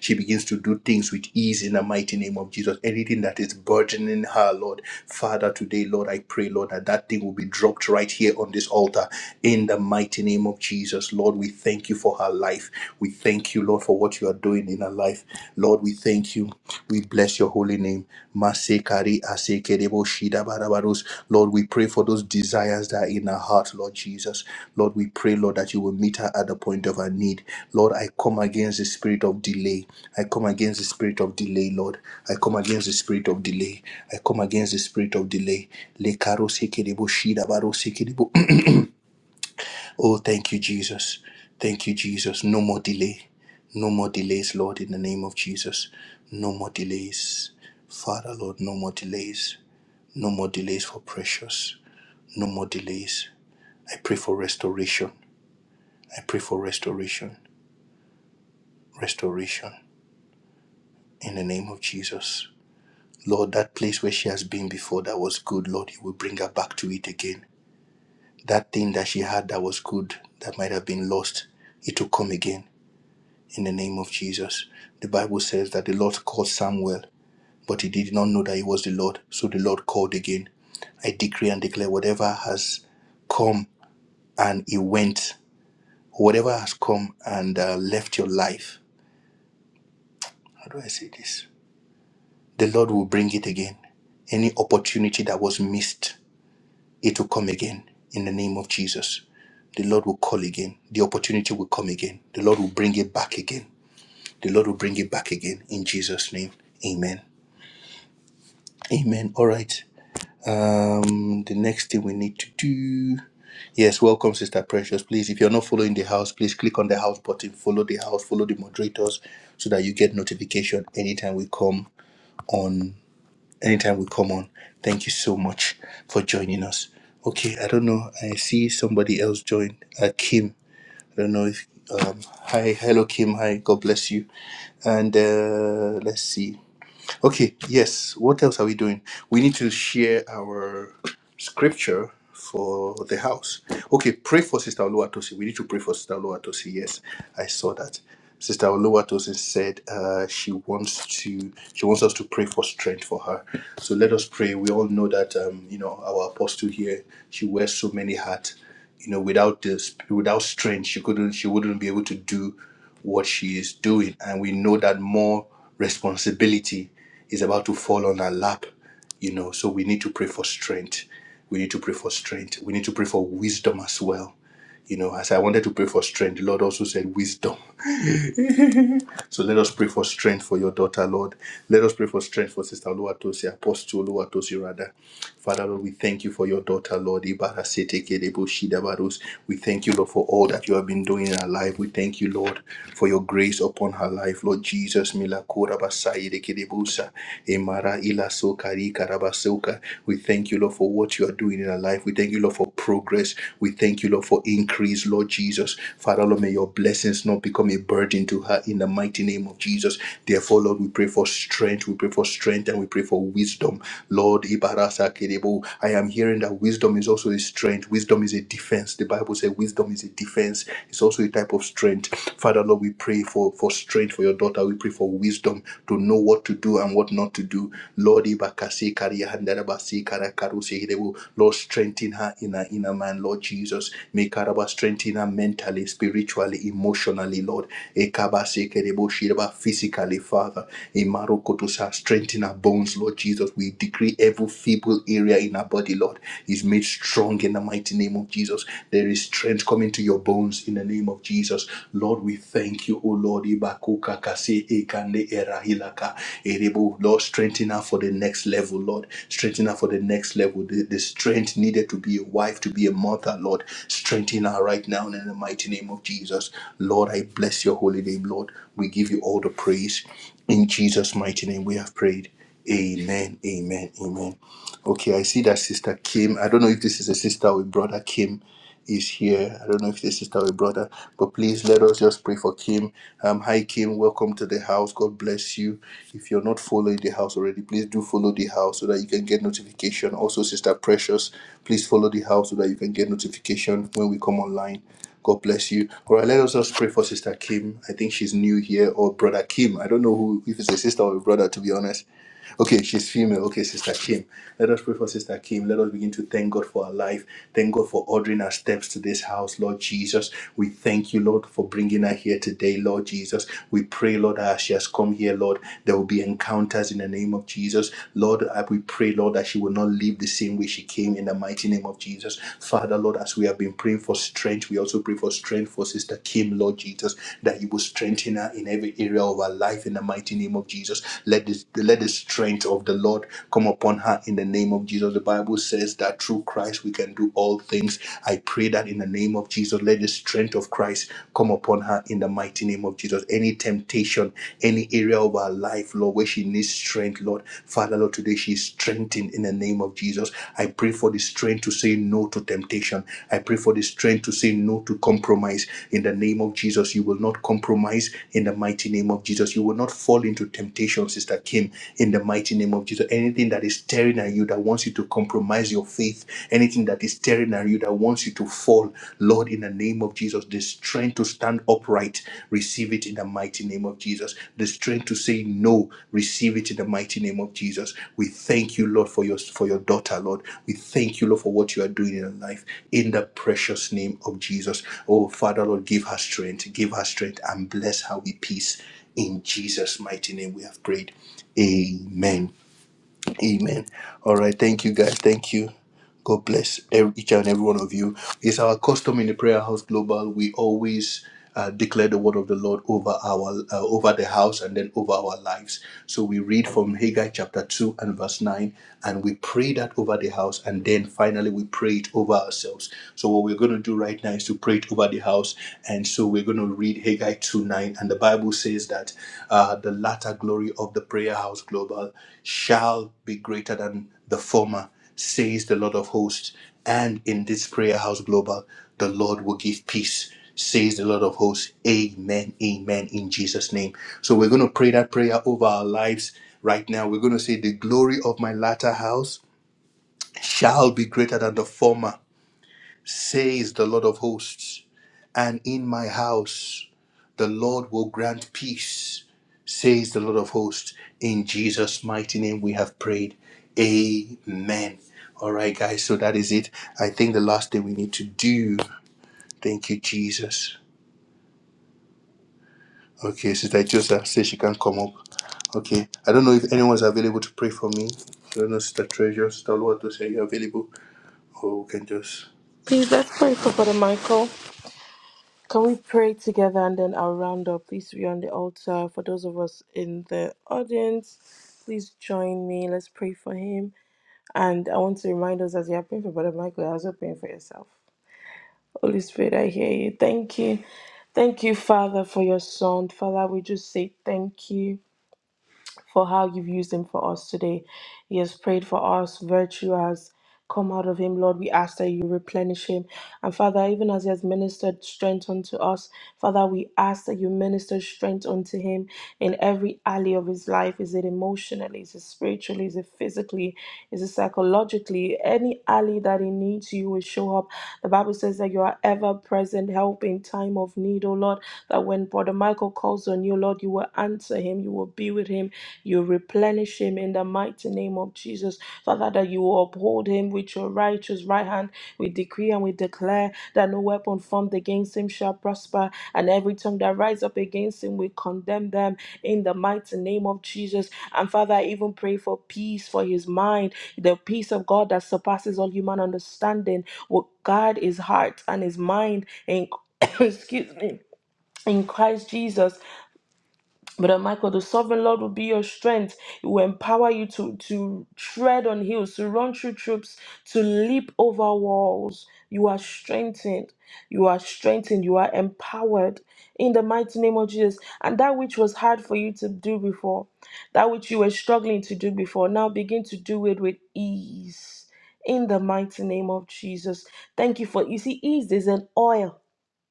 she begins to do things with ease in the mighty name of Jesus. Anything that is burdening her, Lord, Father, today, Lord, I pray, Lord, that that thing will be dropped right here on this altar daughter in the mighty name of Jesus. Lord, we thank you for her life. We thank you, Lord, for what you are doing in her life. Lord, we thank you. We bless your holy name. Masekari asekerebo shida barabaros. Lord, we pray for those desires that are in her heart, Lord Jesus. Lord, we pray, Lord, that you will meet her at the point of her need. Lord, I come against the spirit of delay. I come against the spirit of delay, Lord. I come against the spirit of delay. I come against the spirit of delay. Le karo sekerebo shida baro sekerebo Oh, thank you, Jesus. Thank you, Jesus. No more delay. No more delays, Lord, in the name of Jesus. No more delays. Father, Lord, no more delays. No more delays for precious. No more delays. I pray for restoration. I pray for restoration. Restoration in the name of Jesus. Lord, that place where she has been before that was good, Lord, you will bring her back to it again. That thing that she had that was good, that might have been lost, it will come again in the name of Jesus. The Bible says that the Lord called Samuel, but he did not know that he was the Lord. So the Lord called again. I decree and declare whatever has come and he went, whatever has come and uh, left your life. How do I say this? The Lord will bring it again. Any opportunity that was missed, it will come again in the name of Jesus. The Lord will call again. The opportunity will come again. The Lord will bring it back again. The Lord will bring it back again in Jesus' name. Amen. Amen. All right. Um, the next thing we need to do. Yes, welcome, Sister Precious. Please, if you're not following the house, please click on the house button, follow the house, follow the moderators so that you get notification anytime we come on. Anytime we come on. Thank you so much for joining us. Okay, I don't know. I see somebody else joined. Uh, Kim. I don't know if um hi, hello Kim, hi, God bless you. And uh let's see. Okay, yes. What else are we doing? We need to share our scripture for the house. Okay, pray for Sister Oluwatosi. We need to pray for Sister Oluwatosi. Yes, I saw that. Sister Oluwatosi said uh, she wants to she wants us to pray for strength for her. So let us pray. We all know that um, you know our apostle here. She wears so many hats. You know, without this, without strength, she couldn't. She wouldn't be able to do what she is doing, and we know that more responsibility is about to fall on our lap, you know. So we need to pray for strength. We need to pray for strength. We need to pray for wisdom as well. You know, as I wanted to pray for strength, the Lord also said wisdom. So let us pray for strength for your daughter, Lord. Let us pray for strength for Sister Oluwatosi, Apostle Oluwatosi, rather. Father, Lord, we thank you for your daughter, Lord. Ibarasete-kedebo-shidabarus. We thank you, Lord, for all that you have been doing in her life. We thank you, Lord, for your grace upon her life, Lord Jesus. milakorabasayedekedebusa, emara ilasokarikarabasoka. We thank you, Lord, for what you are doing in her life. We thank you, Lord, for progress progress. We thank you, Lord, for increase, Lord Jesus. Father, Lord, may your blessings not become a burden to her in the mighty name of Jesus. Therefore, Lord, we pray for strength. We pray for strength and we pray for wisdom. Lord, Ibarasa Kerebo, I am hearing that wisdom is also a strength. Wisdom is a defense. The Bible says wisdom is a defense. It's also a type of strength. Father, Lord, we pray for, for strength for your daughter. We pray for wisdom to know what to do do and what not to do. Lord, Ibakasi Kariahandarabasi Karakarusi Hirebu. Lord, strengthen her in her inner man, Lord Jesus. Make her about strengthen her mentally, spiritually, emotionally, Lord. Ekabasi Kerebo Shiraba physically, Father. Imarokotosa, strengthen her bones, Lord Jesus. We decree every feeble area in our body, Lord, is made strong in the mighty name of Jesus. There is strength coming to your bones comes in the name of Jesus. Lord, we thank you, O Lord. Ibakuka kase ekande erahilaka erebo. Lord, strengthen her for the next level, Lord. Strengthen her for the next level. The, the strength needed to be a wife, to be a mother, Lord. Strengthen her right now in the mighty name of Jesus. Lord, I bless your holy name, Lord. We give you all the praise. In Jesus' mighty name, we have prayed. Amen. Amen. Amen. Okay, I see that sister Kim. I don't know if this is a sister or a brother Kim is here. I don't know if it's a sister or a brother, but please let us just pray for Kim. Um, hi, Kim. Welcome to the house. God bless you. If you're not following the house already, please do follow the house so that you can get notification. Also, Sister Precious, please follow the house so that you can get notification when we come online. God bless you. All right, let us just pray for Sister Kim. I think she's new here, or Brother Kim. I don't know who, if it's a sister or a brother, to be honest. Okay, she's female. Okay, Sister Kim. Let us pray for Sister Kim. Let us begin to thank God for her life. Thank God for ordering our steps to this house, Lord Jesus. We thank you, Lord, for bringing her here today, Lord Jesus. We pray, Lord, that as she has come here, Lord, there will be encounters in the name of Jesus. Lord, I- we pray, Lord, that she will not leave the same way she came in the mighty name of Jesus. Father, Lord, as we have been praying for strength, we also pray for strength for Sister Kim, Lord Jesus, that you will strengthen her in every area of her life in the mighty name of Jesus. Let this let this let the strength of the Lord come upon her in the name of Jesus. The Bible says that through Christ we can do all things. I pray that in the name of Jesus, let the strength of Christ come upon her in the mighty name of Jesus. Any temptation, any area of her life, Lord, where she needs strength, Lord, Father, Lord, today she is strengthened in the name of Jesus. I pray for the strength to say no to temptation. I pray for the strength to say no to compromise in the name of Jesus. You will not compromise in the mighty name of Jesus. You will not fall into temptation, Sister K him in the mighty name of Jesus. Anything that is staring at you that wants you to compromise your faith, anything that is staring at you that wants you to fall, Lord, in the name of Jesus, the strength to stand upright, receive it in the mighty name of Jesus. The strength to say no, receive it in the mighty name of Jesus. We thank you, Lord, for your for your daughter, Lord. We thank you, Lord, for what you are doing in her life in the precious name of Jesus. Oh, Father, Lord, give her strength, give her strength, and bless her with peace. In Jesus' mighty name, we have prayed. Amen. Amen. All right. Thank you, guys. Thank you. God bless ev- each and every one of you. It's our custom in the Prayer House Global. We always uh, declare the word of the Lord over our uh, over the house and then over our lives. So we read from Haggai chapter two and verse nine, and we pray that over the house, and then finally we pray it over ourselves. So what we're going to do right now is to pray it over the house, and so we're going to read Haggai two nine, and the Bible says that uh, the latter glory of the Prayer House Global shall be greater than the former says the Lord of hosts. And in this prayer house global, the Lord will give peace, says the Lord of hosts. Amen. Amen. In Jesus' name. So we're going to pray that prayer over our lives right now. We're going to say, The glory of my latter house shall be greater than the former, says the Lord of hosts. And in my house, the Lord will grant peace, says the Lord of hosts. In Jesus' mighty name we have prayed. Amen. All right, guys, so that is it. I think the last thing we need to do. Thank you, Jesus. Okay, Sister Joseph says she can come up. Okay, I don't know if anyone's available to pray for me. I don't know, Sister Treasure, Sister Lord, are you available? Or we can just.
Please let's pray for Brother Michael. Can we pray together and then I'll round up? Please be on the altar. For those of us in the audience, please join me. Let's pray for him. And I want to remind us as you are praying for Brother Michael, you're also praying for yourself. Holy Spirit, I hear you. Thank you. Thank you, Father, for your son. Father, we just say thank you for how you've used him for us today. He has prayed for us. Virtue has come out of him. Lord, we ask that you replenish him. And Father, even as he has ministered strength unto us, Father, we ask that you minister strength unto him in every alley of his life. Is it emotionally? Is it spiritually? Is it physically? Is it psychologically? Any alley that he needs, you will show up. The Bible says that you are ever present help in time of need, oh Lord. That when Brother Michael calls on you, Lord, you will answer him. You will be with him you replenish him in the mighty name of Jesus. Father, that you will uphold him with your righteous right hand. We decree and we declare that no weapon formed against him shall prosper, and every tongue that rise up against him, we condemn them in the mighty name of Jesus. And Father, I even pray for peace for his mind. The peace of God that surpasses all human understanding will guard his heart and his mind in excuse me in Christ Jesus. Brother Michael, the sovereign Lord will be your strength. He will empower you to, to tread on hills, to run through troops, to leap over walls. You are strengthened. You are strengthened. You are empowered in the mighty name of Jesus. And that which was hard for you to do before, that which you were struggling to do before, now begin to do it with ease in the mighty name of Jesus. Thank you for, you see, ease is an oil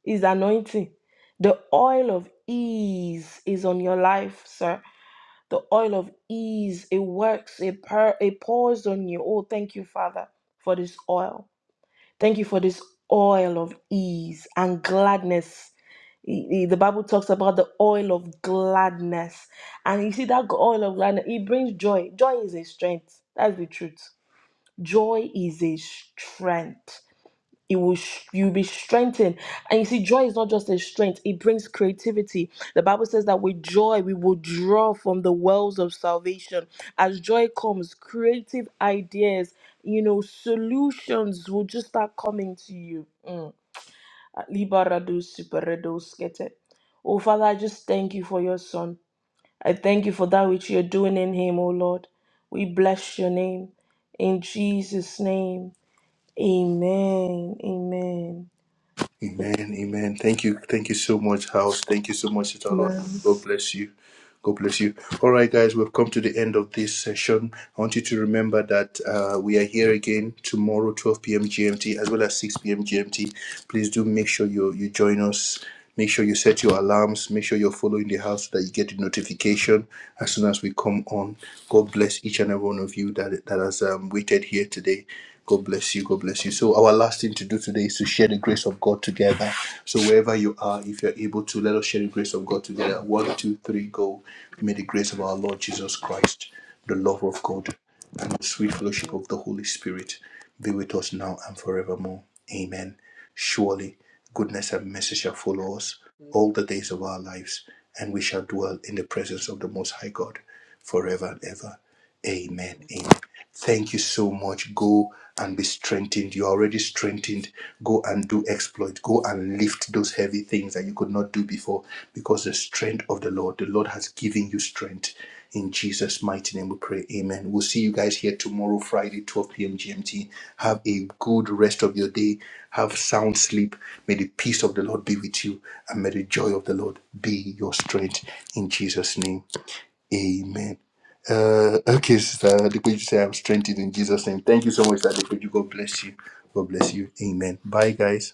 is anointing. The oil of ease is on your life, sir. The oil of ease, it works, it, pour, it pours on you. Oh, thank you, Father, for this oil. Thank you for this oil of ease and gladness. E- e- The Bible talks about the oil of gladness. And you see that oil of gladness, it brings joy. Joy is a strength. That's the truth. Joy is a strength you will sh- you'll be strengthened and you see joy is not just a strength it brings creativity the bible says that with joy we will draw from the wells of salvation as joy comes creative ideas you know solutions will just start coming to you mm. Liberado superedo skete. oh father i just thank you for your son i thank you for that which you're doing in him oh lord we bless your name in jesus name amen amen
Amen. Amen. Thank you. Thank you so much, House. Thank you so much, Sister Lord.
My
God bless you. God bless you. All right, guys, we've come to the end of this session. I want you to remember that uh, we are here again tomorrow, 12 p.m. GMT, as well as 6 p.m. GMT. Please do make sure you you join us Make sure you set your alarms. Make sure you're following the house so that you get the notification as soon as we come on. God bless each and every one of you that, that has um, waited here today. God bless you. God bless you. So, our last thing to do today is to share the grace of God together. So, wherever you are, if you're able to, let us share the grace of God together. One, two, three, go. May the grace of our Lord Jesus Christ, the love of God, and the sweet fellowship of the Holy Spirit be with us now and forevermore. Amen. Surely goodness and mercy shall follow us all the days of our lives, and we shall dwell in the presence of the Most High God forever and ever. Amen. Amen. Thank you so much. Go and be strengthened. You're already strengthened. Go and do exploit. Go and lift those heavy things that you could not do before because the strength of the Lord, the Lord has given you strength. In Jesus' mighty name we pray. Amen. We'll see you guys here tomorrow, Friday, 12 p.m. GMT. Have a good rest of your day. Have sound sleep. May the peace of the Lord be with you and may the joy of the Lord be your strength. In Jesus' name. Amen. Uh, okay, Sister Adequate, you say I'm strengthened in Jesus' name. Thank you so much, Sister Adequate. God bless you. God bless you. Amen. Bye, guys.